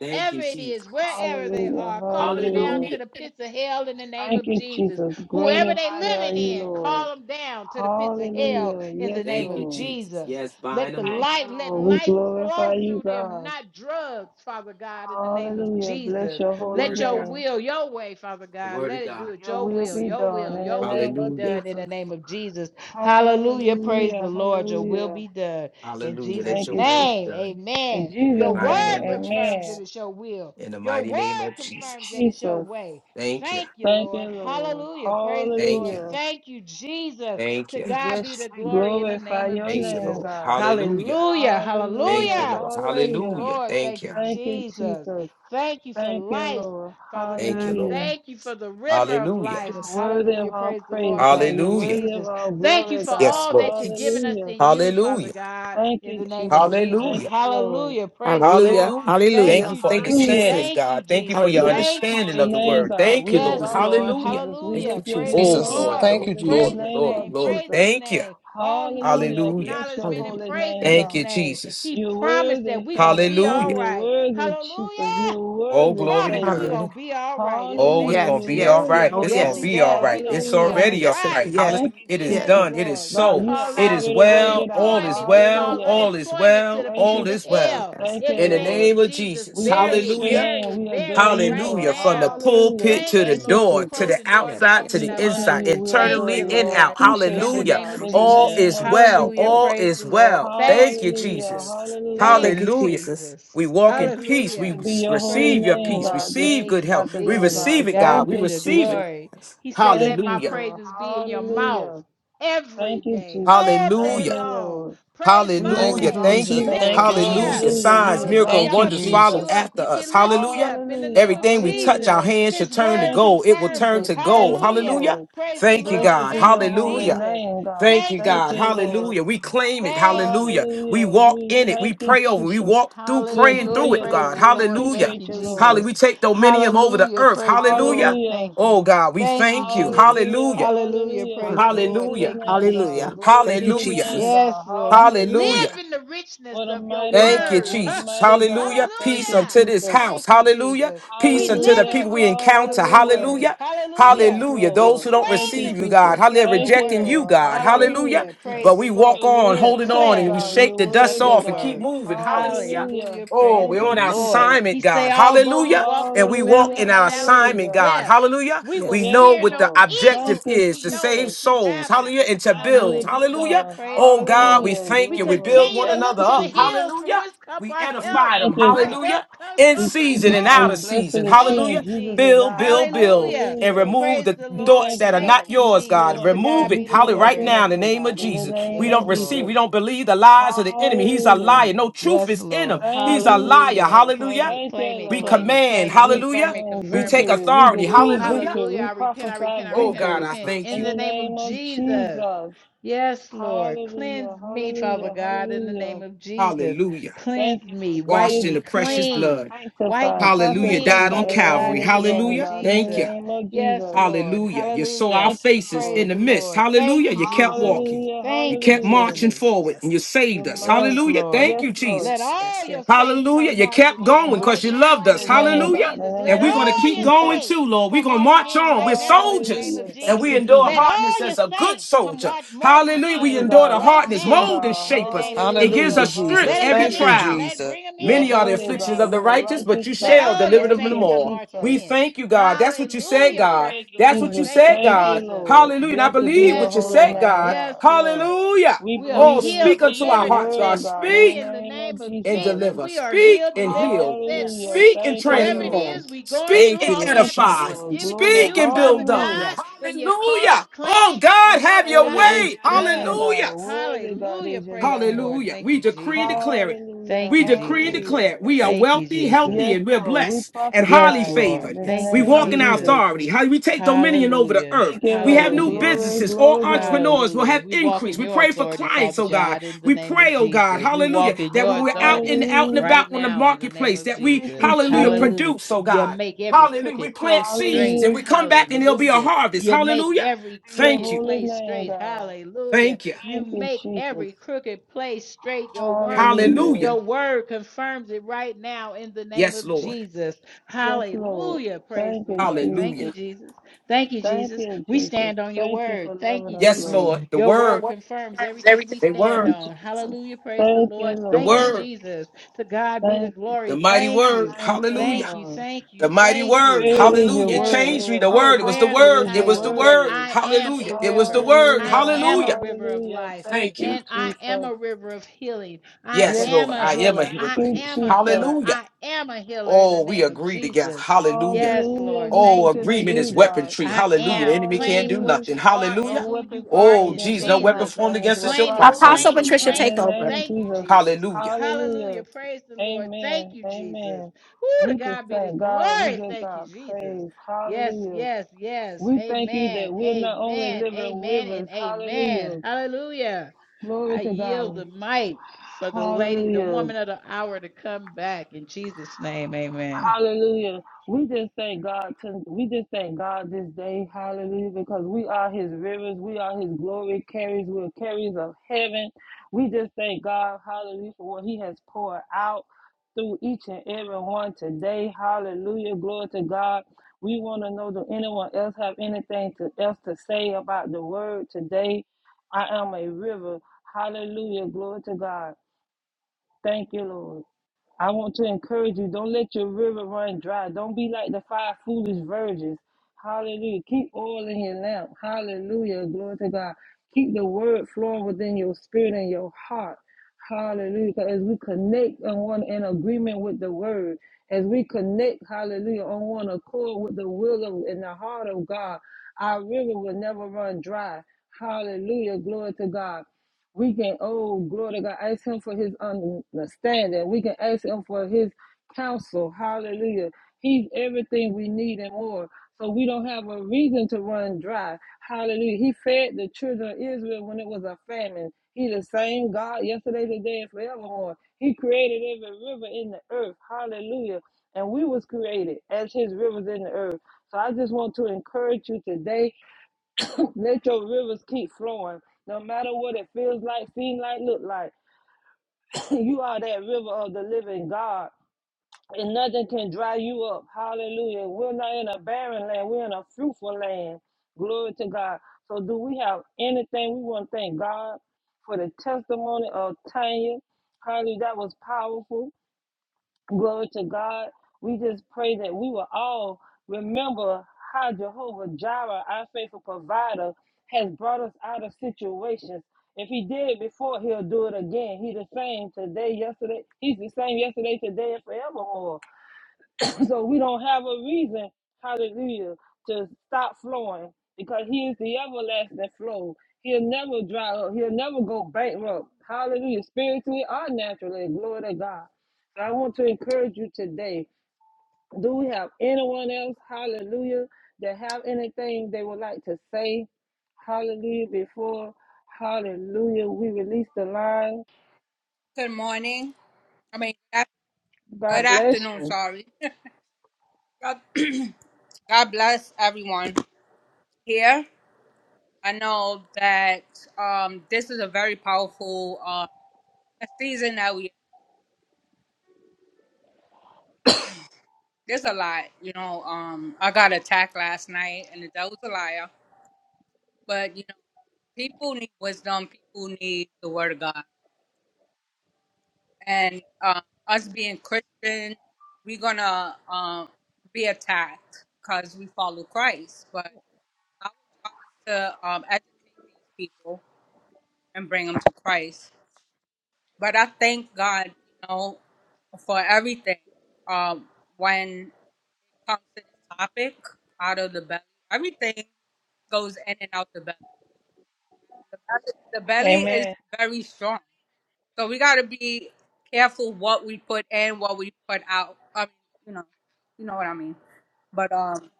E: Thank you,
F: it
E: Jesus.
F: is, wherever they
B: Hallelujah.
F: are. Call them down
B: Hallelujah.
F: to
E: Hallelujah.
F: the pits of hell in the name
B: Thank
F: of
B: you,
F: Jesus.
B: Jesus. Great
F: Whoever
B: and
F: they
B: mighty are
F: living
B: you,
F: in,
B: Lord.
F: call them down to the pits of hell
B: Hallelujah.
F: in
B: Yes,
F: the
E: Thank
F: name
E: you,
F: of
B: Lord.
E: Jesus.
F: Jesus.
E: Yes,
B: We
E: bind
F: Let the
E: them up.
B: thank
F: light,
B: you,
F: let
B: Lord. We
F: life
B: glorify
F: flow
B: you,
F: through them,
B: God.
F: not drugs, Father God, in the name of
B: Hallelujah. Bless
F: Jesus.
B: your
E: The
B: holy
E: word
F: Let
E: of
F: your
E: God.
B: name.
F: will, your way, Father
E: The
F: God,
E: word
F: let
E: of
F: it do
E: God.
F: it.
B: Your
F: Your
B: will
F: will,
B: be
F: your
B: done
F: will,
B: in the
F: your will
B: name
F: be
B: of
E: Hallelujah.
F: done in the
B: Jesus.
F: name of Jesus. Hallelujah. Praise the
B: Hallelujah.
F: Lord. Your will
B: Hallelujah.
F: be done in
E: Hallelujah. Let
F: Jesus'
B: Thank
E: your
B: you,
E: will be
B: Jesus.
F: name.
E: done.
B: In
F: Amen.
E: In the
F: Your
B: Jesus'
E: mighty
F: word
B: name,
E: name of
F: confirms that
B: amen.
E: Jesus.
F: it's your will.
E: In the
F: Your
E: mighty name
F: word
E: of
B: Thank you,
F: confirms
E: Jesus.
F: that it's your
B: Jesus.
F: way.
E: Thank you.
F: Thank you,
B: Thank
F: Lord.
B: you, Lord.
F: Hallelujah. Praise the
E: Thank
F: Lord.
E: you.
B: Hallelujah.
F: Thank you, Jesus.
E: Thank
F: To
E: you.
B: We
F: God be
B: bless
F: the
B: you. We
F: glory in the
B: glorify
F: name of
B: your
E: Thank you,
F: Jesus.
B: name,
E: Lord.
B: God.
E: Hallelujah.
F: Hallelujah.
E: Thank you,
B: Hallelujah.
F: Hallelujah.
E: Lord.
F: Praise the
B: Hallelujah.
E: Hallelujah.
F: Lord.
E: Thank
F: Thank
E: you.
F: you,
B: Thank you,
F: Jesus.
B: Jesus.
F: Thank you for
B: Thank you,
F: life.
B: Lord.
F: Father
E: Thank you,
F: God,
E: Lord.
B: Hallelujah.
F: thank you for the river of
E: Hallelujah.
F: life.
E: Yes.
B: Worthy of
F: Hallelujah.
B: all
F: Praise the
B: praise,
F: Lord. Thank
B: God.
F: you,
B: You're
E: Hallelujah.
B: worthy of
F: Jesus.
B: all
F: Thank you
B: glory,
F: for
E: Yes,
B: God.
F: all
E: Lord.
F: that you're
E: Yes.
F: giving us
B: Hallelujah.
F: in you, Father
E: Hallelujah.
F: God,
B: Thank
F: in the
B: you,
F: name of
B: Jesus.
F: Jesus.
E: Hallelujah.
B: Thank you, Lord.
F: Hallelujah. Praise the Lord.
E: Hallelujah. Hallelujah. Thank Hallelujah.
F: Thank
B: Hallelujah.
E: you
F: you,
E: for Thank you,
F: Jesus.
E: understanding,
B: Hallelujah.
E: Jesus.
F: Thank you,
E: God. Thank you for your
F: Jesus.
E: Hallelujah.
B: Bless your
F: Thank you,
E: understanding
B: holy
E: of the
B: name,
F: Jesus.
E: word.
B: God.
E: Thank you,
B: We
F: Yes,
E: Lord.
B: exalt you,
F: Lord.
E: Hallelujah.
B: Jesus. We
E: Thank
F: Hallelujah.
E: you,
B: lift your
E: Jesus.
F: Praise the
B: name
E: Oh,
B: up,
G: Jesus.
E: glory,
F: Lord.
B: God.
G: Thank
E: Lord.
B: We
G: you,
B: lift your
G: Jesus.
F: Praise
E: Glory,
F: his
B: name
E: glory,
B: up,
F: name.
E: glory.
F: Praise
B: Jesus.
F: his
E: Thank you.
F: name. All he wants is
B: Hallelujah.
E: Hallelujah.
B: Bless your
F: acknowledgement
E: Hallelujah.
F: and
B: holy
F: praising
B: name,
F: his
E: Thank you,
B: God.
F: name.
E: Jesus.
F: He
B: You're
F: promised that
B: worthy,
F: we're going to
B: Heavenly
F: be
B: Father.
F: all
E: Hallelujah.
B: You're
F: right.
B: worthy, Jesus.
F: Hallelujah.
B: You're
F: He
E: Oh,
B: worthy,
E: glory to
F: promised
E: God.
F: we're
B: Savior.
E: Hallelujah.
F: going to be all right in the
E: Oh, it's
F: name
E: going
F: of
B: Hallelujah.
E: Yes,
B: You're
E: to Yes, be all yes, yes.
F: Jesus.
B: worthy,
E: right. Oh, It's going to
B: Holy
F: Yes,
E: yes.
F: he
B: Ghost.
E: be all
F: does.
E: right.
F: We're going to
E: It's Oh,
F: be
B: Hallelujah.
E: already
F: all
E: all yes, uh, right.
F: right.
E: yes,
B: Thank
E: Hallelujah.
B: you,
E: It is yes.
F: Yes,
B: Jesus.
E: done. It is
F: Lord. We
B: God,
E: so.
B: you have
F: call
E: It
F: out
E: is
B: already worked
E: well.
B: it out.
E: All is
F: unemployment. We
E: well.
F: call
B: Hallelujah.
E: All is
F: unemployment to
E: well.
F: the
B: Thank
E: All
F: pits
B: you,
F: of
E: is
B: Jesus.
E: well.
F: hell
E: Yes.
B: Thank
F: in
B: you,
F: the
E: In the
F: name
B: Lord.
E: name
F: of
E: of
F: Jesus.
E: Jesus.
B: We
F: Bury
B: bless
F: it,
B: your
E: Hallelujah.
F: bury
B: name. We
F: it, bury
B: adore
F: it
B: you,
F: right
E: Hallelujah.
B: Lord.
E: From the
F: now.
B: Hallelujah.
E: pulpit
F: Thank
E: to the
F: you,
B: Thank you,
F: Lord, for
E: door, to the
B: Jesus.
E: Yes,
F: closing doors and
E: outside, to yes.
F: opening
B: We
E: the
F: up
B: honor
E: inside,
B: you.
F: others.
B: We
F: Thank
B: adore
E: internally
F: you,
B: you.
E: and
B: We
F: Lord,
E: out. Thank you, God.
B: appreciate
F: in the
B: you,
E: Hallelujah.
F: name
E: Thank
B: God.
F: of
E: you,
B: In the
E: All Jesus.
F: Jesus.
B: name
E: is Jesus.
B: of
E: well.
F: Hallelujah.
B: Jesus.
E: All
F: Praise
E: is
F: the Lord.
E: well.
F: Thank
E: Thank
F: you,
E: you,
B: Hallelujah.
F: Jesus.
E: Jesus. Thank
B: Hallelujah.
F: Thank
E: you,
F: you,
E: Hallelujah. Jesus.
F: Jesus.
E: We walk in
B: Thank
E: peace.
B: you.
E: We
F: Hallelujah.
B: Blessed be your holy
F: Praise
E: receive your
F: the
B: name,
E: peace.
F: Lord.
B: God, this
E: Receive
F: Thank
E: good
F: you,
E: health. We
B: afternoon,
F: Jesus.
B: God.
F: To
E: receive it, God.
F: God
B: Thank
E: We
F: be
B: you,
F: the
E: receive it.
B: Jesus.
F: glory.
E: Yes.
F: He said,
B: Thank
F: Let my
B: you,
E: Hallelujah.
B: Lord.
F: praises be in your mouth
B: Hallelujah.
F: every
B: Thank you,
F: day,
B: Jesus.
F: all
B: Thank
F: day
E: Hallelujah.
B: you,
F: long.
B: Lord.
F: Praise
B: We
F: my
G: Thank
B: will
G: you,
E: Hallelujah.
F: name.
B: exalt
E: Thank
G: Jesus.
B: you,
E: you.
F: Lift
B: Lord.
G: Thank you,
F: me
E: Hallelujah.
F: up.
G: Jesus.
B: Hallelujah.
E: Signs,
B: We
E: miracles,
B: exalt
F: Hallelujah.
E: and
G: Thank
F: I'm
G: you,
B: you,
F: going to
E: wonders
F: keep
E: follow
B: Jesus.
F: you
G: Jesus.
F: up
E: after
F: if you
E: us.
F: lift me
E: Hallelujah.
F: up in the
B: Hallelujah.
F: name of
E: Everything we touch, our
F: Jesus.
B: Hallelujah.
E: hands should
F: His
E: turn to
F: word
B: Thank you,
E: gold. It will
F: confirms
E: turn
B: Jesus.
F: it.
E: to
B: Thank
E: gold.
B: you,
F: Hallelujah.
E: Hallelujah.
B: Lord.
F: Praise the
E: Thank you,
F: Lord.
B: Blessed
E: God.
B: be
F: Thank
B: your
F: you,
B: holy
E: Hallelujah.
F: Jesus.
B: name, God.
E: Thank
F: Thank
E: you,
F: you,
B: Thank
E: God.
B: you,
F: Jesus.
B: Lord.
E: Hallelujah. We claim it.
F: Thank you.
E: Hallelujah. We
B: Hallelujah.
E: walk
B: We
E: in it. We
B: thank you,
E: pray over. it. We
B: Jesus.
E: walk through
B: We
E: praying
B: adore
F: Hallelujah.
E: through
B: you,
E: it,
F: Praise
E: God.
F: the
B: Lord. We
F: Lord.
E: Hallelujah.
F: Thank you,
B: appreciate you,
E: Hallelujah.
B: Lord.
F: Jesus.
E: We take dominion over the
F: Hallelujah.
E: earth.
F: Praise the
E: Hallelujah.
F: Lord. Thank
B: Hallelujah.
F: you.
E: Oh, God, we
F: Thank you,
E: thank you.
F: Jesus.
B: Hallelujah.
E: Hallelujah.
F: Hallelujah.
B: Hallelujah.
E: Hall-
F: Praise the
B: Glory to
F: Lord.
B: your
E: Hallelujah.
F: Thank you,
B: name, God.
E: Hallelujah.
F: Jesus.
E: Thank
B: Glory
E: you,
B: to
E: Hallelujah.
B: your name,
E: Jesus.
F: Yes,
B: God.
F: Lord. We
E: Hallelujah.
B: Hallelujah.
F: live in the richness
B: What a
F: of your
B: mighty
E: Thank you,
B: God.
F: word.
B: What a
E: Jesus.
B: mighty God.
E: Hallelujah.
B: Thank
E: Peace
B: you,
F: Hallelujah.
E: unto this
B: Jesus.
E: house.
F: Thank you,
E: Hallelujah.
F: Jesus.
E: Peace
F: We
E: unto
F: live
E: the
F: in
B: Hallelujah.
F: the
E: people we
F: richness of
E: encounter.
F: your
B: Hallelujah.
F: word.
E: Hallelujah.
B: Yes,
F: Hallelujah.
E: Hallelujah.
F: We
E: Those
B: Lord.
E: who don't
B: Thank
F: claim
B: you,
E: receive
F: the
E: you,
B: Jesus.
E: God.
F: richness
E: Hallelujah.
F: of your
B: Thank you,
E: Rejecting
F: word.
E: you,
B: Lord.
E: God. Hallelujah.
B: Hallelujah.
F: Hallelujah.
E: Yes.
F: Praise
E: But Yes.
F: the
E: we
F: Lord.
E: walk
B: You're
F: We
E: on,
B: worthy,
E: holding on,
B: mighty
E: and
F: declare
E: we
F: the
B: God.
E: shake
B: You're
E: the
F: richness
E: dust
F: of
B: worthy,
F: your
E: off and keep
F: word.
B: God.
E: moving. Yes. Hallelujah. Yes.
B: Hallelujah.
F: Hallelujah.
E: Oh,
F: Praise
B: Thank
E: we're
F: the
E: on
B: you,
E: our
F: Lord.
B: Jesus.
F: He
E: assignment,
F: say,
E: God.
F: although we
E: Hallelujah.
F: walk through
E: And
F: the
E: we walk
F: valley
B: Hallelujah.
F: of
E: in
F: the
E: our
F: shadows of
E: assignment,
B: Hallelujah.
E: God.
F: death,
E: Hallelujah.
F: we will
E: We Yes.
B: Yes,
E: know
F: fear
E: what the
F: no
B: Lord. Thank
F: evil
E: objective
F: because
B: you,
E: is
F: we
E: to
B: Jesus.
F: know
E: save
F: that you
E: souls.
F: have us.
E: Hallelujah. And to
B: Thy
E: build.
B: will be
F: Hallelujah.
E: Hallelujah.
B: done.
F: Praise
E: Oh,
F: the
E: God, we
F: Lord.
B: Hallelujah.
E: thank
F: We
E: you. We
B: Glory.
E: build
F: continue
E: one
F: to
B: Thank
F: look
E: another
B: you,
F: to the
E: up.
B: Jesus.
F: hills from
E: Hallelujah.
F: whence comes
E: We
F: our
B: We
F: help.
E: edify
B: thank
E: them.
B: you,
F: Our
B: God.
E: Hallelujah.
F: help comes
E: In
B: We
F: from the
B: thank
E: season
B: you
E: and
B: for
E: out
B: your
E: of
F: Lord.
B: blessed
E: season.
F: Thank
B: assurance.
E: Hallelujah.
F: you,
B: Jesus is
F: Jesus.
E: Build,
B: ours.
E: build, build,
F: Hallelujah.
E: and
B: Hallelujah.
E: remove
F: Praise
E: the
F: the
B: We
E: thoughts
F: Lord.
B: thank
E: that
B: you,
E: are
F: Thank
E: not
B: God.
F: you,
B: We are
E: yours, God.
F: Jesus.
B: flowing
F: To
B: because
E: Remove
F: God
E: it.
F: be
B: you
F: the
B: flow
E: Hallelujah. Right
B: within
F: glory.
E: now,
B: us,
E: in the
B: oh
E: name of
B: God. In the
E: Jesus.
B: name
E: We
F: Yes,
B: of
E: don't receive,
F: Lord.
B: Jesus.
E: we don't believe the lies of the enemy. He's a
B: Hallelujah.
E: liar. No truth
F: Yes,
E: is in him.
F: Lord.
B: Thank
E: He's a
B: you,
E: liar.
F: Hallelujah.
B: Jesus.
F: Claim
E: Hallelujah.
F: it,
B: Thank you,
F: claim it,
E: We
B: Lord.
F: claim it,
E: command.
F: claim it.
B: We
E: Hallelujah.
F: Confirm it,
B: claim
E: We
F: confirm
E: take
F: it.
B: victory. We
E: authority.
F: Ooh,
B: decree
E: Hallelujah.
B: victory.
F: hallelujah. I
B: We
F: repent, I
B: prophesy
F: repent, I
E: Oh,
F: repent, I
E: God,
B: victory.
E: I
F: repent.
E: thank
F: In
B: In
E: you.
F: the
B: the
F: name of
B: name of
F: Jesus.
B: Jesus.
F: Yes, Lord.
B: Hallelujah.
F: Cleanse me, Father
B: Hallelujah.
F: God, in the
B: Hallelujah.
F: name of Jesus.
E: Hallelujah.
B: Thank
F: Cleanse
B: you for
F: me. Wipe
E: Washed
B: cleansing,
E: in
F: me
E: the precious
F: clean.
E: blood.
B: purifying,
F: Wipe
B: sanctifying,
F: me
E: Hallelujah.
F: clean,
E: Died on
B: consecrating
F: Father
B: everyone in
F: God,
E: Calvary.
F: in
B: this
F: the name
B: room,
F: of
E: Hallelujah.
B: God. In
E: Thank
B: the
E: you.
F: Jesus.
B: name of
F: Yes,
B: Jesus.
F: Lord.
E: Hallelujah. You saw our
F: Hallelujah.
B: Thank you,
E: faces
F: Praise
E: in
B: Lord.
E: the
F: the
E: mist.
F: Lord. Thank
E: Hallelujah.
F: you,
E: You kept
F: Jesus.
E: walking.
B: Hallelujah.
E: You
F: Thank you,
E: kept
B: Hallelujah.
E: marching
F: Jesus.
E: forward and you
B: You're
E: saved us.
B: mighty,
F: Yes,
E: Hallelujah.
B: God.
F: Lord.
E: Thank
B: Yes,
E: you,
B: Lord.
F: Let
E: Jesus. Yes,
F: all
E: yes.
F: your saints
E: Hallelujah.
F: come
E: You kept
F: marching in
E: going
B: Oh,
E: because
F: right
E: you
B: bless your
F: now
E: loved
F: in
E: us.
B: holy
F: the name
B: name,
F: of
B: God.
E: Hallelujah.
B: In
F: Jesus.
B: the
E: And
F: Let
E: we're
B: name
E: going to
B: of
F: all
E: keep
F: your
E: going
B: Jesus.
F: saints
E: too, Lord. We're
F: come
E: going to
F: marching
E: march
F: in
E: on. We're
F: right now in the name
E: soldiers
B: Hallelujah.
F: of
E: Yes. and
B: Thank
E: we
F: Jesus.
B: you,
E: endure
B: Jesus.
F: Let
E: hardness
F: all your
E: as a good
F: saints come
E: soldier.
F: wa- marching
E: Hallelujah. We
F: in
B: Mighty
E: endure
B: God,
E: the
B: an
F: right
E: hardness,
B: awesome
F: now
E: mold and
B: God.
F: in the
E: shape us.
F: name of
E: It gives
G: Hallelujah,
F: Jesus.
B: Hallelujah.
E: us strength
F: Let
G: Jesus.
F: them
E: every
F: come
G: Thank you,
B: Hallelujah.
F: in.
E: trial.
F: Let
G: Jesus.
F: bring them
B: You're
E: Many
F: in,
E: are the
F: Lord, in
B: holy,
F: the
E: afflictions
F: name
B: God.
E: of the
F: of
B: You're
E: righteous,
F: Jesus.
E: but
B: righteous,
E: you
F: Let
E: shall
B: God.
F: all your
E: deliver them
B: Thank
E: from them
F: saints
B: you,
F: come
E: all.
F: marching
B: Jesus.
E: We
F: in.
E: thank you, God. That's what you said,
F: Hallelujah.
E: God.
F: Praise
B: Thank
F: the
B: you,
E: That's what
F: Lord.
E: you
B: Jesus.
F: Thank you,
E: said,
B: Thank you,
E: God.
F: Jesus.
B: Lord.
E: Hallelujah. And I
B: Blessed be
E: believe
F: Yes,
B: your
E: what you
B: holy
E: said,
F: Lord.
B: name,
E: God.
F: Yes,
B: God.
F: Lord.
E: Hallelujah.
B: We
F: We are
E: Oh,
B: believe and
E: speak
F: healed,
E: unto
B: receive
E: our
B: your
F: delivered, and
E: hearts, God.
B: word,
F: set
B: God, in the
F: free
E: Speak
F: in the
B: name
F: name
B: of
F: of
E: and
B: Jesus.
F: Jesus.
E: deliver.
F: We are
E: Speak
F: healed,
E: and
F: delivered, and
E: heal.
F: set
E: Yes.
B: Hallelujah.
F: free.
E: Speak and
B: Thank you,
F: Whatever
E: transform.
F: it
B: Lord.
E: Hallelujah.
F: is we going
E: Speak Thank
F: through,
E: and you,
F: all
E: Lord
F: we
B: Thank
F: have to
B: you,
E: edify.
F: do is
E: Jesus.
B: Lord.
F: give it to
B: Glory.
E: Speak
F: you,
E: and
F: Father
E: build up.
B: Hallelujah.
F: God,
E: Yes.
F: and you call
E: Hallelujah.
F: it, claim
E: Oh,
F: it,
E: God,
F: and
E: have
F: Father
E: your
F: God,
B: Worthy
F: it's
B: is
E: way.
B: your name,
F: done.
E: Hallelujah.
B: God. Worthy, God,
F: Hallelujah.
B: is your
F: Praise the Lord.
B: name.
E: Hallelujah.
F: Thank
E: We
F: you,
E: decree and
F: Jesus.
E: declare it.
B: Hallelujah.
F: Thank
E: We
F: you,
E: decree and
F: Jesus.
B: Hallelujah.
E: declare we are
F: Thank you,
E: wealthy,
F: Jesus.
E: healthy,
B: Yes,
E: and we're
B: Lord. We
E: blessed and highly
F: Yes,
B: prophesy, God,
F: Lord.
E: favored.
B: in the
E: Yes.
F: Thank
E: We
F: you,
B: name
E: walk
B: of
E: in our
F: Jesus.
B: Jesus.
E: authority. How we take dominion over the
F: Hallelujah.
E: earth.
B: Thank you,
E: We have
B: Lord.
E: new
F: Hallelujah.
B: Glory,
E: businesses. All
B: glory, glory.
E: entrepreneurs will
F: Hallelujah.
E: have
F: We walk
E: increase.
F: in
E: We
F: your
E: pray for
F: authority,
E: clients,
F: Father
E: oh God.
F: God, in the
E: We
F: name of
E: pray, oh God,
F: Jesus. We
E: hallelujah,
F: walk in
E: that
F: your
E: when we're out
F: authority
E: and out and
B: Hallelujah.
F: right
E: about on the
F: now in the name
E: marketplace,
F: of
E: that we,
B: Thank
F: Jesus.
B: you,
E: hallelujah,
B: Jesus.
F: Hallelujah.
E: produce, oh
F: You
E: God.
F: make every
E: Hallelujah. We
F: crooked
E: plant
F: place
E: seeds
F: straight.
E: and
B: Hallelujah.
E: we come back and there'll be a
F: Hallelujah.
E: harvest.
F: You make
E: Hallelujah.
F: every
B: To be your
E: Thank
F: crooked
E: you.
B: holy
F: place
B: name,
F: straight.
B: God.
F: Hallelujah.
E: Thank you.
F: You
B: Thank you,
F: make
B: Jesus.
F: every crooked place straight. Your worm co-
E: Hallelujah.
B: Hallelujah.
F: your word confirms it right now in the name
E: Yes,
F: of
E: Lord.
F: Jesus.
B: Yes, Lord.
F: Hallelujah. Praise
B: Thank
F: the
B: you,
F: Lord. Thank
E: Hallelujah.
F: you,
B: Jesus.
F: Jesus. Thank you,
B: Thank
F: Jesus.
B: you,
F: We
B: Jesus.
F: stand on your
B: Thank you for
F: word. Thank
B: loving
F: you,
B: us,
E: Yes,
F: Jesus.
B: Lord.
E: Lord. The
F: Your
E: word. the
F: word confirms everything we
B: Thank
F: stand
E: word.
B: you,
F: on.
B: Jesus.
F: Hallelujah. Praise the
B: Thank you,
F: Lord.
E: The
F: Thank you,
B: Lord.
E: word.
F: Jesus. To God be the
B: Thank you,
E: The
F: glory.
B: Jesus.
E: mighty
F: Thank you.
E: word.
B: Thank you,
E: Hallelujah.
F: Thank you.
B: Lord.
F: Thank you.
E: The mighty
F: Thank
E: word.
F: you.
B: Great is your
E: Hallelujah.
F: Yes,
B: word.
E: Change me. The
F: Lord. We
B: How
F: are
E: word. It was the
F: wearing the
B: powerful
E: word.
B: is
E: It
B: your
E: was the
F: title that
E: word.
B: word.
F: I am a
E: Hallelujah. It was the
F: river.
E: word.
F: I
B: Hallelujah.
F: am a
E: Hallelujah.
F: river of
B: Hallelujah.
F: life.
B: Thank
E: Thank you.
B: you,
F: And I am a
B: Jesus.
F: river of healing. I
E: Yes, Yes.
B: Yes,
F: am
E: Lord.
B: we
F: a
E: I
B: are.
E: am a
F: healer.
E: hearer.
B: Thank
F: I
E: but
B: you,
E: hear-
F: am a
B: Jesus.
F: healer.
E: Hallelujah.
F: I am a healer in the
E: Oh, we
F: name of
E: agree together.
F: Jesus.
E: Hallelujah.
F: Yes,
B: Hallelujah.
F: Lord.
B: We
E: Oh,
F: Thank
B: touch
F: you,
B: and
E: agreement is
B: agree,
F: Jesus.
B: God.
E: weaponry.
F: I
E: Hallelujah. The
F: am.
E: enemy can't
F: Claim
E: do
B: Hallelujah.
F: what
E: nothing.
F: you are and
B: No
E: Hallelujah.
F: who
B: weapon
F: you are
B: formed
E: Oh,
F: in
B: against
E: geez,
B: us
E: no
B: and
E: weapon
B: our
F: Jesus.
E: formed
B: families
E: against us
B: will
E: shall
F: Claim it,
E: prosper.
B: prosper.
A: Apostle
F: claim it,
A: Patricia,
E: Yes.
B: In
F: claim
A: take
B: the
F: it.
A: over.
B: name of
F: Thank you,
B: Jesus.
F: Jesus.
E: Hallelujah.
F: Hallelujah.
B: Hallelujah.
F: Praise the Lord. Thank
B: Amen.
F: you, Jesus.
B: Amen.
F: Woo, to
B: We just
F: God be the
B: thank God. We
F: glory.
B: give
F: Thank you,
B: God
F: Jesus.
B: praise.
F: Yes,
B: Hallelujah.
F: yes, yes.
B: We thank you that
F: Amen.
B: we're not only
F: Amen.
B: living
F: Amen and
B: rivers.
F: amen.
B: Hallelujah.
F: Hallelujah.
B: Glory
F: I
B: to
F: yield
B: God.
F: the mic for the lady, the
B: Hallelujah.
F: woman of the hour to come back in Jesus' name. Amen.
B: Hallelujah. We just thank God to, we just thank God this day, hallelujah, because we are his rivers, we are his glory carriers, we're carriers of heaven. We just thank God, hallelujah, for what he has poured out through each and every one today. Hallelujah. Glory to God. We want to know do anyone else have anything to, else to say about the word today? I am a river. Hallelujah. Glory to God. Thank you, Lord. I want to encourage you. Don't let your river run dry. Don't be like the five foolish virgins. Hallelujah. Keep oil in your lamp. Hallelujah. Glory to God. Keep the word flowing within your spirit and your heart. Hallelujah. 'Cause As we connect and one in agreement with the word, as we connect, hallelujah, on one accord with the will of and the heart of God, our river will never run dry. Hallelujah. Glory to God. We can, oh, glory to God, ask Him for His understanding. We can ask Him for His counsel. Hallelujah. He's everything we need and more. So we don't have a reason to run dry. Hallelujah. He fed the children of Israel when it was a famine. He's the same God yesterday, today, and forevermore. He created every river in the earth. Hallelujah. And we was created as his rivers in the earth. So I just want to encourage you today Let your rivers keep flowing, no matter what it feels like, seem like, look like. you are that river of the living God, and nothing can dry you up. Hallelujah. We're not in a barren land, we're in a fruitful land. Glory to God. So, do we have anything we want to thank God for the testimony of Tanya? Hallelujah. That was powerful. Glory to God. We just pray that we will all remember how Jehovah Jireh, our faithful provider, has brought us out of situations. If he did it before, he'll do it again. He's the same today, yesterday. He's the same yesterday, today, and forevermore. So we don't have a reason, hallelujah, to stop flowing because he is the everlasting flow. He'll never dry up. He'll never go bankrupt. Hallelujah. Spiritually or naturally. Glory to God. So I want to encourage you today. Do we have anyone else, hallelujah, that have anything they would like to say? Hallelujah. Before, hallelujah, we release the line.
I: Good morning. I mean, good good
B: God bless
I: afternoon,
B: you.
I: sorry. God God bless everyone here. I know that um, this is a very powerful uh, season that we. There's a lot, you know. Um, I got attacked last night, and the devil's a liar. But you know, people need wisdom. People need the word of God, and um, us being Christians, we're gonna um, be attacked because we follow Christ. But Our job is to um, educate these people and bring them to Christ. But I thank God, you know, for everything. Um, when it comes to this topic, out of the belly, everything goes in and out the belly. The belly, the belly is
B: Amen.
I: very strong, so we got to be careful what we put in, what we put out. I mean, you know, you know what I mean. But um,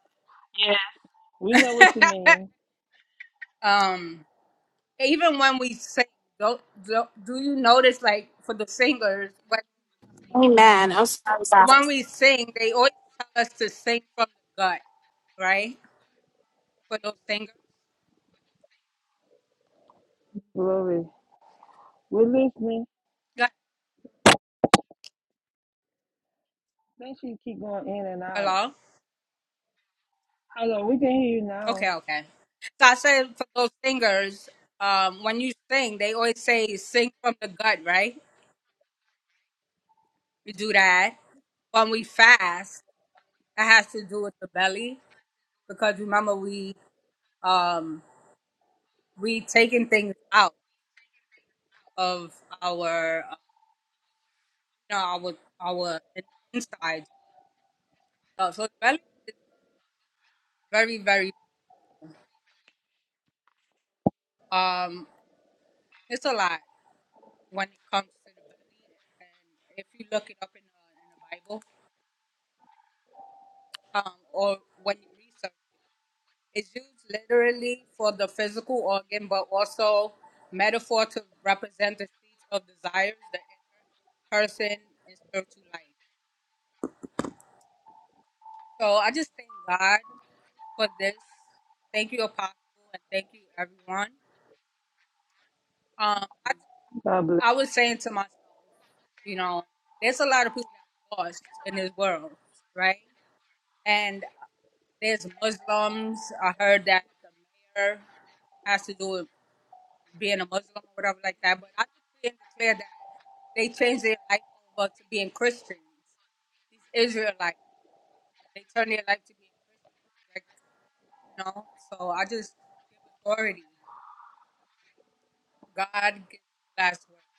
B: We know what you mean.
I: um. even when we sing, do, do, do you notice, like, for the singers, when,
A: Amen. I'm sorry,
I: when
A: guys.
I: we sing, they always tell us to sing from the gut, right? For those singers.
B: Glory. We're listening.
I: Gut.
B: Make sure you keep going in and out.
I: Hello?
B: Hello, we can hear you now.
I: Okay, okay. So I said for those singers, um, when you sing, they always say sing from the gut, right? We do that. When we fast, that has to do with the belly because remember we um we taking things out of our know, our our in- insides and stuff. So the belly is very, very um, it's a lot when it comes to the belly. And if you look it up in the in the Bible, um, or when you research it, it's used literally for the physical organ, but also metaphor to represent the seeds of desires, the inner person, and spiritual life. So I just thank God for this. Thank you, Apostle, and thank you, everyone. Um, I
B: God bless.
I: I was saying to myself, you know, there's a lot of people that lost in this world, right? And there's Muslims. I heard that the mayor has to do with being a Muslim or whatever like that. But I decree and declare that they changed their life over to being Christians. These Israelites, they turn their life to being Christians, like you know. So I just give authority. God gives the last word.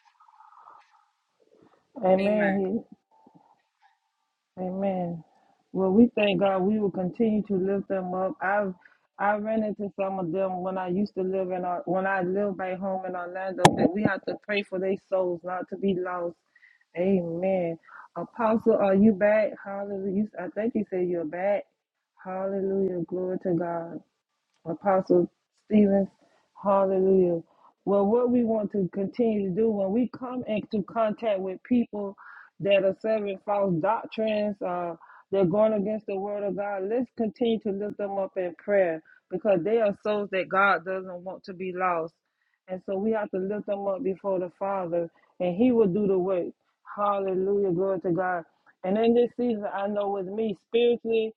B: Amen.
I: Amen.
B: He- Amen. Well, we thank God. We will continue to lift them up. I've I ran into some of them when I used to live in our, when I lived back home in Orlando that we have to pray for their souls not to be lost. Amen. Apostle, are you back? Hallelujah. You- I think you said you're back. Hallelujah. Glory to God. Apostle Stevens, hallelujah. Well, what we want to continue to do when we come into contact with people that are serving false doctrines, uh, they're going against the word of God, let's continue to lift them up in prayer because they are souls that God doesn't want to be lost. And so we have to lift them up before the Father and He will do the work. Hallelujah, glory to God. And in this season, I know with me spiritually,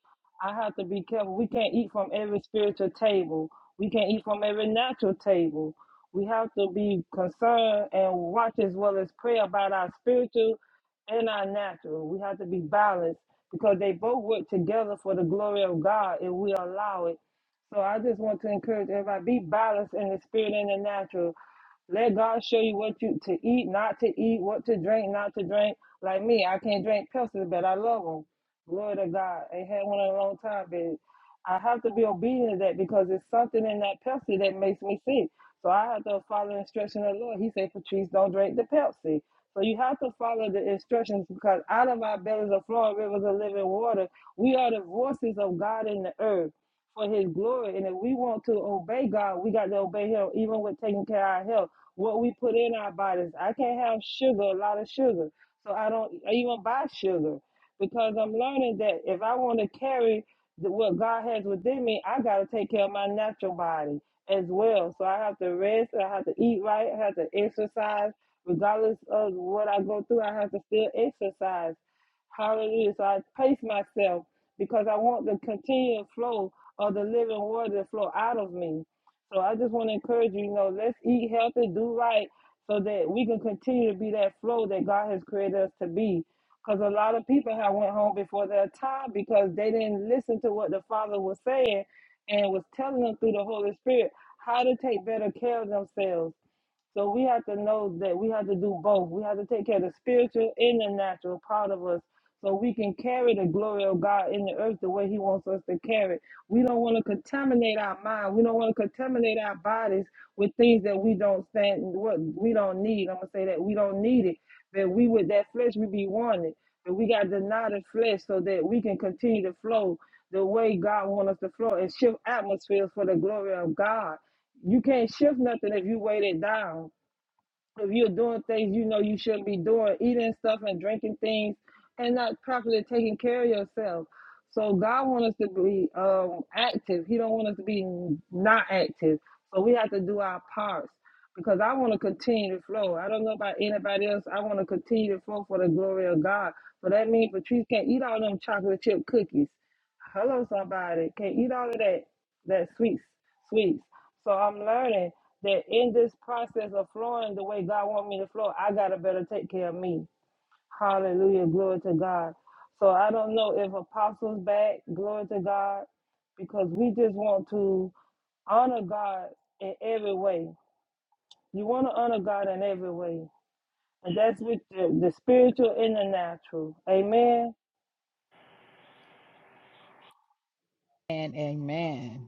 B: I have to be careful. We can't eat from every spiritual table. We can't eat from every natural table. We have to be concerned and watch as well as pray about our spiritual and our natural. We have to be balanced because they both work together for the glory of God if we allow it. So I just want to encourage everybody be balanced in the spirit and the natural. Let God show you what you to eat, not to eat, what to drink, not to drink. Like me, I can't drink Pepsi, but I love them. Glory to God. I ain't had one in a long time, but I have to be obedient to that because it's something in that Pepsi that makes me sick. So I have to follow the instruction of the Lord. He said, Patrice, don't drink the Pepsi. So you have to follow the instructions because out of our bellies are flowing rivers of living water. We are the voices of God in the earth for his glory. And if we want to obey God, we got to obey him even with taking care of our health what we put in our bodies. I can't have sugar, a lot of sugar. So I don't even buy sugar because I'm learning that if I want to carry the, what God has within me, I got to take care of my natural body as well. So I have to rest, I have to eat right, I have to exercise. Regardless of what I go through, I have to still exercise. Hallelujah. So I pace myself because I want the continual flow of the living water to flow out of me. So I just want to encourage you, you know, let's eat healthy, do right, so that we can continue to be that flow that God has created us to be. Because a lot of people have went home before their time because they didn't listen to what the Father was saying and was telling them through the Holy Spirit how to take better care of themselves so we have to know that we have to do both. We have to take care of the spiritual and the natural part of us so we can carry the glory of God in the earth the way He wants us to carry it. We don't want to contaminate our mind. We don't want to contaminate our bodies with things that we don't stand, what we don't need. I'm gonna say that we don't need it. That we with that flesh we be wanted. But we gotta deny the flesh so that we can continue to flow the way God wants us to flow and shift atmospheres for the glory of God. You can't shift nothing if you weight it down. If you're doing things you know you shouldn't be doing, eating stuff and drinking things and not properly taking care of yourself. So God wants us to be um, active. He don't want us to be not active. So we have to do our parts because I want to continue to flow. I don't know about anybody else. I want to continue to flow for the glory of God. But that means Patrice can't eat all them chocolate chip cookies. Hello, somebody. Can't eat all of that that sweet sweet. So I'm learning that in this process of flowing the way God wants me to flow, I gotta better take care of me. Hallelujah, glory to God. So I don't know if apostles back, glory to God, because we just want to honor God in every way. You want to honor God in every way, and that's with the, the spiritual and the natural. Amen.
F: And amen.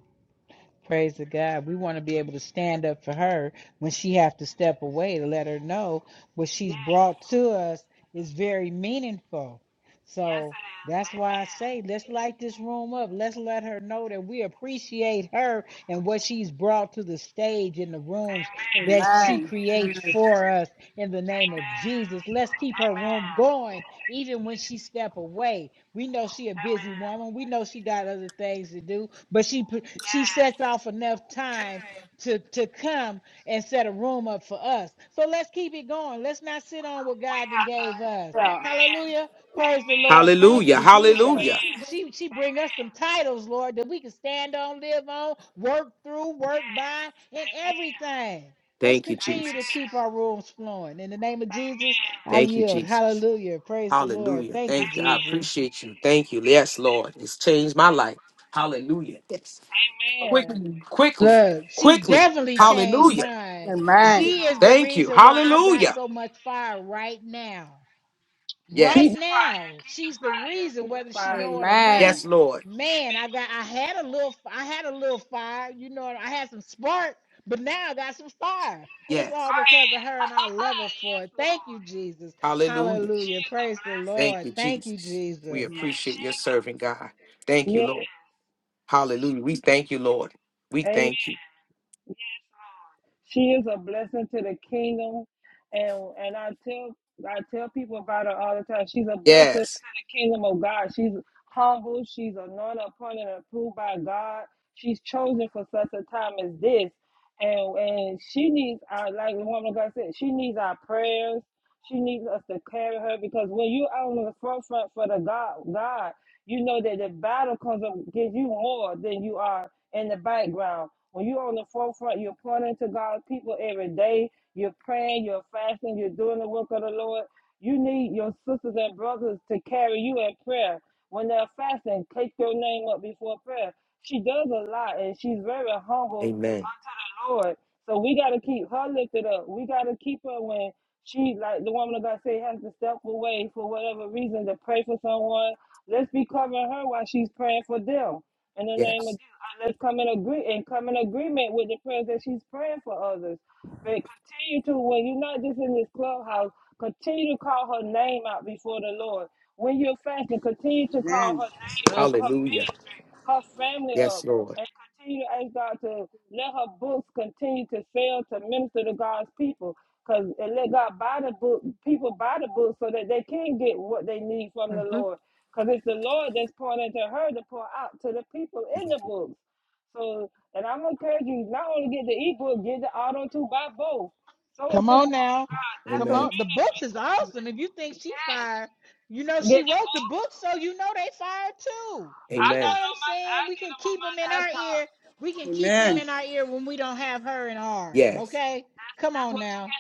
F: Praise the God. We want to be able to stand up for her when she have to step away to let her know what she's brought to us is very meaningful. So that's why I say let's light this room up. Let's let her know that we appreciate her and what she's brought to the stage in the rooms that she
I: Amen.
F: creates for us in the name of Jesus. Let's keep her room going even when she step away, we know she a busy woman. We know she got other things to do, but she she sets off enough time to to come and set a room up for us. So let's keep it going. Let's not sit on what God then gave us.
I: Yeah.
F: Hallelujah. Praise the Lord. Thank
I: Thank
E: Hallelujah.
F: you,
I: you, Jesus.
F: Jesus.
E: Hallelujah.
F: She she bring us some titles, Lord, that we can stand on, live on, work through, work by, and everything. Let's
E: Thank you,
F: continue to
E: Jesus.
F: keep our rooms flowing. In the name of Jesus. I
E: Thank you,
F: yield.
E: Jesus.
F: Hallelujah. Praise the Lord.
E: Hallelujah.
F: Thank you,
E: Thank you. I
F: Jesus.
E: appreciate you. Thank you. Yes, Lord. It's changed my life. Hallelujah. Yes.
B: Yeah.
E: Quickly, quickly,
F: Look, she
E: quickly.
F: definitely changed
E: Hallelujah.
F: mine.
I: Amen.
F: She is the
E: Thank you.
F: reason why I got
E: Hallelujah.
F: so much fire right now. Right
B: Keep
E: Yes.
F: now, she's the reason, whether she know it or not.
E: Yes,
I: Amen.
E: Lord.
F: Man, I got I had a little I had a little fire, you know, I had some spark, but now I got some fire. And it's
E: Yes.
F: all because of her and I love her for it. Thank you, Jesus.
E: Hallelujah.
F: Hallelujah. Praise the
E: Thank
F: Lord.
E: you,
F: Thank you,
E: Jesus. We
F: Jesus.
I: Amen.
E: appreciate your serving, God. Thank you, Lord. Hallelujah. We thank you, Lord. We
B: yeah.
E: thank you.
B: She is a blessing to the kingdom, and and I tell I tell people about her all the time. She's a blessing to
E: Yes.
B: the kingdom of God. She's humble. She's anointed, appointed, and approved by God. She's chosen for such a time as this, and and she needs our like the woman of God said. She needs our prayers. She needs us to carry her because when you're on the forefront for the God, God, you know that the battle comes up against you more than you are in the background. When you're on the forefront, you're pointing to God's people every day. You're praying, you're fasting, you're doing the work of the Lord. You need your sisters and brothers to carry you in prayer. When they're fasting, take your name up before prayer. She does a lot and she's very humble
E: Amen.
B: unto the Lord. So we got to keep her lifted up. We got to keep her when she, like the woman of God said, has to step away for whatever reason to pray for someone. Let's be covering her while she's praying for them in the name of
E: Yes.
B: Jesus. And let's come in agree and come in agreement with the prayers that she's praying for others. But continue to when you're not just in this clubhouse, continue to call her name out before the Lord. When you're fasting, continue to call
J: Amen.
B: her name up, her
E: Hallelujah.
B: ministry, her family
E: Yes,
B: up,
E: Lord.
B: and continue to ask God to let her books continue to fail to minister to God's people. Because let God buy the book, people buy the book so that they can get what they need from the
E: hmm
B: Lord. Because it's the Lord that's pouring into her to pour out to the people in the books. So, and I'm encouraging you not only get the ebook, get the auto too, buy both. Sow it
F: Come
B: to the
F: on
B: woman of
F: now.
B: God. That's
F: Come
B: a
E: Amen.
F: on. The
B: ministry.
F: books is awesome. If you think she fired, you know she
B: Get the
F: wrote the
B: book.
F: book, so you know they fired too.
B: I
F: You know
B: got
E: Amen.
B: it
F: what I'm
B: on my.
F: saying?
B: I
F: We
B: get
F: can
B: them on
F: keep
B: my
F: them in our
B: laptop.
F: ear. We can keep them
J: Amen.
F: in our ear when we don't have her in ours.
E: Yes.
F: Okay? Come on now.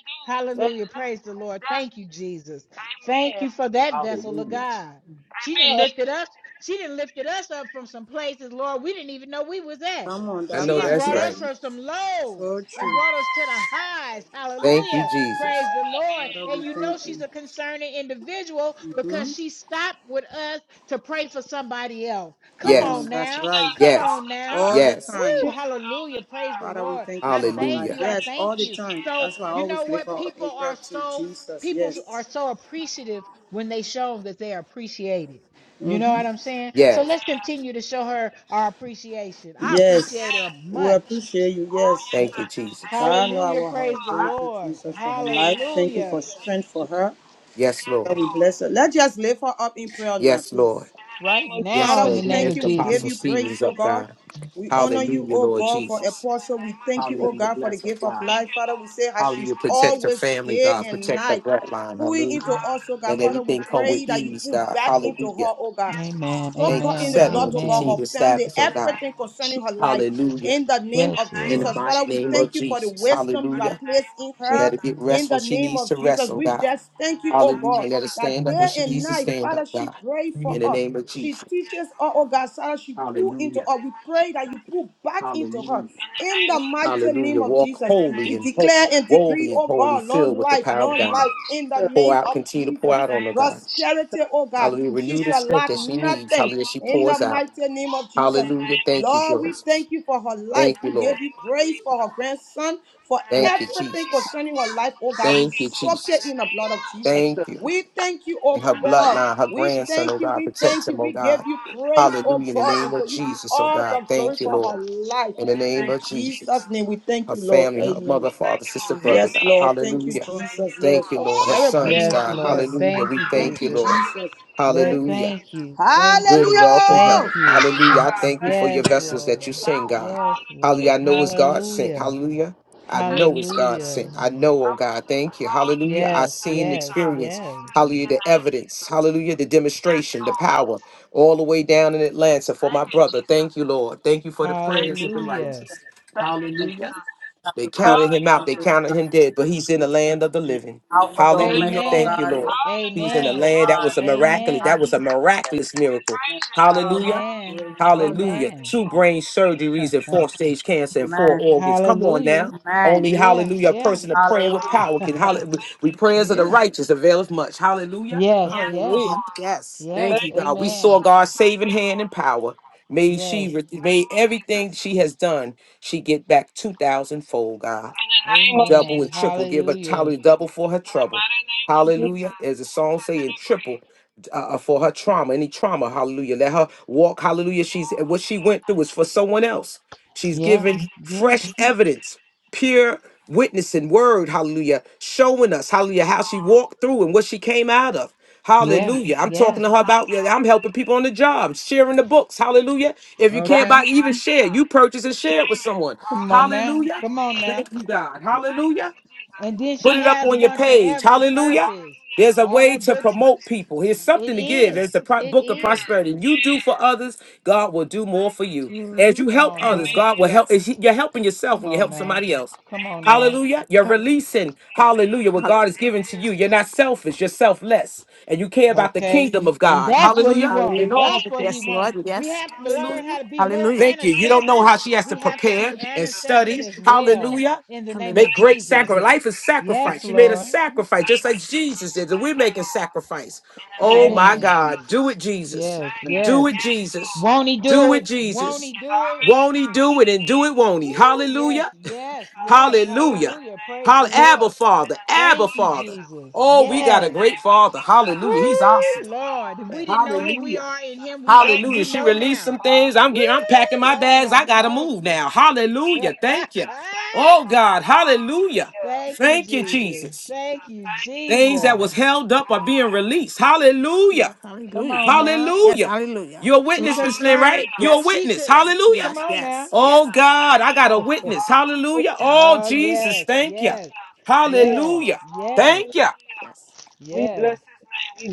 B: Let's
F: Hallelujah. Praise the Lord. Thank you, Jesus. Thank you for that vessel of
E: Hallelujah.
F: God. She didn't lift it us. She didn't lifted us up from some places, Lord, we didn't even know we was at.
J: Come on,
E: I
F: She
J: that
E: know
F: didn't
J: part.
E: that's
F: brought
J: Yeah.
E: right.
F: us from some lows
J: So
F: and
J: true.
F: brought us to the highs.
E: Thank you,
F: Hallelujah.
E: Jesus.
F: Praise the Lord.
J: Father,
F: And
J: we
F: you know
J: thank
F: she's
J: you.
F: a concerning individual
J: hmm
F: because she stopped with us to pray for somebody else. Come
J: Come
E: Yes.
J: on,
F: on
J: that's
F: now.
J: right.
F: Come
E: Yes.
F: on now.
J: All the
E: Yes.
J: time.
F: Ooh, hallelujah. Praise the
J: Father, we
F: Lord.
J: thank you
F: I
J: for her
F: thank
J: life.
F: you.
E: Hallelujah.
F: I
J: Yes,
F: thank
J: all the
F: you.
J: time.
F: So,
J: That's why I
F: you know
J: always lift
F: what?
J: her up
F: People
J: in
F: are
J: prayer to
F: so
J: Jesus.
F: people are
J: Yes.
F: so appreciative when they show that they are appreciated. You know
J: hmm
F: what I'm saying? So
E: Yes.
F: let's continue to show her our appreciation. I appreciate
J: Yes.
F: her
J: We
F: much.
J: appreciate you. Yes.
E: Thank you, Jesus.
J: God know
F: Hallelujah.
J: our heart.
F: Praise the
J: Thank you,
F: Lord.
J: Jesus, for her life. Thank you for
F: Hallelujah.
J: strength for her.
E: Yes,
J: Father,
E: Lord.
J: we bless her. Let's just lift her up in prayer now,
E: Yes,
J: please.
E: Lord.
F: Right
E: Yes,
F: now,
J: Father,
F: in
J: we
F: the
E: Lord. We
F: name
J: thank
F: of
E: lift
J: you. We
F: Jesus.
J: give
E: Apostle
J: you praise,
E: Stevens
J: oh
E: up,
J: God.
E: God.
J: We honor you,
E: Hallelujah,
J: oh
E: Lord
J: God, for
E: Jesus.
J: Apostle. We thank you, oh
E: Hallelujah.
J: God, for the
E: Bless her,
J: gift of
E: God.
J: life. Father, we say as she's
E: Hallelujah. Protect her
J: always
E: family,
J: day
E: God.
J: and
E: Protect her
J: night
E: bloodline.
J: pouring into
E: Hallelujah.
J: us, oh God.
E: Let
J: Father, we
E: everything come with
J: pray that you
E: ease,
J: pull
E: God.
J: back into
E: Hallelujah.
J: her, oh God.
F: Amen.
J: Soak
E: Thank
J: her
E: you.
J: in the
F: Amen.
E: Settle
J: blood,
E: and
J: oh God,
E: continue
F: Amen.
E: to
J: her family,
E: establish, oh God.
J: everything concerning her life.
E: Hallelujah.
J: In the name
F: Yes,
J: of
E: In the
F: Lord.
J: Jesus.
E: mighty
J: Father, we
E: name of
J: thank you for the
E: Jesus.
J: wisdom you
E: Hallelujah.
J: have placed in
E: Let
J: her.
E: her get
J: In
E: rest
J: the
E: when she
J: name
E: needs
J: of
E: to rest,
J: Jesus,
E: oh
J: we
E: God.
J: just thank you, oh
E: Hallelujah.
J: God
E: Let her
J: that
E: stand up when
J: day
E: she
J: and
E: needs to
J: night,
E: stand
J: Father,
E: up,
J: she
E: God.
J: prayed for
E: In the
J: us.
E: name of
J: She
E: Jesus.
J: teaches us, oh God, Sarah, she pull into
E: Hallelujah.
J: us. We pray that you pull back into her.
E: Hallelujah.
J: In the mighty
E: Hallelujah.
J: name of
E: Walk
J: Jesus,
E: holy
J: we
E: and holy,
J: declare and decree,
E: holy and
J: oh
E: holy,
J: God, long
E: filled with the
J: life,
E: power of
J: long
E: God.
J: life, in the
E: Pour
J: name
E: out,
J: of
E: continue to pour
J: Jesus.
E: out on her, God.
J: Prosperity, oh God,
E: Hallelujah.
J: she
E: Renew the
J: shall
E: strength
J: lack
E: that she needs.
J: nothing.
E: Hallelujah. She
J: In the
E: pours out.
J: mighty name of Jesus,
E: Hallelujah. Thank you,
J: Lord, we
E: Jesus.
J: thank you for her life.
E: Thank you,
J: We
E: Lord.
J: give you praise for her grandson, for
E: Thank you,
J: everything
E: Jesus.
J: concerning her life. Oh God, we
E: Thank you,
J: soak it
E: Jesus.
J: in the blood of Jesus.
E: Thank you.
J: We thank you, oh
E: and her
J: God.
E: bloodline, her
J: We
E: grandson,
J: thank
E: oh
J: you.
E: God,
J: We
E: protect
J: thank you.
E: him, oh
J: We give
E: God.
J: you praise, oh
E: Hallelujah. In the
J: God,
E: name
J: and for
E: of
J: you be
E: Jesus, oh
J: all
E: God.
J: the glory
E: Thank you,
J: for her
E: Lord.
J: life.
E: In the name
J: In
E: of Jesus.
J: Jesus' name, we thank
E: Her
J: you, Lord.
E: family, her
J: Amen.
E: mother, father, sister, Amen. brother,
J: Yes,
E: God. Yes,
J: Lord. Thank you,
E: Hallelujah. Lord.
J: Jesus.
E: Thank
J: Yes.
E: you,
J: Oh,
E: Lord. Her
J: very good.
E: sons,
F: Yes,
J: human
E: God.
J: being. Yes.
F: Lord.
E: Hallelujah.
F: Thank
E: We
F: you,
E: thank
J: Thank you,
E: you,
F: Jesus.
E: Lord.
J: Jesus.
F: Yes,
E: Hallelujah
F: thank you. Thank
E: good
F: you.
E: wealth and health.
J: Hallelujah.
F: Thank you.
E: Hallelujah. I thank you for your
F: Yes,
E: vessels that
F: Lord.
E: you send, God.
F: Yes,
E: Hallelujah.
F: Lord.
E: I know it's God sent.
F: Hallelujah.
E: Hallelujah. I know it's God
F: Hallelujah.
E: sent. I know, oh God. Thank you. Hallelujah. I
F: Yes,
E: seen the
F: yes,
E: experience.
F: yes.
E: Hallelujah. The evidence. Hallelujah. The demonstration, the power, all the way down in Atlanta for my brother. Thank you, Lord. Thank you for the prayers of the
F: Hallelujah.
E: righteous.
I: Thank you.
E: Hallelujah. They counted him out. They
I: Hallelujah.
E: counted him dead,
I: Hallelujah.
E: but he's in the land of the living.
I: Alpha the
E: Hallelujah.
I: Omega, O
E: Thank
F: Amen.
E: you,
I: God.
E: Lord. He's in
I: And,
E: the
F: Amen.
I: O
E: land. That was
I: God.
E: a miraculous.
F: Amen.
E: That
I: Amen.
E: was a miraculous miracle. Hallelujah.
F: Amen.
E: Hallelujah.
F: Amen.
E: Two brain surgeries and four stage cancer and four
I: Amen.
E: organs. Come on
F: Hallelujah.
E: now.
I: Amen.
E: Only
F: Yeah,
E: hallelujah. A
F: yeah.
E: person of praying with
I: Hallelujah.
E: power can hallelujah. We prayers of the
F: yeah.
E: righteous availeth much. Hallelujah.
F: Yes, yes.
E: Hallelujah. Yes.
B: that
F: Yes.
E: Thank you, God. We saw
F: Amen.
E: God's saving hand and power. May
F: Yes.
E: she re- may everything she has done, she get back two thousand fold, God double
F: Amen.
E: and triple. Give her
F: Hallelujah.
E: Tyler double for her trouble. Hallelujah. As the song say, and triple uh, uh, for her trauma, any trauma. Hallelujah. Let her walk. Hallelujah. She's and what she went through is for someone else. She's
F: Yeah.
E: giving
F: Yeah.
E: fresh evidence, pure witnessing word. Hallelujah. Showing us, hallelujah, how she walked through and what she came out of.
F: Yes.
E: Hallelujah. I'm talking
F: Yes.
E: to her about, yeah, I'm helping people on the job, sharing the books. Hallelujah. If you can't buy,
F: Okay.
E: even share, you purchase and share it with someone.
F: Come on now.
E: Hallelujah.
F: Come on now.
E: Thank you, God. Hallelujah.
F: And then
E: Put
F: she
E: it up
F: has
E: on your
F: one for
E: page.
F: every
E: Hallelujah.
F: purpose.
E: There's a
F: All
E: way
F: her
E: to
F: books
E: promote people. Here's
F: it
E: something to give.
F: is.
E: It's the pro-
F: It
E: book of
F: is.
E: prosperity. You do for others, God will do more for you. As you
F: Come
E: help
F: on
E: others,
F: now.
E: God will help. As you- You're helping yourself
F: Come
E: when you
F: on
E: help
F: now.
E: somebody else.
F: Come on now.
E: Hallelujah. You're releasing, hallelujah, what God has given to you. You're not selfish, you're selfless. And you care about the
F: Okay,
E: kingdom of
F: and
E: God.
F: that's what
E: Hallelujah.
F: he
E: And
F: wants.
E: Hallelujah. all
F: That's
E: the
F: what
E: Yes,
F: he wants.
E: Lord.
F: We
E: Yes.
F: have to learn
E: Hallelujah.
F: how to be more
E: Hallelujah. Thank you. You don't know
F: intercessors.
E: how she has to
F: We have to be
E: prepare and
F: intercessors
E: study.
F: as well
E: Hallelujah.
F: in the name
E: Make
F: of
E: great
F: Jesus.
E: sacrifice. Life is
F: Yes,
E: sacrifice. She made a
F: Lord.
E: sacrifice, just like Jesus did. And we're making sacrifice. Oh my
F: Amen.
E: God. Do it, Jesus.
F: Yes,
E: Do it,
F: yes.
E: Jesus.
F: Won't he do
E: Do it,
F: it? Won't
E: Jesus.
F: he do it?
E: Won't he do it and do it, won't he?
F: Woo, yes,
E: Hallelujah.
F: yes, yes.
E: Hallelujah.
F: Hallelujah. Praise
E: Hall-
F: the
E: Abba
F: Lord.
E: Father. Abba
F: Thank you,
E: Father.
F: Jesus.
E: Oh, we got a
F: Yes.
E: great father.
F: Woo,
E: Hallelujah. He's awesome.
F: Lord. If we didn't know who we
E: Hallelujah.
F: are in him, we, ro-
E: Hallelujah.
F: we
E: She
F: know
E: released
F: now.
E: some things. I'm
F: Woo!
E: getting, I'm packing my
F: Lord
E: bags.
F: have
E: I gotta move
F: mercy.
E: now. Hallelujah. Thank you. Oh God. Hallelujah.
F: Thank you,
E: Thank you,
F: Jesus.
E: Jesus.
F: Thank you,
E: Things that
F: Jesus.
E: was held up are being released. Hallelujah. Yes,
F: Come
E: hallelujah. Yes,
F: on now.
E: Hallelujah. hallelujah. You're a
F: She
E: witness, Mm. Miss Lynn, right?
F: confirmed.
E: You're a Yes,
F: She
E: witness. yes,
F: could.
E: Hallelujah.
F: Come
E: yes,
F: on now.
E: yes, Oh yes. God, I got a witness. Hallelujah. Oh
F: oh,
E: Jesus,
F: yes,
E: thank you.
F: yes, yes,
E: Hallelujah.
F: yes,
E: Thank you. Yes.
F: yes.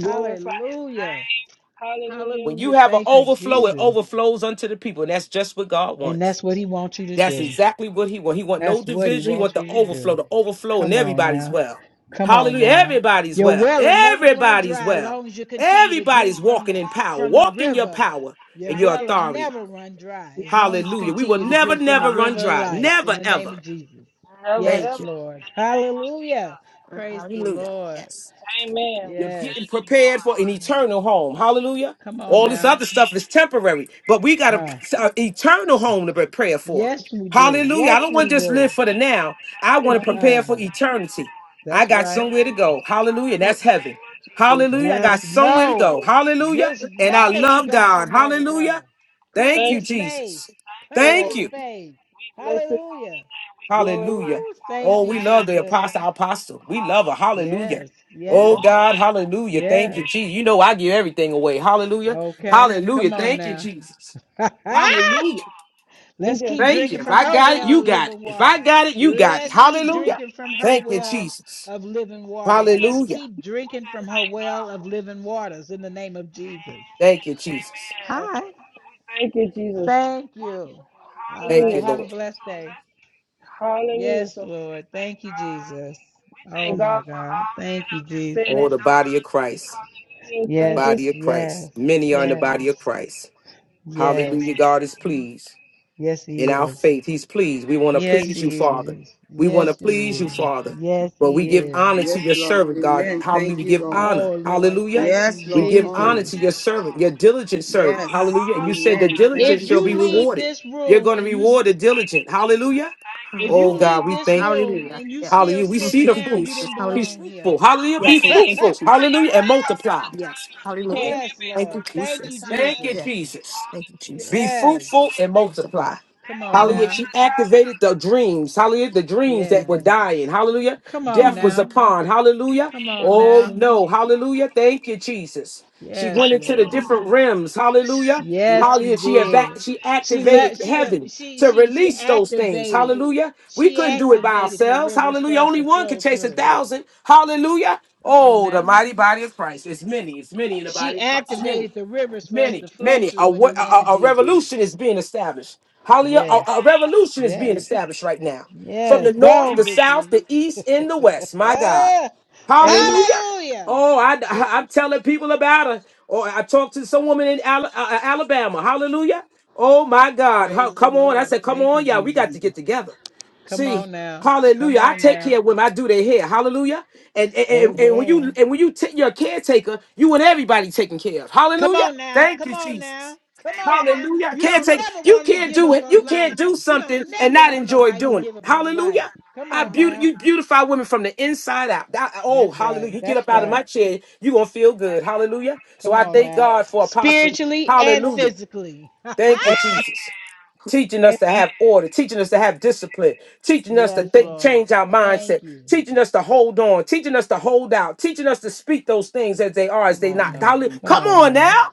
F: Hallelujah.
B: hallelujah.
E: When you
F: Hallelujah.
E: have an
F: Thank you,
E: overflow, it
F: Jesus.
E: overflows unto the people. And that's just what God
F: And
E: wants.
F: that's what he wants you to
E: That's
F: do.
E: exactly what he want. He want no
F: That's what he
E: division. He want
F: wants
E: the
F: you to do.
E: overflow, the overflow, and
F: Come on
E: everybody's
F: now.
E: well.
F: Come on
E: Hallelujah.
F: now.
E: Everybody's
F: Your
E: well.
F: well will never run
E: Everybody's
F: dry as
E: well.
F: long as you continue to drink
E: Everybody's
F: from
E: walking
F: the
E: in power.
F: from the
E: Walk in your
F: river.
E: power
F: Your
E: and your
F: well will
E: authority.
F: never run dry as long as you
E: Hallelujah. We will
F: continue to
E: never,
F: drink from the
E: never run
F: river of
E: dry.
F: life in
E: Never,
F: the name
E: ever.
F: of Jesus.
B: Never
F: Yes,
B: ever.
E: Thank you.
F: Lord. Hallelujah. Praise the
E: Hallelujah.
F: Lord.
B: Amen.
E: You're
F: Yes.
E: getting prepared for an eternal home. Hallelujah.
F: Come on
E: All this
F: now.
E: other stuff is temporary, but we got a,
F: Huh.
E: a eternal home to prepare for.
F: Yes, we do.
E: Hallelujah. I
F: Yes,
E: don't want
F: we
E: to just
F: do.
E: live for the now. I want to prepare
F: Uh-uh.
E: for eternity. I
F: That's
E: got
F: right.
E: somewhere to go. Hallelujah. That's heaven. Hallelujah. I got
F: Just
E: somewhere to go.
F: know,
E: Hallelujah.
F: just
E: And I
F: know that you
E: love
F: got
E: God.
F: somewhere to
E: Hallelujah.
F: go. Claim
E: Thank
B: Thank.
E: you,
F: your space.
E: Jesus.
F: Claim
E: Thank
F: your
E: you.
F: space. Hallelujah.
E: Hallelujah.
F: Ooh, thank
E: Oh,
F: you,
E: we love the
F: Jesus.
E: apostle, our apostle. We love her. Hallelujah.
F: Yes,
E: Oh
F: yes,
E: God, hallelujah. Thank you,
F: yes.
E: Jesus. You know I give everything away. Hallelujah.
F: Okay,
E: Hallelujah.
F: come on
E: Thank you,
F: now.
E: Jesus. Hallelujah.
B: We
F: Let's
B: just
F: keep
E: Thank you.
F: drinking
E: If
F: from
E: I
F: her
E: got it,
F: well
E: you
F: of
E: got it.
F: living
E: If I
F: water.
E: got it, you got it.
F: Let's keep
E: Hallelujah.
F: drinking from her
E: Thank you,
F: well
E: Jesus.
F: of living waters. Let's
E: Hallelujah.
F: keep drinking from her well of living waters in the name of Jesus.
E: Thank you, Jesus.
F: Hi.
B: get Jesus
F: Thank you. All
E: Thank
F: right.
E: you,
B: here.
F: Have a
E: Lord.
F: blessed day.
B: Hallelujah.
F: Yes,
B: So
F: Lord. Thank you, Jesus. Oh, my God. Thank you,
E: Oh,
F: Jesus.
E: the body of Christ. The body
F: Yes,
E: of Christ.
F: yes,
E: Many are in the body of
F: yes,
E: Christ. Hallelujah.
F: yes.
E: God is pleased.
F: Yes,
E: in
F: He
E: our
F: is.
E: faith. He's pleased. We want to
F: Yes,
E: please you,
F: He
E: Father.
F: is.
E: We want to
F: Yes, He
E: please you,
F: is.
E: Father.
F: Yes,
E: But we
F: He
E: give
F: is.
E: honor to
J: Yes,
E: your
J: Lord.
E: servant, God.
J: Amen.
E: Hallelujah.
J: Thank
E: We
J: you,
E: give
J: Lord.
E: honor.
F: Oh, Lord.
E: Hallelujah.
F: Thank you,
J: Yes,
E: We
J: Lord.
E: give
J: Honor.
E: honor to
F: Jesus.
E: your servant, your diligent servant.
J: Yes.
E: Hallelujah. And you said the
J: Amen. Thank
E: diligent
F: If
J: you,
E: shall
F: you
E: be
J: Jesus.
F: leave
E: rewarded.
F: this
E: You're
F: room
E: going to
F: and you
E: reward the diligent. Hallelujah.
F: if
E: Oh,
F: you
E: Hallelujah. God,
F: leave
E: we
F: this
E: thank you.
F: room
E: Hallelujah.
F: and you
E: Yeah.
F: still
E: Hallelujah. We Oh,
F: sitting
E: see the Thank you,
F: down, you
E: fruits.
F: didn't
E: Jesus. He's
F: belong here.
E: Hallelujah. fruitful. Hallelujah. Be Yes, oh, thank you, fruitful. Jesus. Hallelujah. And multiply. Yes. Hallelujah. Hallelujah.
F: Yes,
E: Thank you,
F: Lord. Thank you,
E: Jesus. Thank you, Yeah.
F: Jesus.
E: Jesus. Thank you, Be Jesus.
F: Yes.
E: fruitful and multiply.
F: Come on
E: Hallelujah.
F: now.
E: She activated the dreams. Hallelujah. The dreams that were
F: Yes.
E: dying. Hallelujah.
F: Come on
E: Death was
F: now.
E: upon. Hallelujah.
F: Come on
E: Oh
F: now.
E: no. Hallelujah. Thank you, Jesus. She went
F: Yes,
E: into the
F: Lord.
E: different realms. Hallelujah.
F: Yes, she
E: Hallelujah. She eva-
F: did.
E: she
F: She
E: activated
F: let she uh,
E: heaven
F: she
E: to
F: she she
E: release those things.
F: activated.
E: Hallelujah. We
F: She
E: couldn't do it by
F: activated the
E: ourselves.
F: rivers for
E: Hallelujah.
F: us
E: Only
F: to
E: one could
F: flow
E: chase a
F: through.
E: thousand. Hallelujah.
F: Come on
E: Oh, the
F: now.
E: mighty body of Christ. It's many. It's many in the
F: She
E: body of Christ.
F: activated the rivers for us
E: Many,
F: to flow
E: many. A,
F: through in the
E: wa- a,
F: name
E: a
F: of
E: a
F: Jesus.
E: revolution is being established. Hallelujah. A,
F: Yes.
E: a revolution is being
F: Yes.
E: established right now. From the
F: Yes,
E: north,
F: gone
E: the south,
F: victory.
E: the east, and the west. My God.
B: amen.
E: Hallelujah.
F: Hallelujah.
E: Oh, I, I, am telling people about her. Or I talked to some woman in Ala- uh, uh, Alabama. Hallelujah. Oh, my God. How,
F: Praise the
E: come on. I
F: Lord.
E: said, come
F: Thank you,
E: on, Yeah, We got to
F: Jesus.
E: get together.
F: Come
E: See,
F: on now. Come
E: hallelujah. I
F: on
E: take
F: now.
E: care of women. I do their hair. Hallelujah. And, and, and, and when you
F: Amen.
E: and when you take your caretaker, you and everybody taken care of.
F: Come
E: Hallelujah.
F: on now.
E: Thank
F: Come
E: you,
F: on now.
E: Jesus.
F: Come on now.
E: Hallelujah. I
F: You
E: can't
F: don't
E: take
F: never
E: you
F: want 'em to
E: can't
F: give
E: do
F: up
E: it. You
F: on
E: can't
F: life.
E: do
F: You
E: something
F: don't
E: and
F: never
E: not
F: want
E: enjoy
F: nobody to
E: doing it.
F: give up on
E: Hallelujah.
F: life. Come
E: I
F: on
E: beauty
F: now.
E: you beautify women from the inside out. That- oh,
F: That's right.
E: hallelujah. You get
F: That's
E: up out of
F: right.
E: my chair, you gonna feel good. Hallelujah. So
F: Come
E: I
F: on
E: thank
F: now.
E: God for apostle.
F: Spiritually and
E: Hallelujah.
F: physically.
E: Thank
B: A-
E: you, Jesus. Teaching
B: amen.
E: us to have order, teaching us to have discipline, teaching us
F: yes,
E: to think,
F: Lord.
E: change our mindset,
F: Thank you.
E: teaching us to hold on, teaching us to hold out, teaching us to speak those things as they are, as
F: Come
E: they
F: on
E: not.
F: now.
E: Hallelujah.
F: Come
E: Come
F: on
E: on
F: now.
E: now.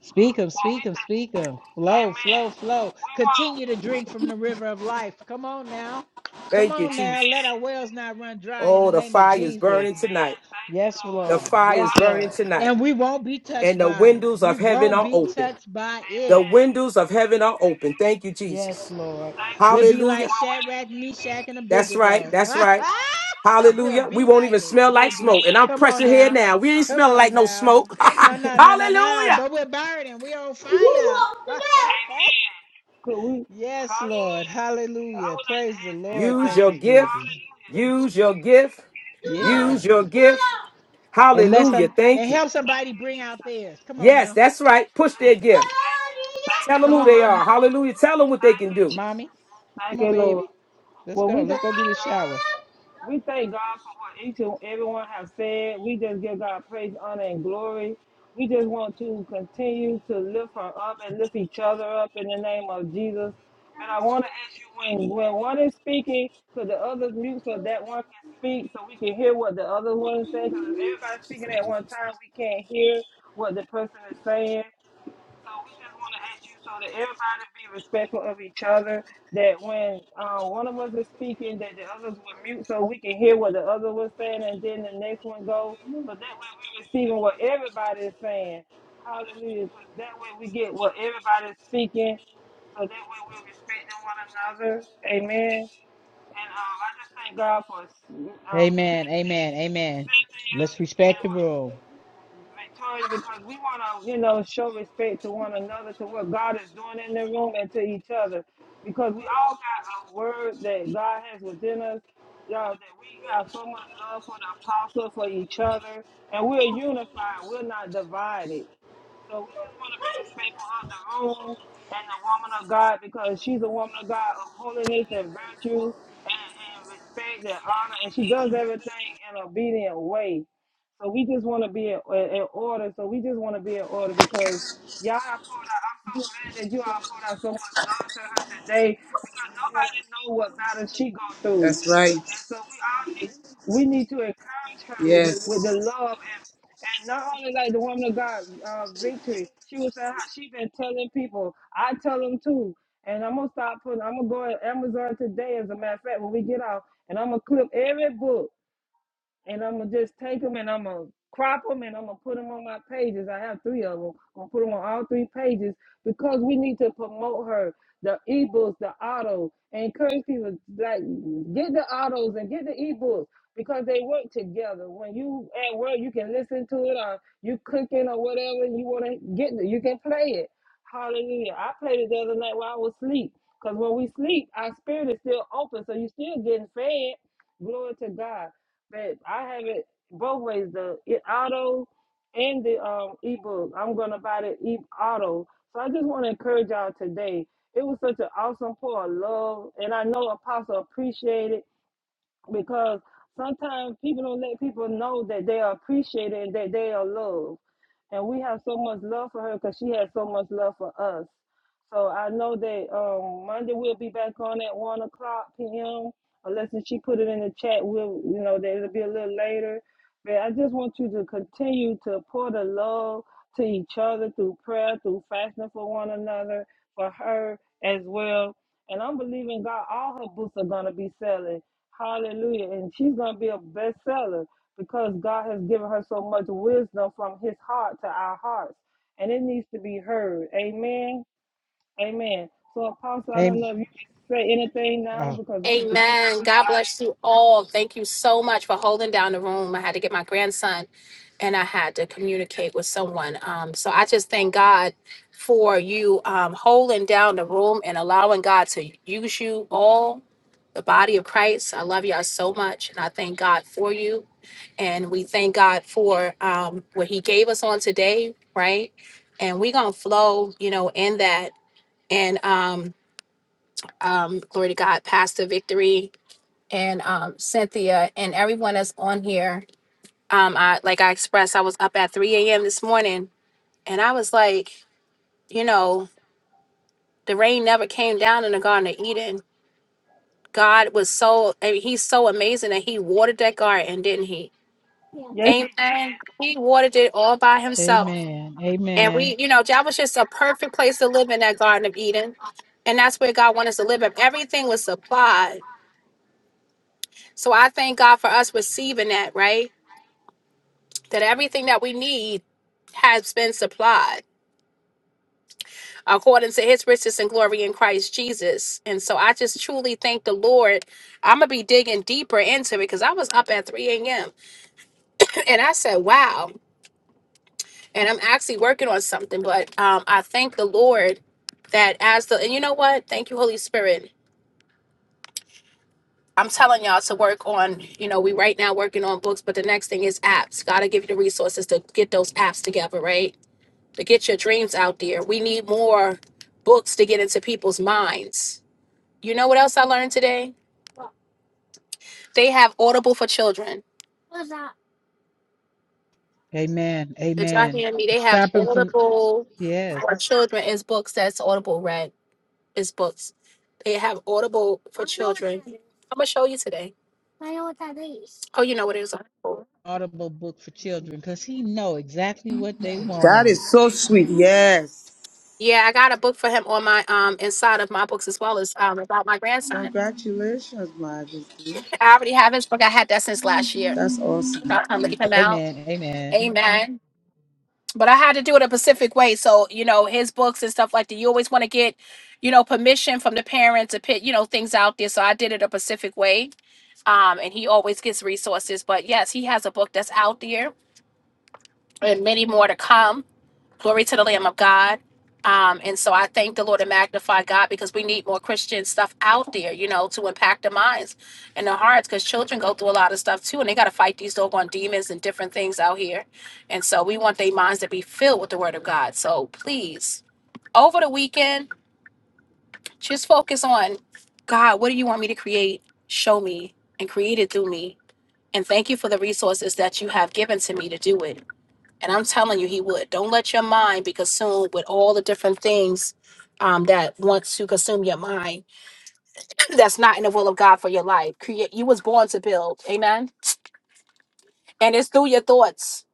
F: Speak of, speak of, speak of. Flow, flow, flow. Continue to drink from the river of life. Come on now. Come
E: Thank you,
F: on now. Let
E: Jesus.
F: our wells not run dry in
E: Oh,
F: the
E: the
F: name of
E: fire is
F: Jesus.
E: burning tonight.
F: Yes,
E: The
F: Lord.
E: fire is
F: Yes,
E: burning
F: Lord.
E: tonight,
F: And we won't be
E: and
F: touched
E: the
F: by it.
E: windows
F: We
E: of heaven
F: won't
E: are
F: be
E: open.
F: touched by
E: The
F: it.
E: windows of heaven are open. Thank you,
F: Yes,
E: Jesus.
F: Lord. We'll be like
E: Hallelujah.
F: Shadrach, Meshach, and
E: That's right.
F: Abednego.
E: That's right.
F: we'll
E: Hallelujah. We
F: be
E: won't
F: like
E: even
F: them.
E: smell
F: We'll
E: like
F: be,
E: smoke. And I'm
F: come on
E: pressing here
F: now.
E: now. We ain't
F: Come
E: smelling like
F: on
E: no
F: now.
E: smoke.
F: No, no, no, no, no.
E: Hallelujah.
F: But we're burning. We're on fire.
B: Could we?
F: yes, Lord. Hallelujah. Praise the Lord.
E: Use
F: Thank
E: your
F: you,
E: gift.
F: Jesus.
E: Use your gift.
F: Yeah.
E: Use your gift.
F: And let
E: Hallelujah.
F: some and
E: Thank you.
F: help somebody bring out theirs. Come on
E: Yes,
F: now.
E: that's right. Push their gift. Tell them
F: Come
E: who
F: on,
E: they are.
F: mommy.
E: Hallelujah. Tell them what they can do.
F: Mommy. Come on, baby. Let's go. Let's go do the shower. Amen. Amen. Amen. Let's respect the room.
J: That's right. Yes.
B: gonna start putting. I'm gonna go on Amazon today, as a matter of fact, when we get out, and I'm gonna clip every book and I'm gonna just take them and I'm gonna crop them and I'm gonna put them on my pages. I have three of them. I'm gonna put them on all three pages because we need to promote her. The ebooks, the auto, and encourage people like get the autos and get the ebooks because they work together. When you at work, you can listen to it or you cooking or whatever you wanna get. You can play it. Hallelujah! I played it the other night while I was asleep because when we sleep, our spirit is still open, so you still getting fed. Glory to God babe. I have it both ways, the e- auto and the um ebook. I'm gonna buy the e auto. So I just want to encourage y'all today. It was such an awesome pour of love, and I know Apostle appreciated it because sometimes people don't let people know that they are appreciated and that they are loved. We have so much love for her because she has so much love for us. So I know that um, Monday we'll be back on at one o'clock p.m. Unless if she put it in the chat, we'll you know that it'll be a little later. But I just want you to continue to pour the love to each other through prayer, through fasting for one another, for her as well. And I'm believing God all us are gonna be selling. Hallelujah! She'll be a bestseller because God has given her so much wisdom from His heart to our hearts, and it needs to be heard. Amen. Amen. So, Apostle, I don't
F: Amen.
B: know if you can say anything now
F: Oh,
B: because we,
A: Amen. God bless you all. Thank you so much for holding down the room. I had to get my grandson and I had to communicate with someone. Um, so I just thank God for you um, holding down the room and allowing God to use you all, the body of Christ. I love y'all so much and I thank God for you. And we thank God for um, what He gave us on today, right? And we're going to flow, you know, in that. and um, um, glory to God, Pastor Victory and um, Cynthia and everyone that's on here. Um, I like I expressed, I was up at 3 a.m. this morning, and I was like, you know, the rain never came down in the Garden of Eden. God was so, I mean, He's so amazing that He watered that garden, didn't He?
B: yes,
A: Yes. Amen. He watered it all by Himself,
F: amen.
A: and
F: Amen.
A: we, you know, that was just a perfect place to live in that Garden of Eden, and that's where God wanted us to live. If everything was supplied So I thank God for us receiving that, right? That everything that we need has been supplied according to his riches and glory in Christ Jesus. And so I just truly thank the Lord. I'm going to be digging deeper into it because I was up at 3 a.m. and I said, wow. And I'm actually working on something, but um, I thank the Lord that as the, and you know what? Thank you, Holy Spirit. I'm telling y'all to work on, you know, we right now working on books, but the next thing is apps. Gotta give you the resources to get those apps together, right? to get your dreams out there. We need more books to get into people's minds. You know what else I learned today? They have Audible for children. What's that?
F: Amen.
A: Did y'all
F: Amen.
A: hear me? They have
F: Stop him from
A: Audible
F: yes.
A: for children. It's books that's Audible read. It's books. They have Audible for I know what children. that is. I'm gonna show you today. I know what that is. Oh, you know what it is. Audible.
F: Audible book for children because he know exactly what they
J: That
F: want.
J: is so sweet. Yes.
A: Yeah, I got a book for him on my um inside of my books as well as um about my grandson.
J: Congratulations, Majesty.
A: I already have his book. I had that since last year.
J: That's
A: I'll
J: awesome.
A: come leave him out.
F: Amen. Amen.
A: Amen. But I had to do it a Pacific way. So, you know, his books and stuff like that, you always want to get, you know, permission from the parents to put, you know, things out there. So I did it a Pacific way. Um, and he always gets resources. But yes, he has a book that's out there and many more to come. Glory to the Lamb of God. Um, and so I thank the Lord and magnify God because we need more Christian stuff out there, you know, to impact the minds and the hearts because children go through a lot of stuff too and they got to fight these doggone demons and different things out here. And so we want their minds to be filled with the word of God. So please, over the weekend, just focus on God, what do you want me to create? Show me and create it through me. And thank you for the resources that you have given to me to do it. And I'm telling you, he would. Don't let your mind be consumed with all the different things um, that wants to consume your mind. That's not in the will of God for your life. Create. You was born to build. Amen. And it's through your thoughts.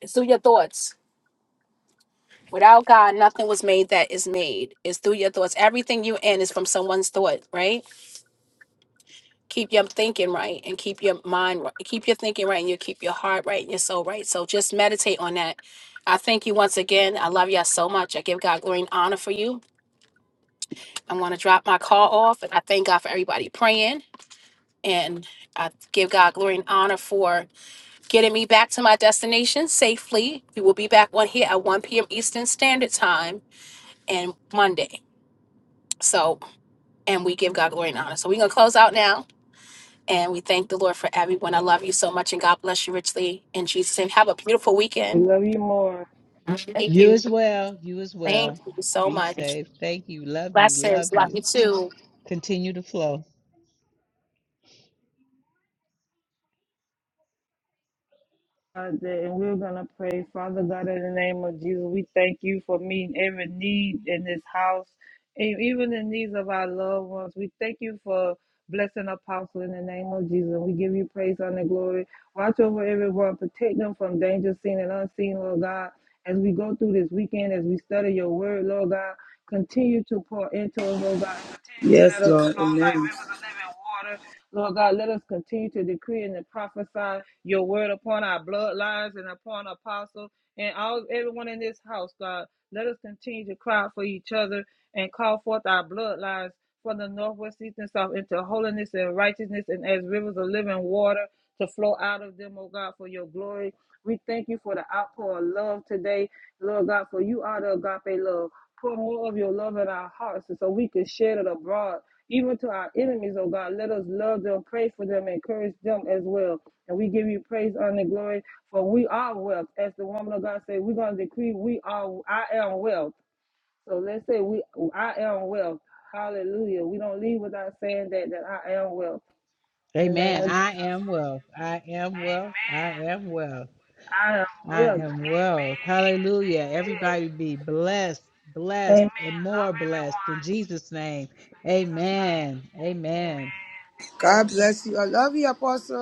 A: It's through your thoughts. Without God, nothing was made that is made. It's through your thoughts. Everything you in is from someone's thought, right? Keep your thinking right and keep your mind right. Keep your thinking right and you keep your heart right and your soul right. So just meditate on that. I thank you once again. I love y'all so much. I give God glory and honor for you. I want to drop my call off, and I thank God for everybody praying. And I give God glory and honor for getting me back to my destination safely. We will be back on here at 1 p.m. Eastern Standard Time and Monday. So, and we give God glory and honor. So, we're going to close out now. And we thank the Lord for everyone. I love you so much, and God bless you richly in Jesus' name. Have a beautiful
B: we
A: weekend.
B: love you more.
A: Thank
F: You
A: you.
F: as well. You as
A: Thank
F: well.
A: you so
F: Be
A: much.
F: safe. Thank you. Love you.
A: Blessings.
F: Love
A: Love you
F: you.
A: too.
F: Continue to flow.
B: God, that- and we're going to pray. Father God, in the name of Jesus, we thank you for meeting every need in this house and even the needs of our loved ones. We thank you for blessing Apostle in the name of Jesus. We give you praise, honor, and glory. Watch over everyone, protect them from danger seen and unseen, Lord God. As we go through this weekend, as we study your word, Lord God, continue to pour into us, Lord God, and continue to
J: Yes,
B: let us
J: Lord.
B: flow like
J: Amen.
B: rivers of living water. Lord God, let us continue to decree and to prophesy your word upon our bloodlines and upon apostles and all everyone in this house, God. Let us continue to cry for each other and call forth our bloodlines from the northwest, east, and south into holiness and righteousness and as rivers of living water to flow out of them, oh God, for your glory. We thank you for the outpour of love today, Lord God, for you are the agape love. Pour more of your love in our hearts and so we can share it abroad even to our enemies, oh God. Let us love them, pray for them, encourage them as well. And we give you praise, honor, and glory, for we are wealth. As the woman of God said, we're gonna decree we are I am wealth. So let's say we I am wealth. Hallelujah. We don't leave without saying that that I am wealth. In the name
F: Amen.
B: of
F: I am well. I am well. I am well.
B: I am
F: I
B: wealth.
F: am well. Hallelujah. Everybody be blessed, blessed, and more blessed in Jesus' name. Amen. Amen.
J: God bless you. I love you, Apostle.